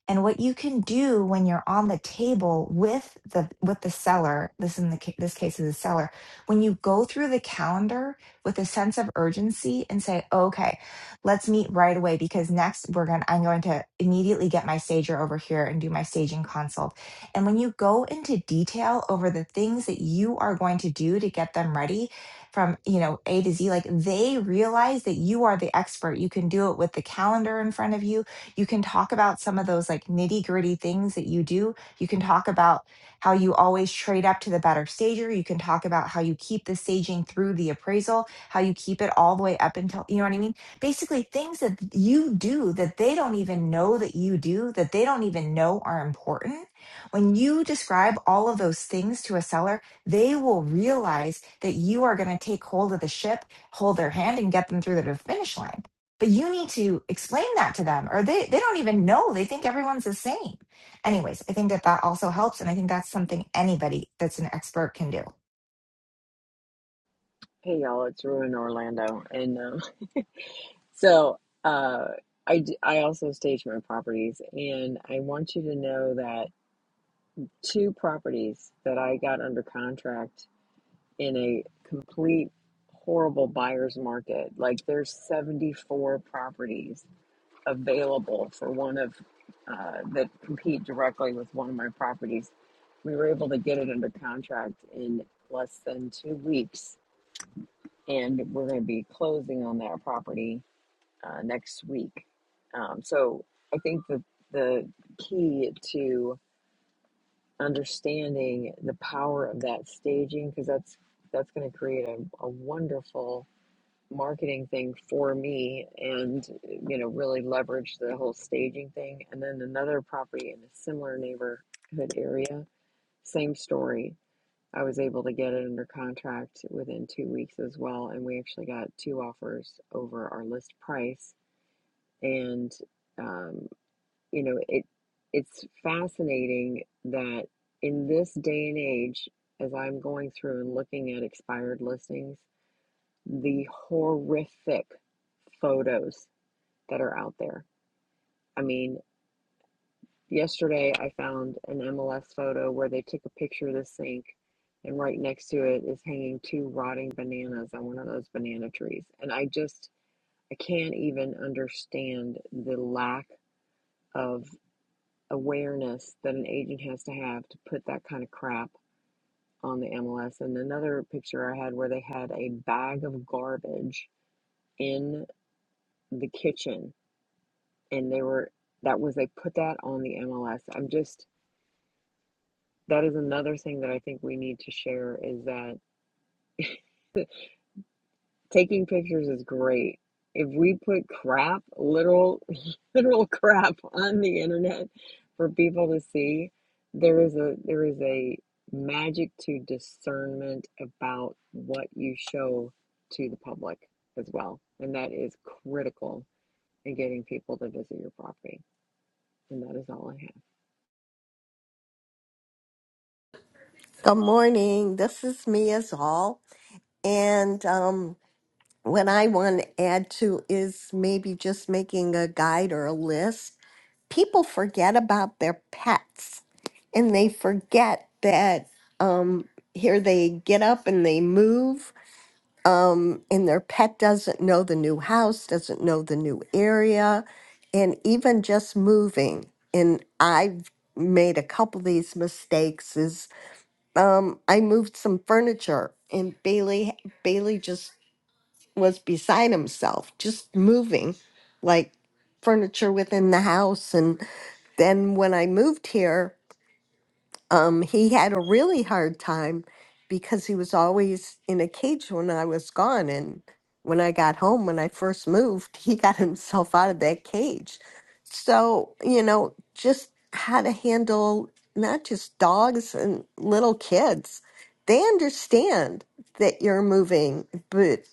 [SPEAKER 22] And what you can do when you're on the table with the with the seller, this in the ca- this case is the seller, when you go through the calendar with a sense of urgency and say, "Okay, let's meet right away because next we're going to I'm going to immediately get my stager over here and do my staging consult." And when you go into detail over the things that you are going to do to get them ready, from you know a to z like they realize that you are the expert you can do it with the calendar in front of you you can talk about some of those like nitty gritty things that you do you can talk about how you always trade up to the better stager you can talk about how you keep the staging through the appraisal how you keep it all the way up until you know what i mean basically things that you do that they don't even know that you do that they don't even know are important when you describe all of those things to a seller they will realize that you are going to take hold of the ship, hold their hand, and get them through the finish line. But you need to explain that to them, or they, they don't even know. They think everyone's the same. Anyways, I think that that also helps. And I think that's something anybody that's an expert can do.
[SPEAKER 25] Hey y'all, it's Rue in Orlando, and um, [laughs] so uh, I d- I also stage my properties, and I want you to know that two properties that I got under contract in a complete horrible buyer's market, like there's 74 properties available for one of uh, that compete directly with one of my properties. We were able to get it under contract in less than two weeks, and we're going to be closing on that property uh, next week. Um, so I think that the key to understanding the power of that staging, because that's that's going to create a, a wonderful marketing thing for me, and you know really leverage the whole staging thing. And then another property in a similar neighborhood area, same story. I was able to get it under contract within two weeks as well, and we actually got two offers over our list price and um, you know, it it's fascinating that in this day and age, as I'm going through and looking at expired listings, the horrific photos that are out there. I mean, yesterday I found an MLS photo where they took a picture of the sink and right next to it is hanging two rotting bananas on one of those banana trees. And I just I can't even understand the lack of awareness that an agent has to have to put that kind of crap on the MLS. And another picture I had where they had a bag of garbage in the kitchen and they were that was they put that on the MLS. I'm just that is another thing that I think we need to share is that Taking pictures is great. If we put crap, literal, [laughs] literal crap on the internet for people to see, there is a there is a magic to discernment about what you show to the public as well. And that is critical in getting people to visit your property. And that is all I have.
[SPEAKER 26] Good morning. This is me as all. And um, what I want to add to is maybe just making a guide or a list. People forget about their pets and they forget that um, here they get up and they move, um, and their pet doesn't know the new house, doesn't know the new area, and even just moving. And I've made a couple of these mistakes is um, I moved some furniture, and Bailey Bailey just was beside himself, just moving like furniture within the house. And then when I moved here um, he had a really hard time because he was always in a cage when I was gone. And when I got home, when I first moved, [laughs] he got himself out of that cage. So, you know, just how to handle not just dogs and little kids. They understand that you're moving, but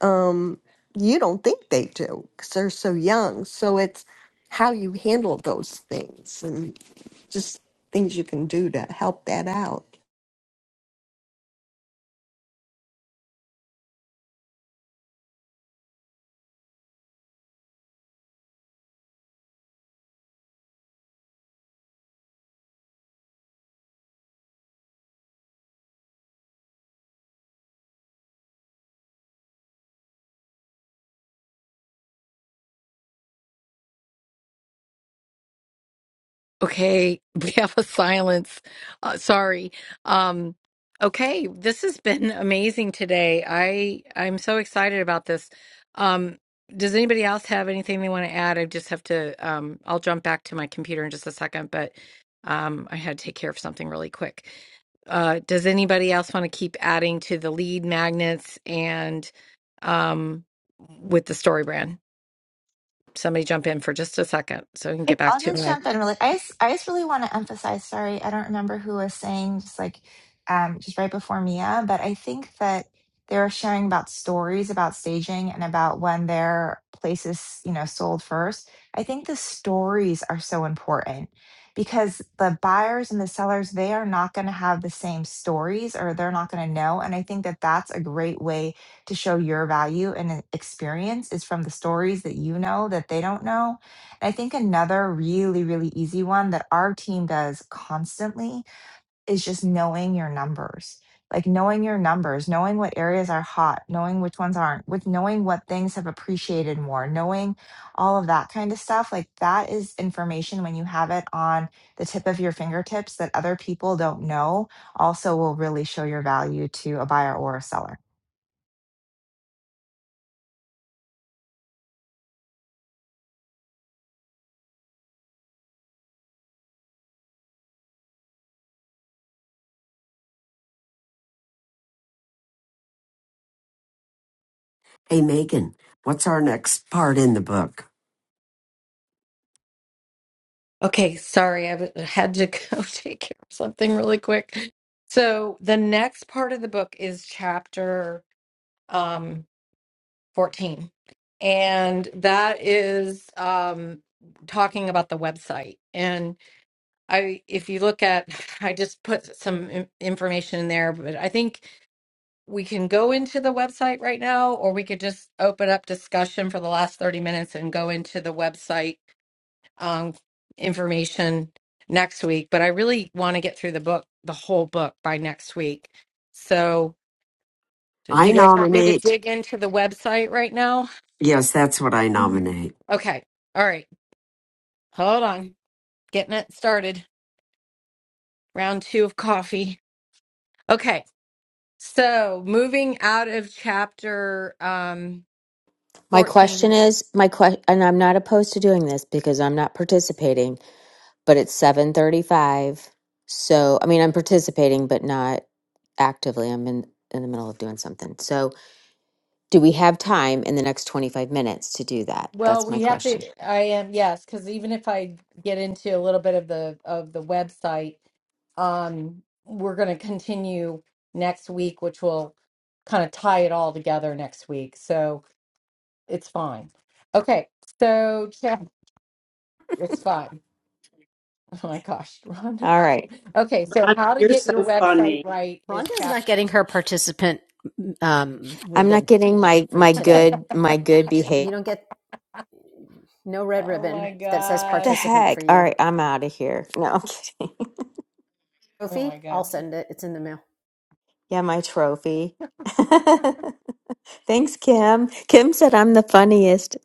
[SPEAKER 26] um, you don't think they do because they're so young. So it's how you handle those things just things you can do to help that out.
[SPEAKER 3] Okay, [laughs] we have a silence. Uh, sorry. Um, okay, this has been [laughs] amazing today. I I'm so excited about this. Um, does anybody else have anything they want to add? I just have to. Um, I'll jump back to my computer in just a second, but um, I had to take care of something really quick. Uh, does anybody else want to keep adding to the lead magnets and um, with the story brand? Somebody jump in for just a second so I can get back
[SPEAKER 22] I'll
[SPEAKER 3] to
[SPEAKER 22] just
[SPEAKER 3] my
[SPEAKER 22] jump in really. I just, I just really want to emphasize. Sorry, I don't remember who was saying just like um, just right before Mia, but I think that they were sharing about stories about staging and about when their place is you know sold first. I think the stories are so important because the buyers and the sellers they are not going to have the same stories or they're not going to know. And I think that that's a great way to show your value and uh, experience is from the stories that you know that they don't know I think another really, really easy one that our team does constantly is just knowing your numbers. Like knowing your numbers, knowing what areas are hot, knowing which ones aren't, with knowing what things have appreciated more, knowing all of that kind of stuff. Like that is information when you have it on the tip of your fingertips that other people don't know also will really show your value to a buyer or a seller.
[SPEAKER 16] Hey, Megan, what's our next part in the book?
[SPEAKER 3] Okay, sorry, I w- had to go [laughs] take care of something really quick. So the next part of the book is chapter um, 14, and that is um, talking about the website. And I, if you look at, [sighs] I just put some in- information in there, but I think we can go into the website right now, or we could just open up discussion for the last 30 minutes and go into the website um, information next week, but I really want to get through the book, the whole book by next week. So, do
[SPEAKER 16] I
[SPEAKER 3] you guys want me to
[SPEAKER 16] nominate.
[SPEAKER 3] dig into the website right now?
[SPEAKER 16] Yes, that's what I nominate.
[SPEAKER 3] Okay. All right. Hold on. Getting it started. Round two of coffee. Okay. So, moving out of chapter um,
[SPEAKER 1] My
[SPEAKER 3] 14.
[SPEAKER 1] question is, my question, and I'm not opposed to doing this because I'm not participating, but it's 7:35. So, I mean, I'm participating but not actively. I'm in in the middle of doing something. So, do we have time in the next 25 minutes to do that?
[SPEAKER 3] Well,
[SPEAKER 1] That's my
[SPEAKER 3] we have to,
[SPEAKER 1] question.
[SPEAKER 3] I am, yes, because even if I get into a little bit of the of the website, um, we're going to continue next week, which will kind of tie it all together next week. So it's fine. Okay, so check, it's fine. [laughs] Oh my gosh, Rhonda.
[SPEAKER 1] All right.
[SPEAKER 3] Okay, so
[SPEAKER 21] Rhonda,
[SPEAKER 3] how to
[SPEAKER 21] you're
[SPEAKER 3] get your
[SPEAKER 21] so
[SPEAKER 3] website
[SPEAKER 21] funny.
[SPEAKER 3] right is
[SPEAKER 19] Rhonda's not
[SPEAKER 3] chapter.
[SPEAKER 19] getting her participant um,
[SPEAKER 1] I'm not
[SPEAKER 19] ribbon
[SPEAKER 1] getting my
[SPEAKER 19] for
[SPEAKER 1] my
[SPEAKER 19] today.
[SPEAKER 1] good my good behavior.
[SPEAKER 19] You don't get no red
[SPEAKER 3] Oh
[SPEAKER 19] ribbon
[SPEAKER 3] my
[SPEAKER 19] that says
[SPEAKER 1] What the
[SPEAKER 3] gosh.
[SPEAKER 19] participant for
[SPEAKER 1] heck? All
[SPEAKER 19] you.
[SPEAKER 1] right, I'm out of here. [laughs] No, I'm kidding. [laughs]
[SPEAKER 3] Oh
[SPEAKER 19] Sophie,
[SPEAKER 3] my
[SPEAKER 19] I'll
[SPEAKER 3] gosh.
[SPEAKER 19] send it. It's in the mail.
[SPEAKER 1] Yeah, my trophy. [laughs] Thanks, Kim. Kim said I'm the funniest.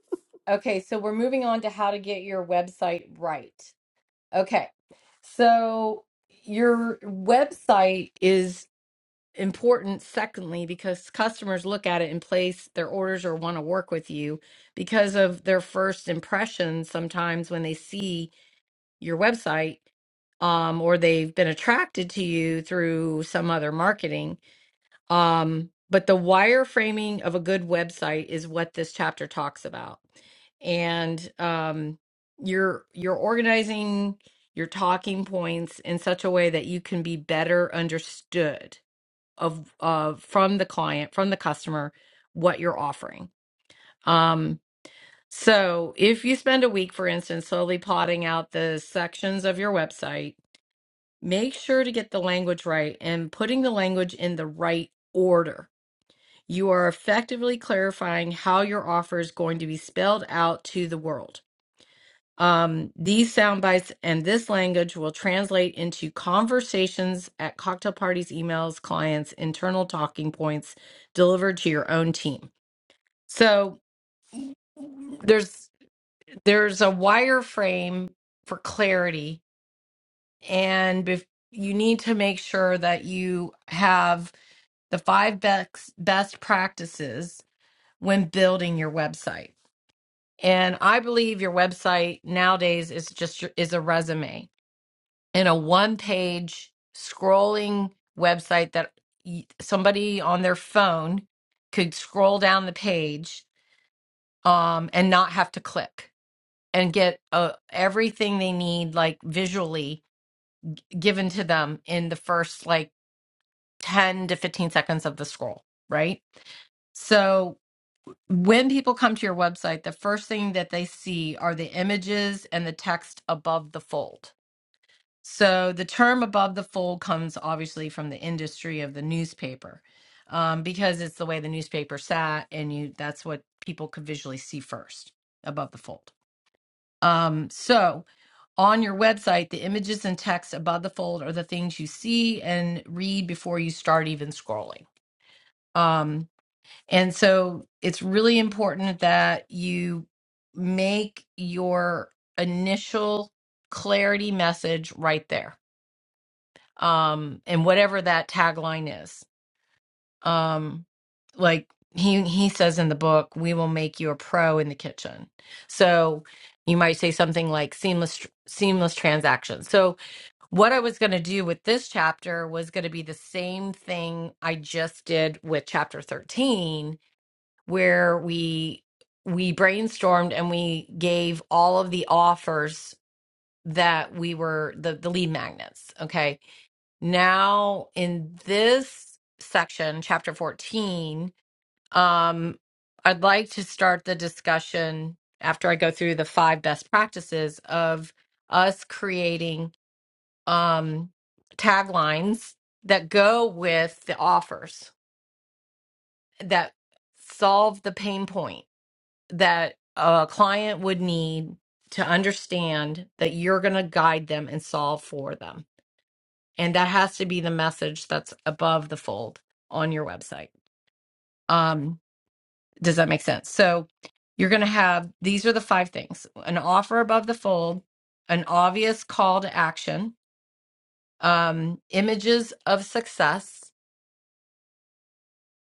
[SPEAKER 1] [laughs]
[SPEAKER 3] Okay, so we're moving on to how to get your website right. Okay. So your website is important, secondly, because customers look at it and place their orders or want to work with you because of their first impressions sometimes when they see your website um, or they've been attracted to you through some other marketing. Um, but the wireframing of a good website is what this chapter talks about. And um, you're you're organizing your talking points in such a way that you can be better understood of of from the client, from the customer, what you're offering. Um, so if you spend a week, for instance, slowly plotting out the sections of your website, make sure to get the language right and putting the language in the right order you are effectively clarifying how your offer is going to be spelled out to the world. Um, these sound bites and this language will translate into conversations at cocktail parties, emails, clients, internal talking points delivered to your own team. So there's there's a wireframe for clarity, and bef- you need to make sure that you have the five best best practices when building your website And I believe your website nowadays is just your- is a resume and a one-page scrolling website that y- somebody on their phone could scroll down the page um, and not have to click and get uh, everything they need like visually given to them in the first like 10 to 15 seconds of the scroll, right? So when people come to your website, the first thing that they see are the images and the text above the fold. So the term above the fold comes obviously from the industry of the newspaper um, because it's the way the newspaper sat, and you that's what people could visually see first above the fold. Um, so on your website, the images and text above the fold are the things you see and read before you start even scrolling. Um, and so it's really important that you make your initial clarity message right there. Um, and whatever that tagline is. Um, like he he says in the book, we will make you a pro in the kitchen. So you might say something like seamless seamless transactions. So what I was going to do with this chapter was going to be the same thing I just did with chapter 13 where we we brainstormed and we gave all of the offers that we were the, the lead magnets okay now in this section chapter 14 um i'd like to start the discussion after i go through the five best practices of us creating um taglines that go with the offers that solve the pain point. that a client would need to understand that you're going to guide them and solve for them. And that has to be the message that's above the fold on your website. Um, does that make sense? So you're going to have these are the five things an offer above the fold, an obvious call to action, um, images of success,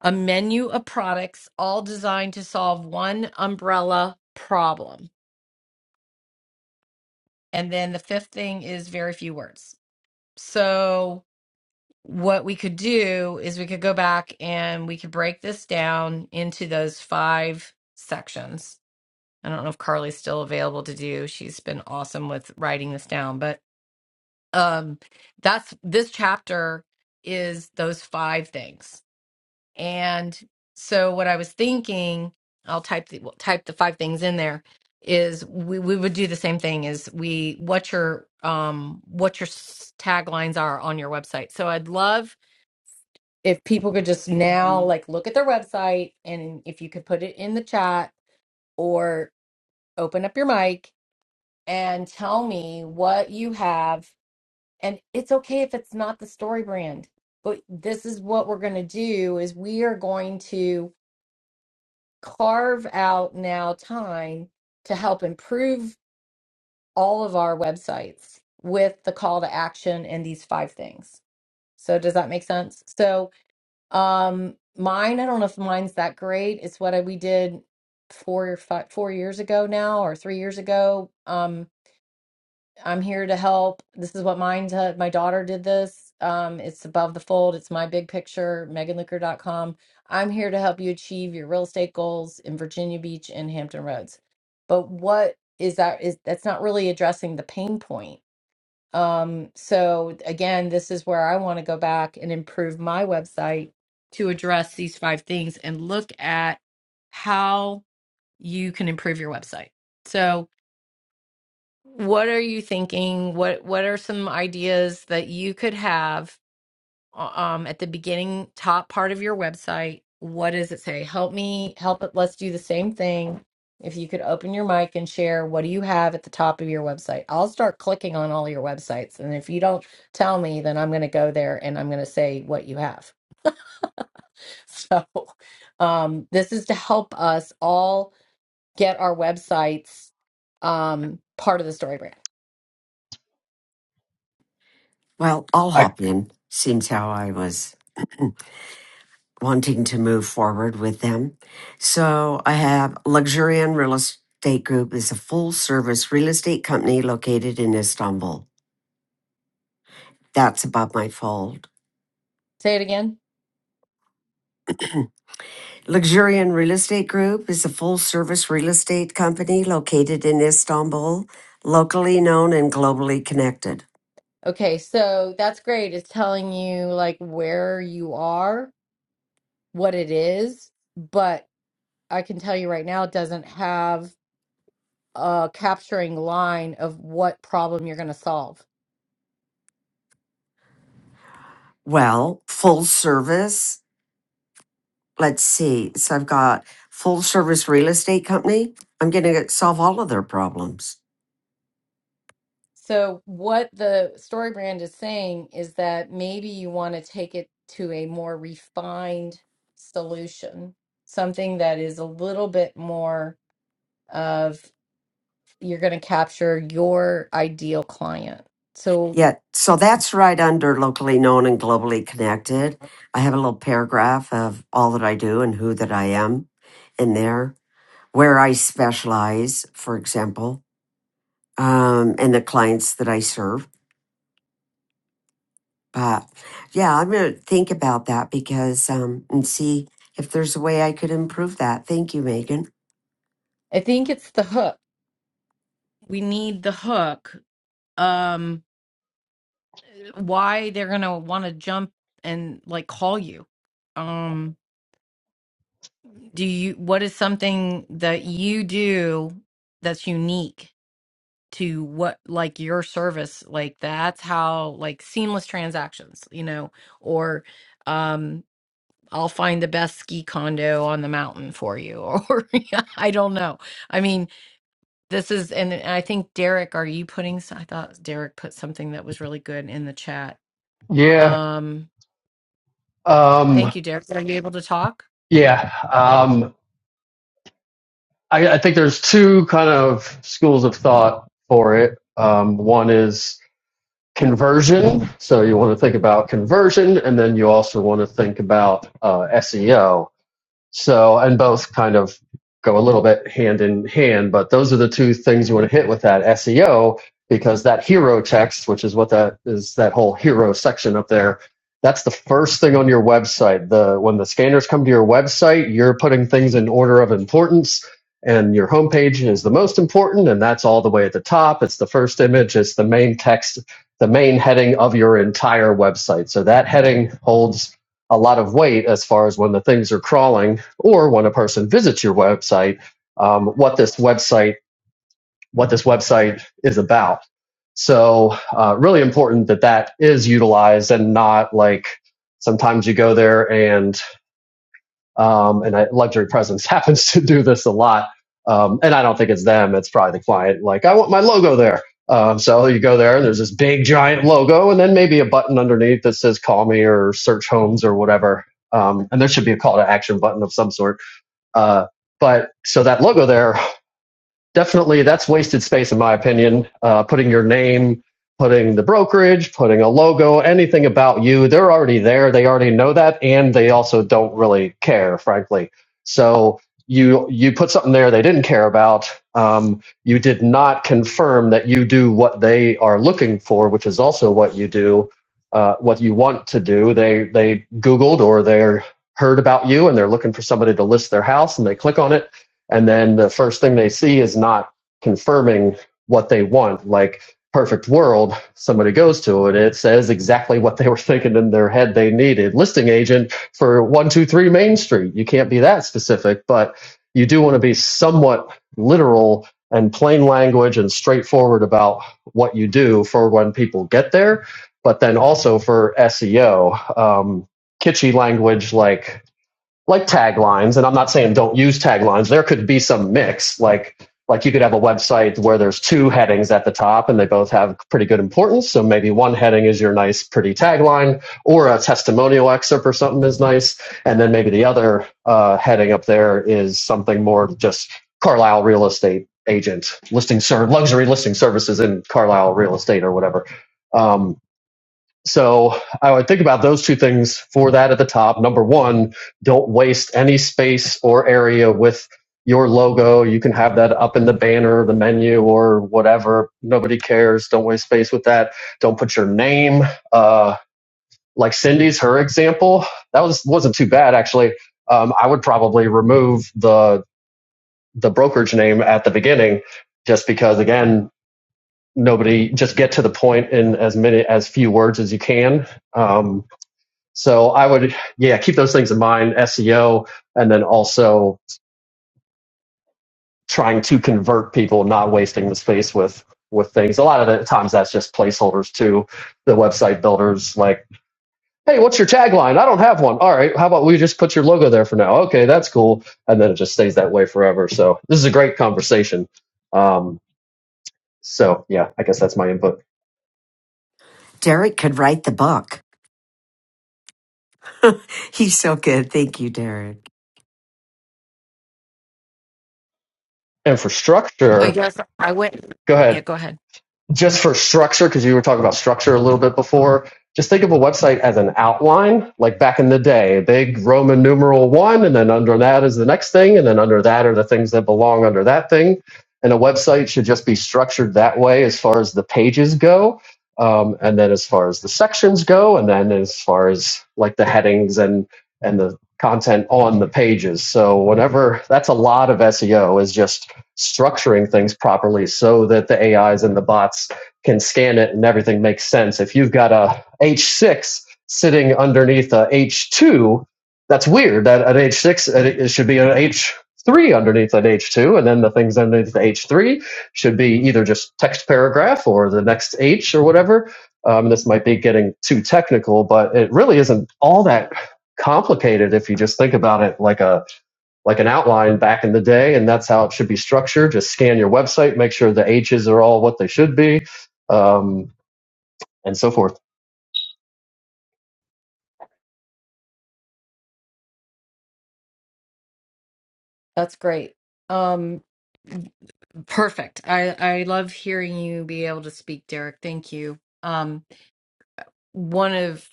[SPEAKER 3] a menu of products, all designed to solve one umbrella problem. And then the fifth thing is very few words So, what we could do is we could go back and we could break this down into those five sections. I don't know if Carly's still available to do. She's been awesome with writing this down, but um that's this chapter is those five things. And so what I was thinking, I'll type the well, type the five things in there is we, we would do the same thing is we what your um what your s- taglines are on your website. So I'd love if people could
[SPEAKER 4] Don't you-
[SPEAKER 3] just now
[SPEAKER 4] Mhm.
[SPEAKER 3] like look at their website and if you could put it in the chat or open up your mic and tell me what you have and it's okay if it's not the story brand but this is what we're going to do is we are going to carve out now time to help improve all of our websites with the call to action and these five things. So does that make sense? So um mine, I don't know if mine's that great. It's what I, we did four or five, four years ago now or three years ago. Um I'm here to help. This is what mine to, my daughter did this. Um, it's above the fold. It's my big picture, meganlicker.com. I'm here to help you achieve your real estate goals in Virginia Beach and Hampton Roads. But what is that is that's not really addressing the pain point. Um, so again, this is where I want to go back and improve my website to address these five things and look at how you can improve your website. So what are you thinking what what are some ideas that you could have uh, um at the beginning top part of your website what does it say help me help it let's do the same thing if you could open your mic and share what do you have at the top of your website i'll start clicking on all your websites and if you don't tell me then i'm going to go there and i'm going to say what you have [laughs] so um this is to help us all get our websites um part of the story brand
[SPEAKER 16] Well, I'll
[SPEAKER 27] I
[SPEAKER 16] hop in. Seems how I was wanting to move forward with them. So I have Luxurian Real Estate Group is a full service real estate company located in Istanbul. That's above my fold.
[SPEAKER 3] say it again
[SPEAKER 16] [clears throat] Luxurian Real Estate Group is a full service real estate company located in Istanbul, locally known and globally connected.
[SPEAKER 3] Okay, so that's great. It's telling you like where you are, what it is, but I can tell you right now it doesn't have a capturing line of what problem you're going to solve.
[SPEAKER 16] Well, full service. Let's see. So I've got full service real estate company. I'm going to solve all of their problems.
[SPEAKER 3] So what the story brand is saying is that maybe you want to take it to a more refined solution, something that is a little bit more of you're going to capture your ideal client. So
[SPEAKER 16] Yeah. So that's right under locally known and globally connected. I have a little paragraph of all that I do and who that I am in there, where I specialize, for example um, and the clients that I serve. But yeah, I'm going to think about that because um, and see if there's a way I could improve that. Thank you, Megan.
[SPEAKER 3] I think it's the hook we need the hook um why they're gonna want to jump and like call you um do you what is something that you do that's unique to what like your service like that's how like seamless transactions you know or um i'll find the best ski condo on the mountain for you [laughs] or yeah, i don't know i mean This is, and I think Derek, are you putting, s- I thought Derek put something that was really good in the chat.
[SPEAKER 27] yeah
[SPEAKER 3] Um,
[SPEAKER 27] um,
[SPEAKER 3] thank you, Derek. Are you able to talk?
[SPEAKER 27] yeah um, I, I think there's two kind of schools of thought for it. Um, one is conversion, so you want to think about conversion, and then you also want to think about uh, SEO. So, and both kind of go a little bit hand in hand, but those are the two things you want to hit with that SEO because that hero text, which is what that is, that whole hero section up there, that's the first thing on your website. The when the scanners come to your website, you're putting things in order of importance. And your homepage is the most important, and that's all the way at the top. It's the first image, it's the main text, the main heading of your entire website. So that heading holds a lot of weight as far as when the things are crawling or when a person visits your website, um, what this website what this website is about. So uh, really important that that is utilized and not like sometimes you go there and um, and luxury presence [laughs] happens to do this a lot. Um, and I don't think it's them; it's probably the client. Like I want my logo there. Um, so you go there and there's this big giant logo, and then maybe a button underneath that says "Call me" or "Search Homes" or whatever. Um, and there should be a call to action button of some sort uh, but so that logo there definitely that's wasted space in my opinion uh, putting your name putting the brokerage putting a logo anything about you they're already there they already know that and they also don't really care frankly so you you put something there they didn't care about um, you did not confirm that you do what they are looking for which is also what you do uh, what you want to do they they googled or they heard about you and they're looking for somebody to list their house and they click on it and then the first thing they see is not confirming what they want like perfect world somebody goes to it it says exactly what they were thinking in their head they needed listing agent for 123 main street you can't be that specific but you do want to be somewhat literal and plain language and straightforward about what you do for when people get there but then also for seo um, kitschy language like like taglines and i'm not saying don't use taglines there could be some mix like like you could have a website where there's two headings at the top and they both have pretty good importance so maybe one heading is your nice pretty tagline or a testimonial excerpt or something is nice and then maybe the other uh, heading up there is something more just carlisle real estate agent listing ser- luxury listing services in carlisle real estate or whatever Um, so I would think about those two things for that at the top. Number one, don't waste any space or area with your logo. You can have that up in the banner, the menu, or whatever. Nobody cares. Don't waste space with that. Don't put your name. Uh, like Cindy's, her example, that was wasn't too bad actually. Um, I would probably remove the the brokerage name at the beginning, just because again, nobody just get to the point in as many as few words as you can. Um, so I would, yeah, keep those things in mind, SEO, and then also trying to convert people, not wasting the space with with things. A lot of the times that's just placeholders too. The website builders like, hey, what's your tagline? I don't have one. All right, how about we just put your logo there for now? Okay, that's cool. And then it just stays that way forever. So this is a great conversation. Um, so yeah, I guess that's my input.
[SPEAKER 16] Derek could write the book. [laughs] He's so good. Thank you, Derek.
[SPEAKER 3] I
[SPEAKER 27] Infrastructure.
[SPEAKER 3] guess I went.
[SPEAKER 27] Go ahead.
[SPEAKER 3] Yeah, go ahead.
[SPEAKER 27] just for structure, because you were talking about structure a little bit before, just think of a website as an outline, like back in the day, big Roman numeral one, and then under that is the next thing, and then under that are the things that belong under that thing. And a website should just be structured that way as far as the pages go, um, and then as far as the sections go, and then as far as like the headings and and the content on the pages. So whenever that's a lot of SEO is just structuring things properly so that the AIs and the bots can scan it and everything makes sense. If you've got a H6 sitting underneath a H2, that's weird. That an H6 it it should be an H3 underneath an H2, and then the things underneath the H3 should be either just text paragraph or the next H or whatever. Um, this might be getting too technical, but it really isn't all that complicated if you just think about it like a like an outline back in the day, and that's how it should be structured. Just scan your website, make sure the H's are all what they should be, um, and so forth.
[SPEAKER 3] That's great. Um, perfect. I, I love hearing you be able to speak, Derek. Thank you. Um, one of,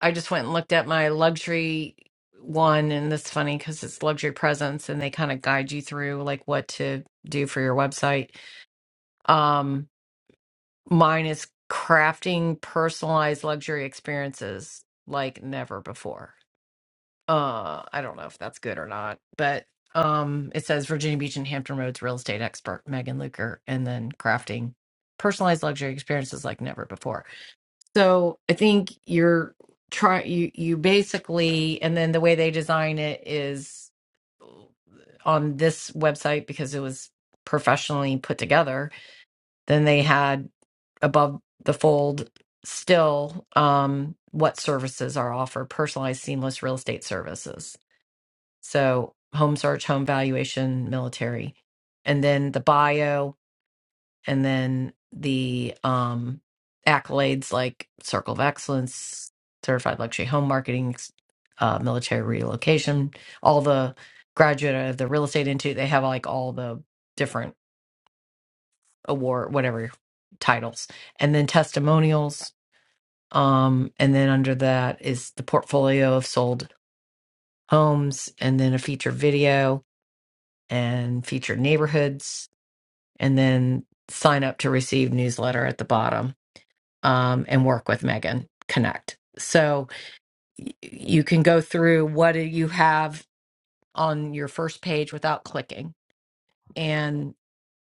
[SPEAKER 3] I just went and looked at my luxury one, and that's funny because it's luxury presence and they kind of guide you through like what to do for your website. Um. Mine is crafting personalized luxury experiences like never before. Uh, I don't know if that's good or not, but um, it says Virginia Beach and Hampton Roads real estate expert Megan Luker, and then crafting personalized luxury experiences like never before. So I think you're try you you basically, and then the way they design it is uh, on this website because it was professionally put together then they had above the fold still um, what services are offered personalized, seamless real estate services. So, home search, home valuation, military, and then the bio, and then the um, accolades like Circle of Excellence, Certified Luxury Home Marketing, uh, Military Relocation, all the graduate of the real estate institute. They have like all the different award whatever titles and then testimonials um and then under that is the portfolio of sold homes and then a feature video and featured neighborhoods and then sign up to receive newsletter at the bottom um and work with Megan connect so y- you can go through what do you have on your first page without clicking and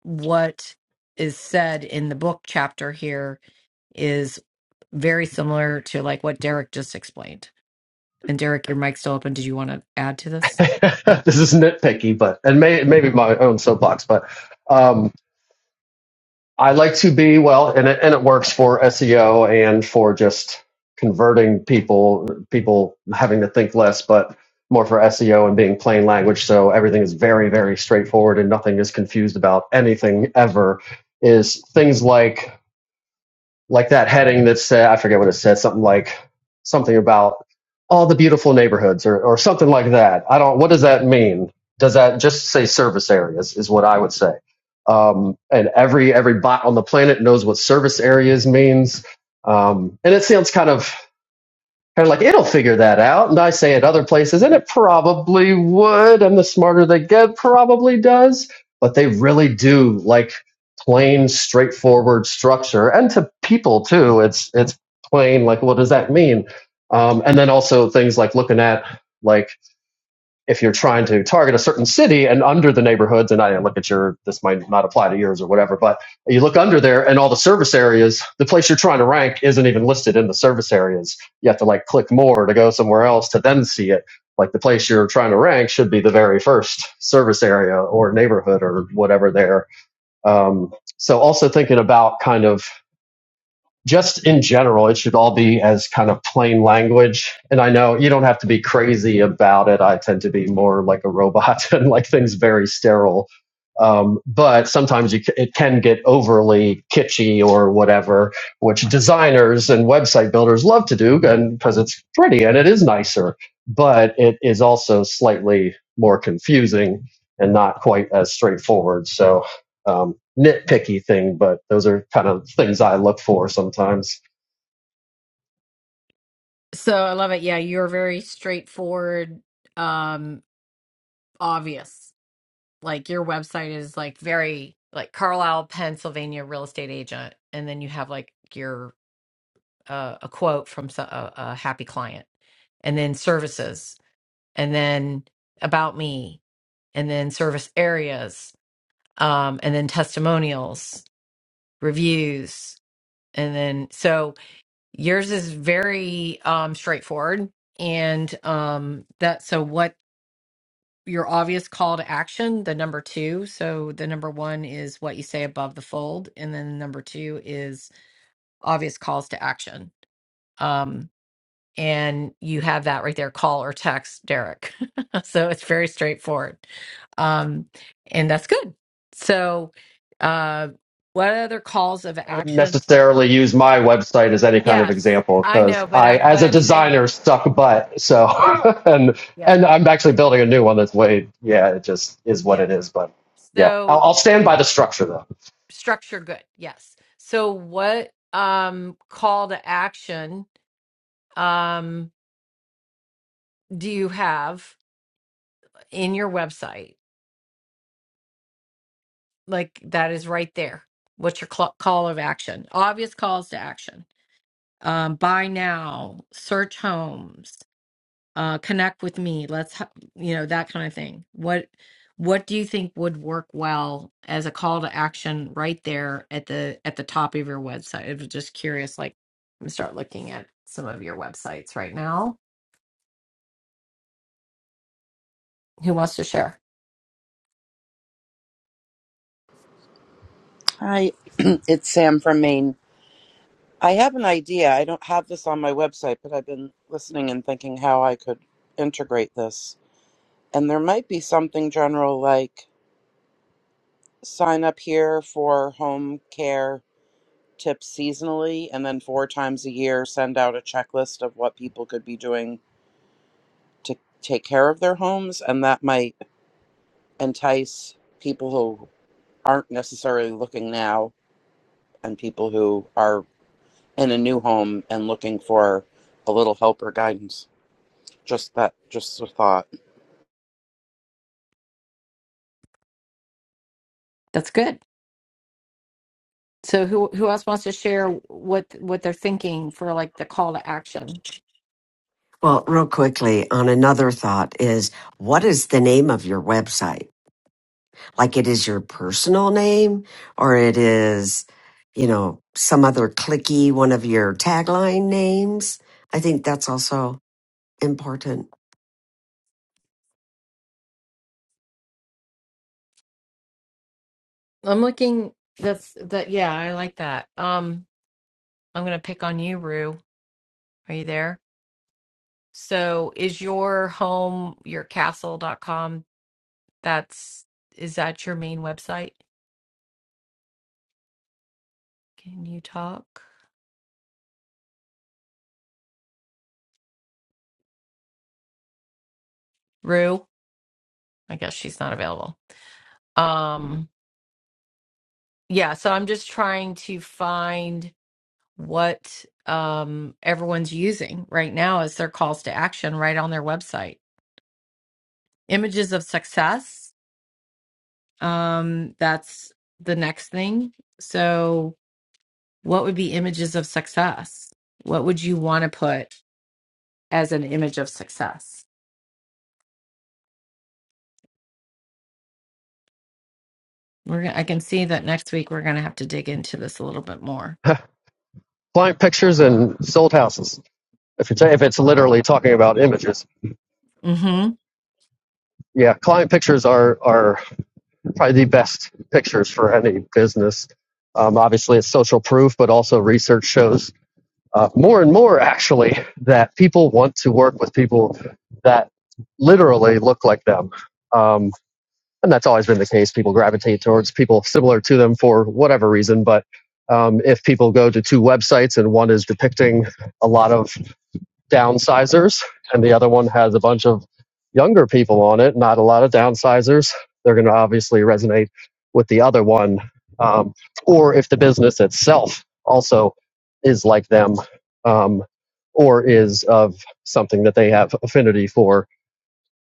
[SPEAKER 3] what is said in the book chapter here is very similar to like what Derek just explained. And Derek, your mic's still open. Did you want to add to
[SPEAKER 27] [laughs]
[SPEAKER 3] this?
[SPEAKER 27] this is nitpicky, but and may, maybe my own soapbox, but um, I like to be well, and it, and it works for SEO and for just converting people, people having to think less, but more for SEO and being plain language. So everything is very, very straightforward, and nothing is confused about anything ever. Is things like like that heading that said I forget what it said something like something about all the beautiful neighborhoods or or something like that. I don't. What does that mean? Does that just say service areas is what I would say. Um, and every every bot on the planet knows what service areas means. Um, and it sounds kind of they're like, it'll figure that out. And I say at other places, and it probably would. And the smarter they get, probably does. But they really do like plain, straightforward structure. And to people too, it's it's plain. Like, what does that mean? Um, and then also things like looking at like if you're trying to target a certain city and under the neighborhoods, and I didn't look at your, this might not apply to yours or whatever, but you look under there and all the service areas, the place you're trying to rank isn't even listed in the service areas. You have to like click more to go somewhere else to then see it. Like the place you're trying to rank should be the very first service area or neighborhood or whatever there. Um, so also thinking about kind of just in general, it should all be as kind of plain language. And I know you don't have to be crazy about it. I tend to be more like a robot [laughs] and like things very sterile. Um, but sometimes you, c- it can get overly kitschy or whatever, which designers and website builders love to do and because it's pretty and it is nicer, but it is also slightly more confusing and not quite as straightforward. So um, nitpicky thing, but those are kind of things I look for sometimes.
[SPEAKER 3] So I love it. Yeah, you're very straightforward, um, obvious. like your website is like very like Carlisle, Pennsylvania real estate agent, and then you have like your uh, a quote from so- a, a happy client, and then services, and then about me, and then service areas, um, and then testimonials, reviews, and then so yours is very um, straightforward, and um, that so what your obvious call to action, the number two. So the number one is what you say above the fold, and then number two is obvious calls to action. Um, and you have that right there, call or text Derek. [laughs] so it's very straightforward. Um, and that's good. So uh what other calls of
[SPEAKER 27] I wouldn't
[SPEAKER 3] action are
[SPEAKER 27] necessarily use my website as any kind of
[SPEAKER 3] yes,
[SPEAKER 27] example
[SPEAKER 3] I
[SPEAKER 27] because
[SPEAKER 3] know, but
[SPEAKER 27] I,
[SPEAKER 3] I
[SPEAKER 27] as
[SPEAKER 3] what
[SPEAKER 27] a
[SPEAKER 3] I'm saying,
[SPEAKER 27] designer, suck butt. So, [laughs] and
[SPEAKER 3] yeah,
[SPEAKER 27] and I'm actually
[SPEAKER 3] yeah,
[SPEAKER 27] building a new one that's way, yeah, it just is what
[SPEAKER 3] yeah.
[SPEAKER 27] it is. But yeah, I'll,
[SPEAKER 3] So
[SPEAKER 27] I'll stand by the structure
[SPEAKER 3] structure good yes so what um call to action um do you have in your website like that is right there what's your cl- call of action obvious calls to action um buy now search homes uh connect with me let's h- you know that kind of thing what what do you think would work well as a call to action right there at the at the top of your website i was just curious like i'm gonna start looking at some of your websites right now who wants to share
[SPEAKER 28] Hi, [clears throat] it's Sam from Maine. I have an idea. I don't have this on my website, but I've been listening and thinking how I could integrate this. And there might be something general like sign up here for home care tips seasonally, and then four times a year send out a checklist of what people could be doing to take care of their homes. And that might entice people who aren't necessarily looking now and people who are in a new home and looking for a little help or guidance. Just that, just a thought.
[SPEAKER 3] That's good. So who who else wants to share what what they're thinking for like the call to action?
[SPEAKER 16] Well, real quickly on another thought is what is the name of your website? Like it is your personal name or it is, you know, some other clicky one of your tagline names. I think that's also important.
[SPEAKER 3] I'm looking. That's that. Yeah, I like that. Um, I'm gonna pick on you, Rue. Are you there? So, is your home your castle dot com? That's is that your main website? Can you talk, Rue? I guess she's not available. Um, yeah. So I'm just trying to find. what um, everyone's using right now as their calls to action right on their website. Images of success, um, that's the next thing. So, what would be images of success? What would you want to put as an image of success? We're, gonna- I can see that next week we're going to have to dig into this a little bit more.
[SPEAKER 27] though. [laughs] client pictures and sold houses. If you're if it's literally talking about images,
[SPEAKER 3] Mm-hmm.
[SPEAKER 27] yeah, client pictures are are probably the best pictures for any business. Um, obviously, it's social proof, but also research shows uh, more and more actually that people want to work with people that literally look like them. Um, and that's always been the case. People gravitate towards people similar to them for whatever reason. But um, if people go to two websites and one is depicting a lot of downsizers, and the other one has a bunch of younger people on it. Not a lot of downsizers. They're going to obviously resonate with the other one, um, or if the business itself also is like them, um, or is of something that they have affinity for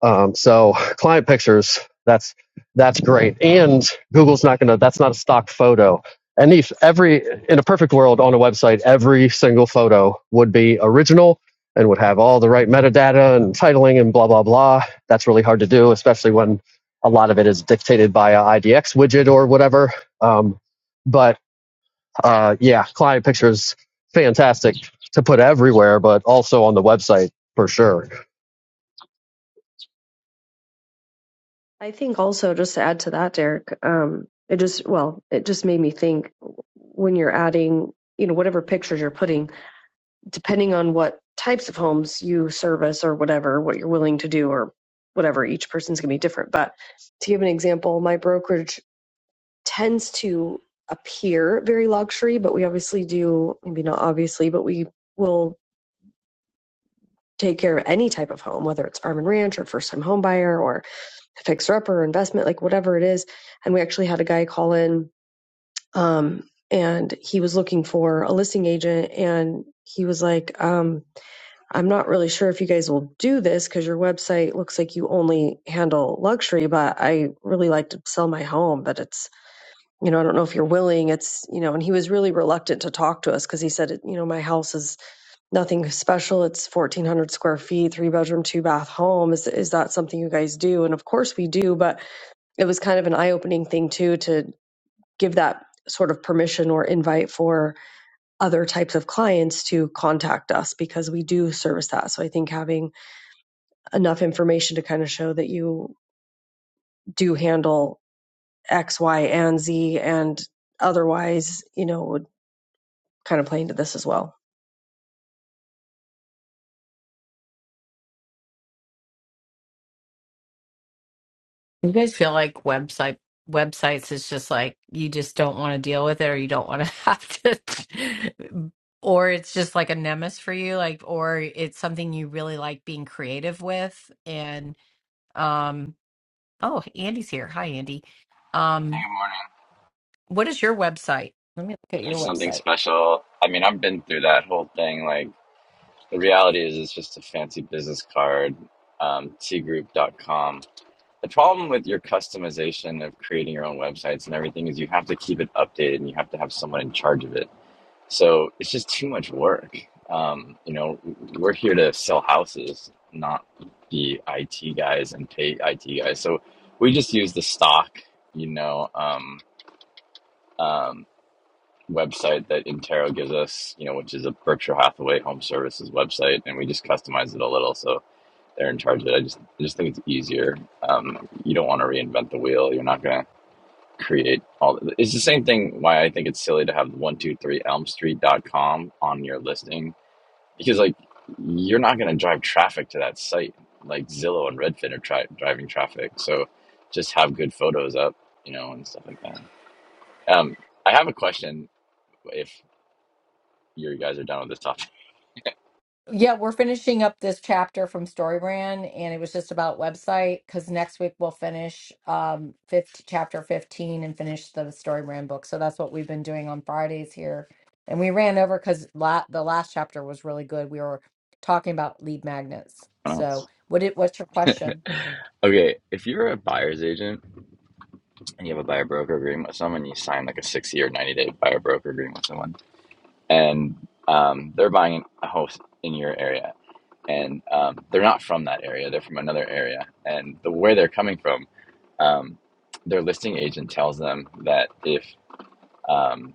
[SPEAKER 27] um, so client pictures, that's that's great. And Google's not gonna. That's not a stock photo. And if every in a perfect world on a website, every single photo would be original and would have all the right metadata and titling and blah blah blah. That's really hard to do, especially when a lot of it is dictated by an IDX widget or whatever. Um, but uh, yeah, client pictures fantastic to put everywhere, but also on the website for sure.
[SPEAKER 4] I think also just to add to that, Derek, um, it just well, it just made me think when you're adding, you know, whatever pictures you're putting depending on what types of homes you service or whatever, what you're willing to do or whatever, each person's going to be different. But to give an example, my brokerage tends to appear very luxury, but we obviously do, maybe not obviously, but we will take care of any type of home, whether it's farm and ranch or first time home buyer or fixer upper or investment, like whatever it is. And we actually had a guy call in um, and he was looking for a listing agent and he was like, um, I'm not really sure if you guys will do this because your website looks like you only handle luxury, but I really like to sell my home. But it's, you know, I don't know if you're willing. It's, you know, and he was really reluctant to talk to us because he said, you know, my house is nothing special. It's 1,400 square feet, three bedroom, two bath home. Is, is that something you guys do? And of course we do, but it was kind of an eye opening thing too to give that sort of permission or invite for other types of clients to contact us because we do service that. So I think having enough information to kind of show that you do handle X, Y, and Z, and otherwise, you know, would kind of play into this as well.
[SPEAKER 3] You guys feel like website websites is just like you just don't want to deal with it or you don't want to [laughs] have to or it's just like a nemesis for you like or it's something you really like being creative with and um oh Andy's here. Hi Andy.
[SPEAKER 29] Hey,
[SPEAKER 3] Um
[SPEAKER 29] Good morning.
[SPEAKER 3] what is your website? Let me look at your
[SPEAKER 29] It's something
[SPEAKER 3] website.
[SPEAKER 29] special. I mean, I've been through that whole thing. Like, the reality is, it's just a fancy business card, um, tgroup dot com. The problem with your customization of creating your own websites and everything is you have to keep it updated and you have to have someone in charge of it. So it's just too much work. Um, you know, we're here to sell houses, not be IT guys and pay IT guys. So we just use the stock, you know, um, um, website that Intero gives us, you know, which is a Berkshire Hathaway Home Services website, and we just customize it a little. So they're in charge of it. I just, I just think it's easier. Um, you don't want to reinvent the wheel. You're not going to create all. The, it's the same thing. Why I think it's silly to have one two three Elm Street dot com on your listing because like you're not going to drive traffic to that site. Like Zillow and Redfin are tri- driving traffic. So just have good photos up, you know, and stuff like that. Um, I have a question. If you guys are done with this topic.
[SPEAKER 3] Yeah, we're finishing up this chapter from Storybrand, and it was just about website because next week we'll finish um 50, chapter 15 and finish the Storybrand book. So that's what we've been doing on Fridays here. And we ran over because la the last chapter was really good. We were talking about lead magnets.
[SPEAKER 29] [laughs]
[SPEAKER 3] So what It. what's your question?
[SPEAKER 29] Okay, if you're a buyer's agent and you have a buyer broker agreement with someone, you sign like a 60 or 90 day buyer broker agreement with someone, and um, they're buying a house in your area, and um, they're not from that area, they're from another area, and the where they're coming from, um, their listing agent tells them that if um,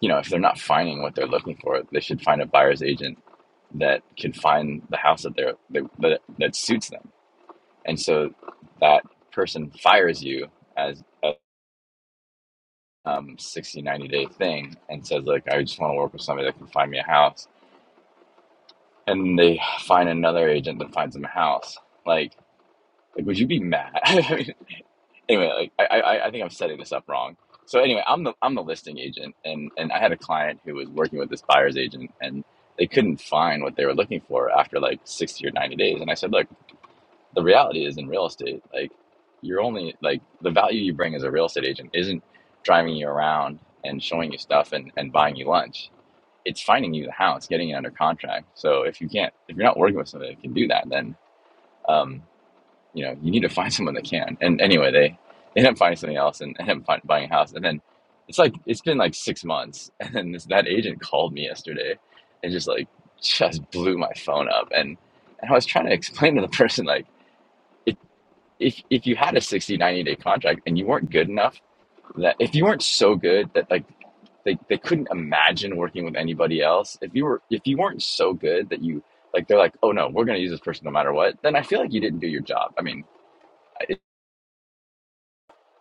[SPEAKER 29] you know if they're not finding what they're looking for, they should find a buyer's agent that can find the house that they're that that suits them and so that person fires you as a um, 60 ninety day thing and says like i just want to work with somebody that can find me a house and they find another agent that finds them a house like like would you be mad [laughs] I mean, anyway like I, I i think i'm setting this up wrong so anyway i'm the i'm the listing agent and and i had a client who was working with this buyer's agent and they couldn't find what they were looking for after like 60 or 90 days and i said look the reality is in real estate, like you're only like the value you bring as a real estate agent isn't driving you around and showing you stuff and, and buying you lunch. It's finding you the house, getting it under contract. So if you can't, if you're not working with somebody that can do that, then um, you know you need to [laughs] find someone that can. And anyway, they they end up finding something else and end up find, buying a house. And then it's like it's been like six months, [laughs] and then this, that agent called me yesterday and just like just blew my phone up. And and I was trying to [laughs] explain to the person like if if you had a 60 90 day contract and you weren't good enough that if you weren't so good that like they, they couldn't imagine working with anybody else if you were if you weren't so good that you like they're like oh no we're going to use this person no matter what then i feel like you didn't do your job i mean I,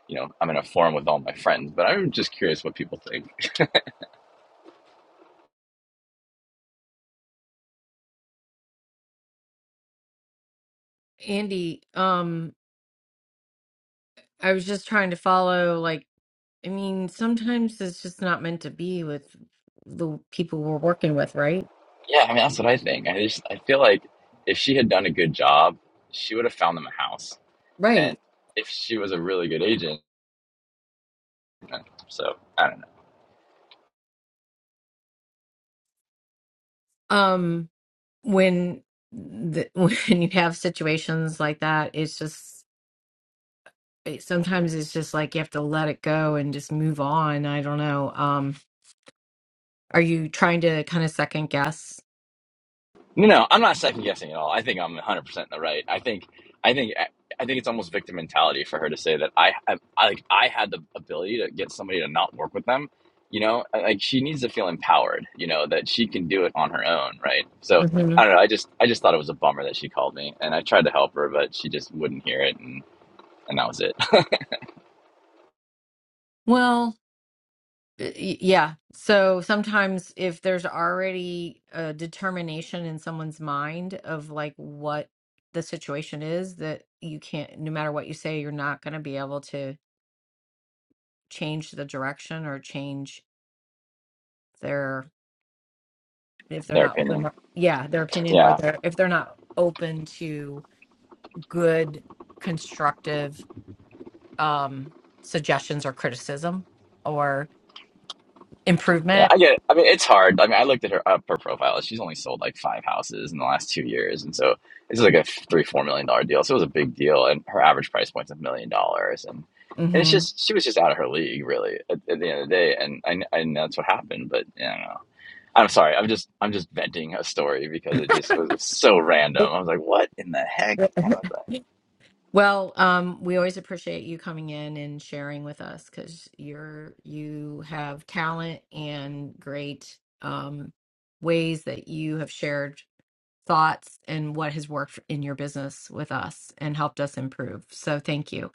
[SPEAKER 29] you know i'm in a forum with all my friends but i'm just curious what people think
[SPEAKER 3] Andy, um, I was just trying to follow, like, I mean, sometimes it's just not meant to be with the people we're working with, right?
[SPEAKER 29] yeah i mean that's what i think i just i feel like if she had done a good job she would have found them a house and
[SPEAKER 3] Right.
[SPEAKER 29] if she was a really good agent so i don't know
[SPEAKER 3] Um, when the, [laughs] when you have situations like that, it's just it, sometimes it's just like you have to let it go and just move on. I don't know. Um, are you trying to kind of second guess?
[SPEAKER 29] No, no, I'm not second guessing at all. I think I'm 100 percent in the right. I think, I think, I think it's almost victim mentality for her to say that I, I, I, like, I had the ability to get somebody to not work with them. You know, like she needs to feel empowered. You know that she can do it on her own, right? So
[SPEAKER 3] hmm
[SPEAKER 29] I don't know. I just, I just thought it was a bummer that she called me, and I tried to help her, but she just wouldn't hear it, and and that was it.
[SPEAKER 3] Well, Uh, Y- Yeah. So sometimes if there's already a determination in someone's mind of like what the situation is, that you can't, no matter what you say, you're not going to be able to change the direction or change their, if
[SPEAKER 29] [laughs]
[SPEAKER 3] they're
[SPEAKER 29] Their
[SPEAKER 3] not
[SPEAKER 29] opinion.
[SPEAKER 3] open, yeah, their opinion or
[SPEAKER 29] Yeah.
[SPEAKER 3] their, if they're not open to good, constructive um suggestions or criticism or
[SPEAKER 29] Yeah,
[SPEAKER 3] improvement.
[SPEAKER 29] I get it. I mean, it's hard. I mean, I looked at her up her profile. She's only sold like five houses in the last two years, and so this is like a three four million dollar deal. So it was a big deal, and her average price point's a million dollars, and and it's
[SPEAKER 3] Mm-hmm.
[SPEAKER 29] just she was just out of her league, really, at, at the end of the day. And I, kn- I know that's what happened, but you know, I'm sorry. I'm just I'm just venting a story because it just it was so random. I was like, what in the heck?
[SPEAKER 3] Well, um, we always appreciate you coming in and sharing with us because you're you have talent and great um, ways that you have shared thoughts and what has worked in your business with us and helped us improve. So thank you.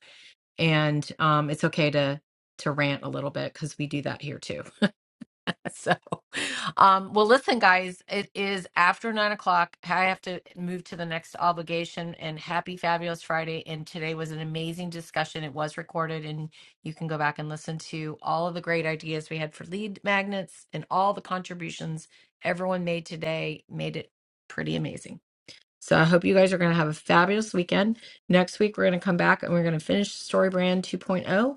[SPEAKER 3] And um, it's okay to to rant a little bit because we do that here too. [laughs] so, um, well, listen, guys, it is after nine o'clock. I have to move to the next obligation. And happy Fabulous Friday! And today was an amazing discussion. It was recorded, and you can go back and listen to all of the great ideas we had for lead magnets and all the contributions everyone made today. Made it pretty amazing. So I hope you guys are going to have a fabulous weekend. Next week, we're going to come back and we're going to finish StoryBrand 2.0.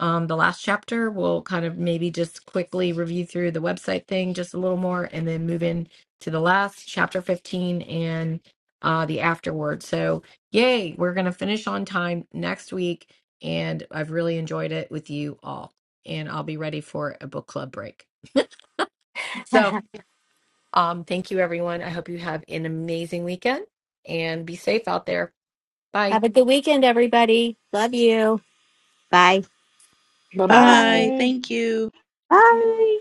[SPEAKER 3] Um, the last chapter, we'll kind of maybe just quickly review through the website thing just a little more and then move in to the last chapter 15 and uh, the afterward. So, yay, we're going to finish on time next week. And I've really enjoyed it with you all. And I'll be ready for a book club break. [laughs] So um, thank you, everyone. I hope you have an amazing weekend and be safe out there. Bye.
[SPEAKER 1] Have a good weekend, everybody. Love you. Bye.
[SPEAKER 30] Bye
[SPEAKER 26] Bye.
[SPEAKER 28] Bye.
[SPEAKER 30] bye.
[SPEAKER 28] Thank you.
[SPEAKER 1] Bye.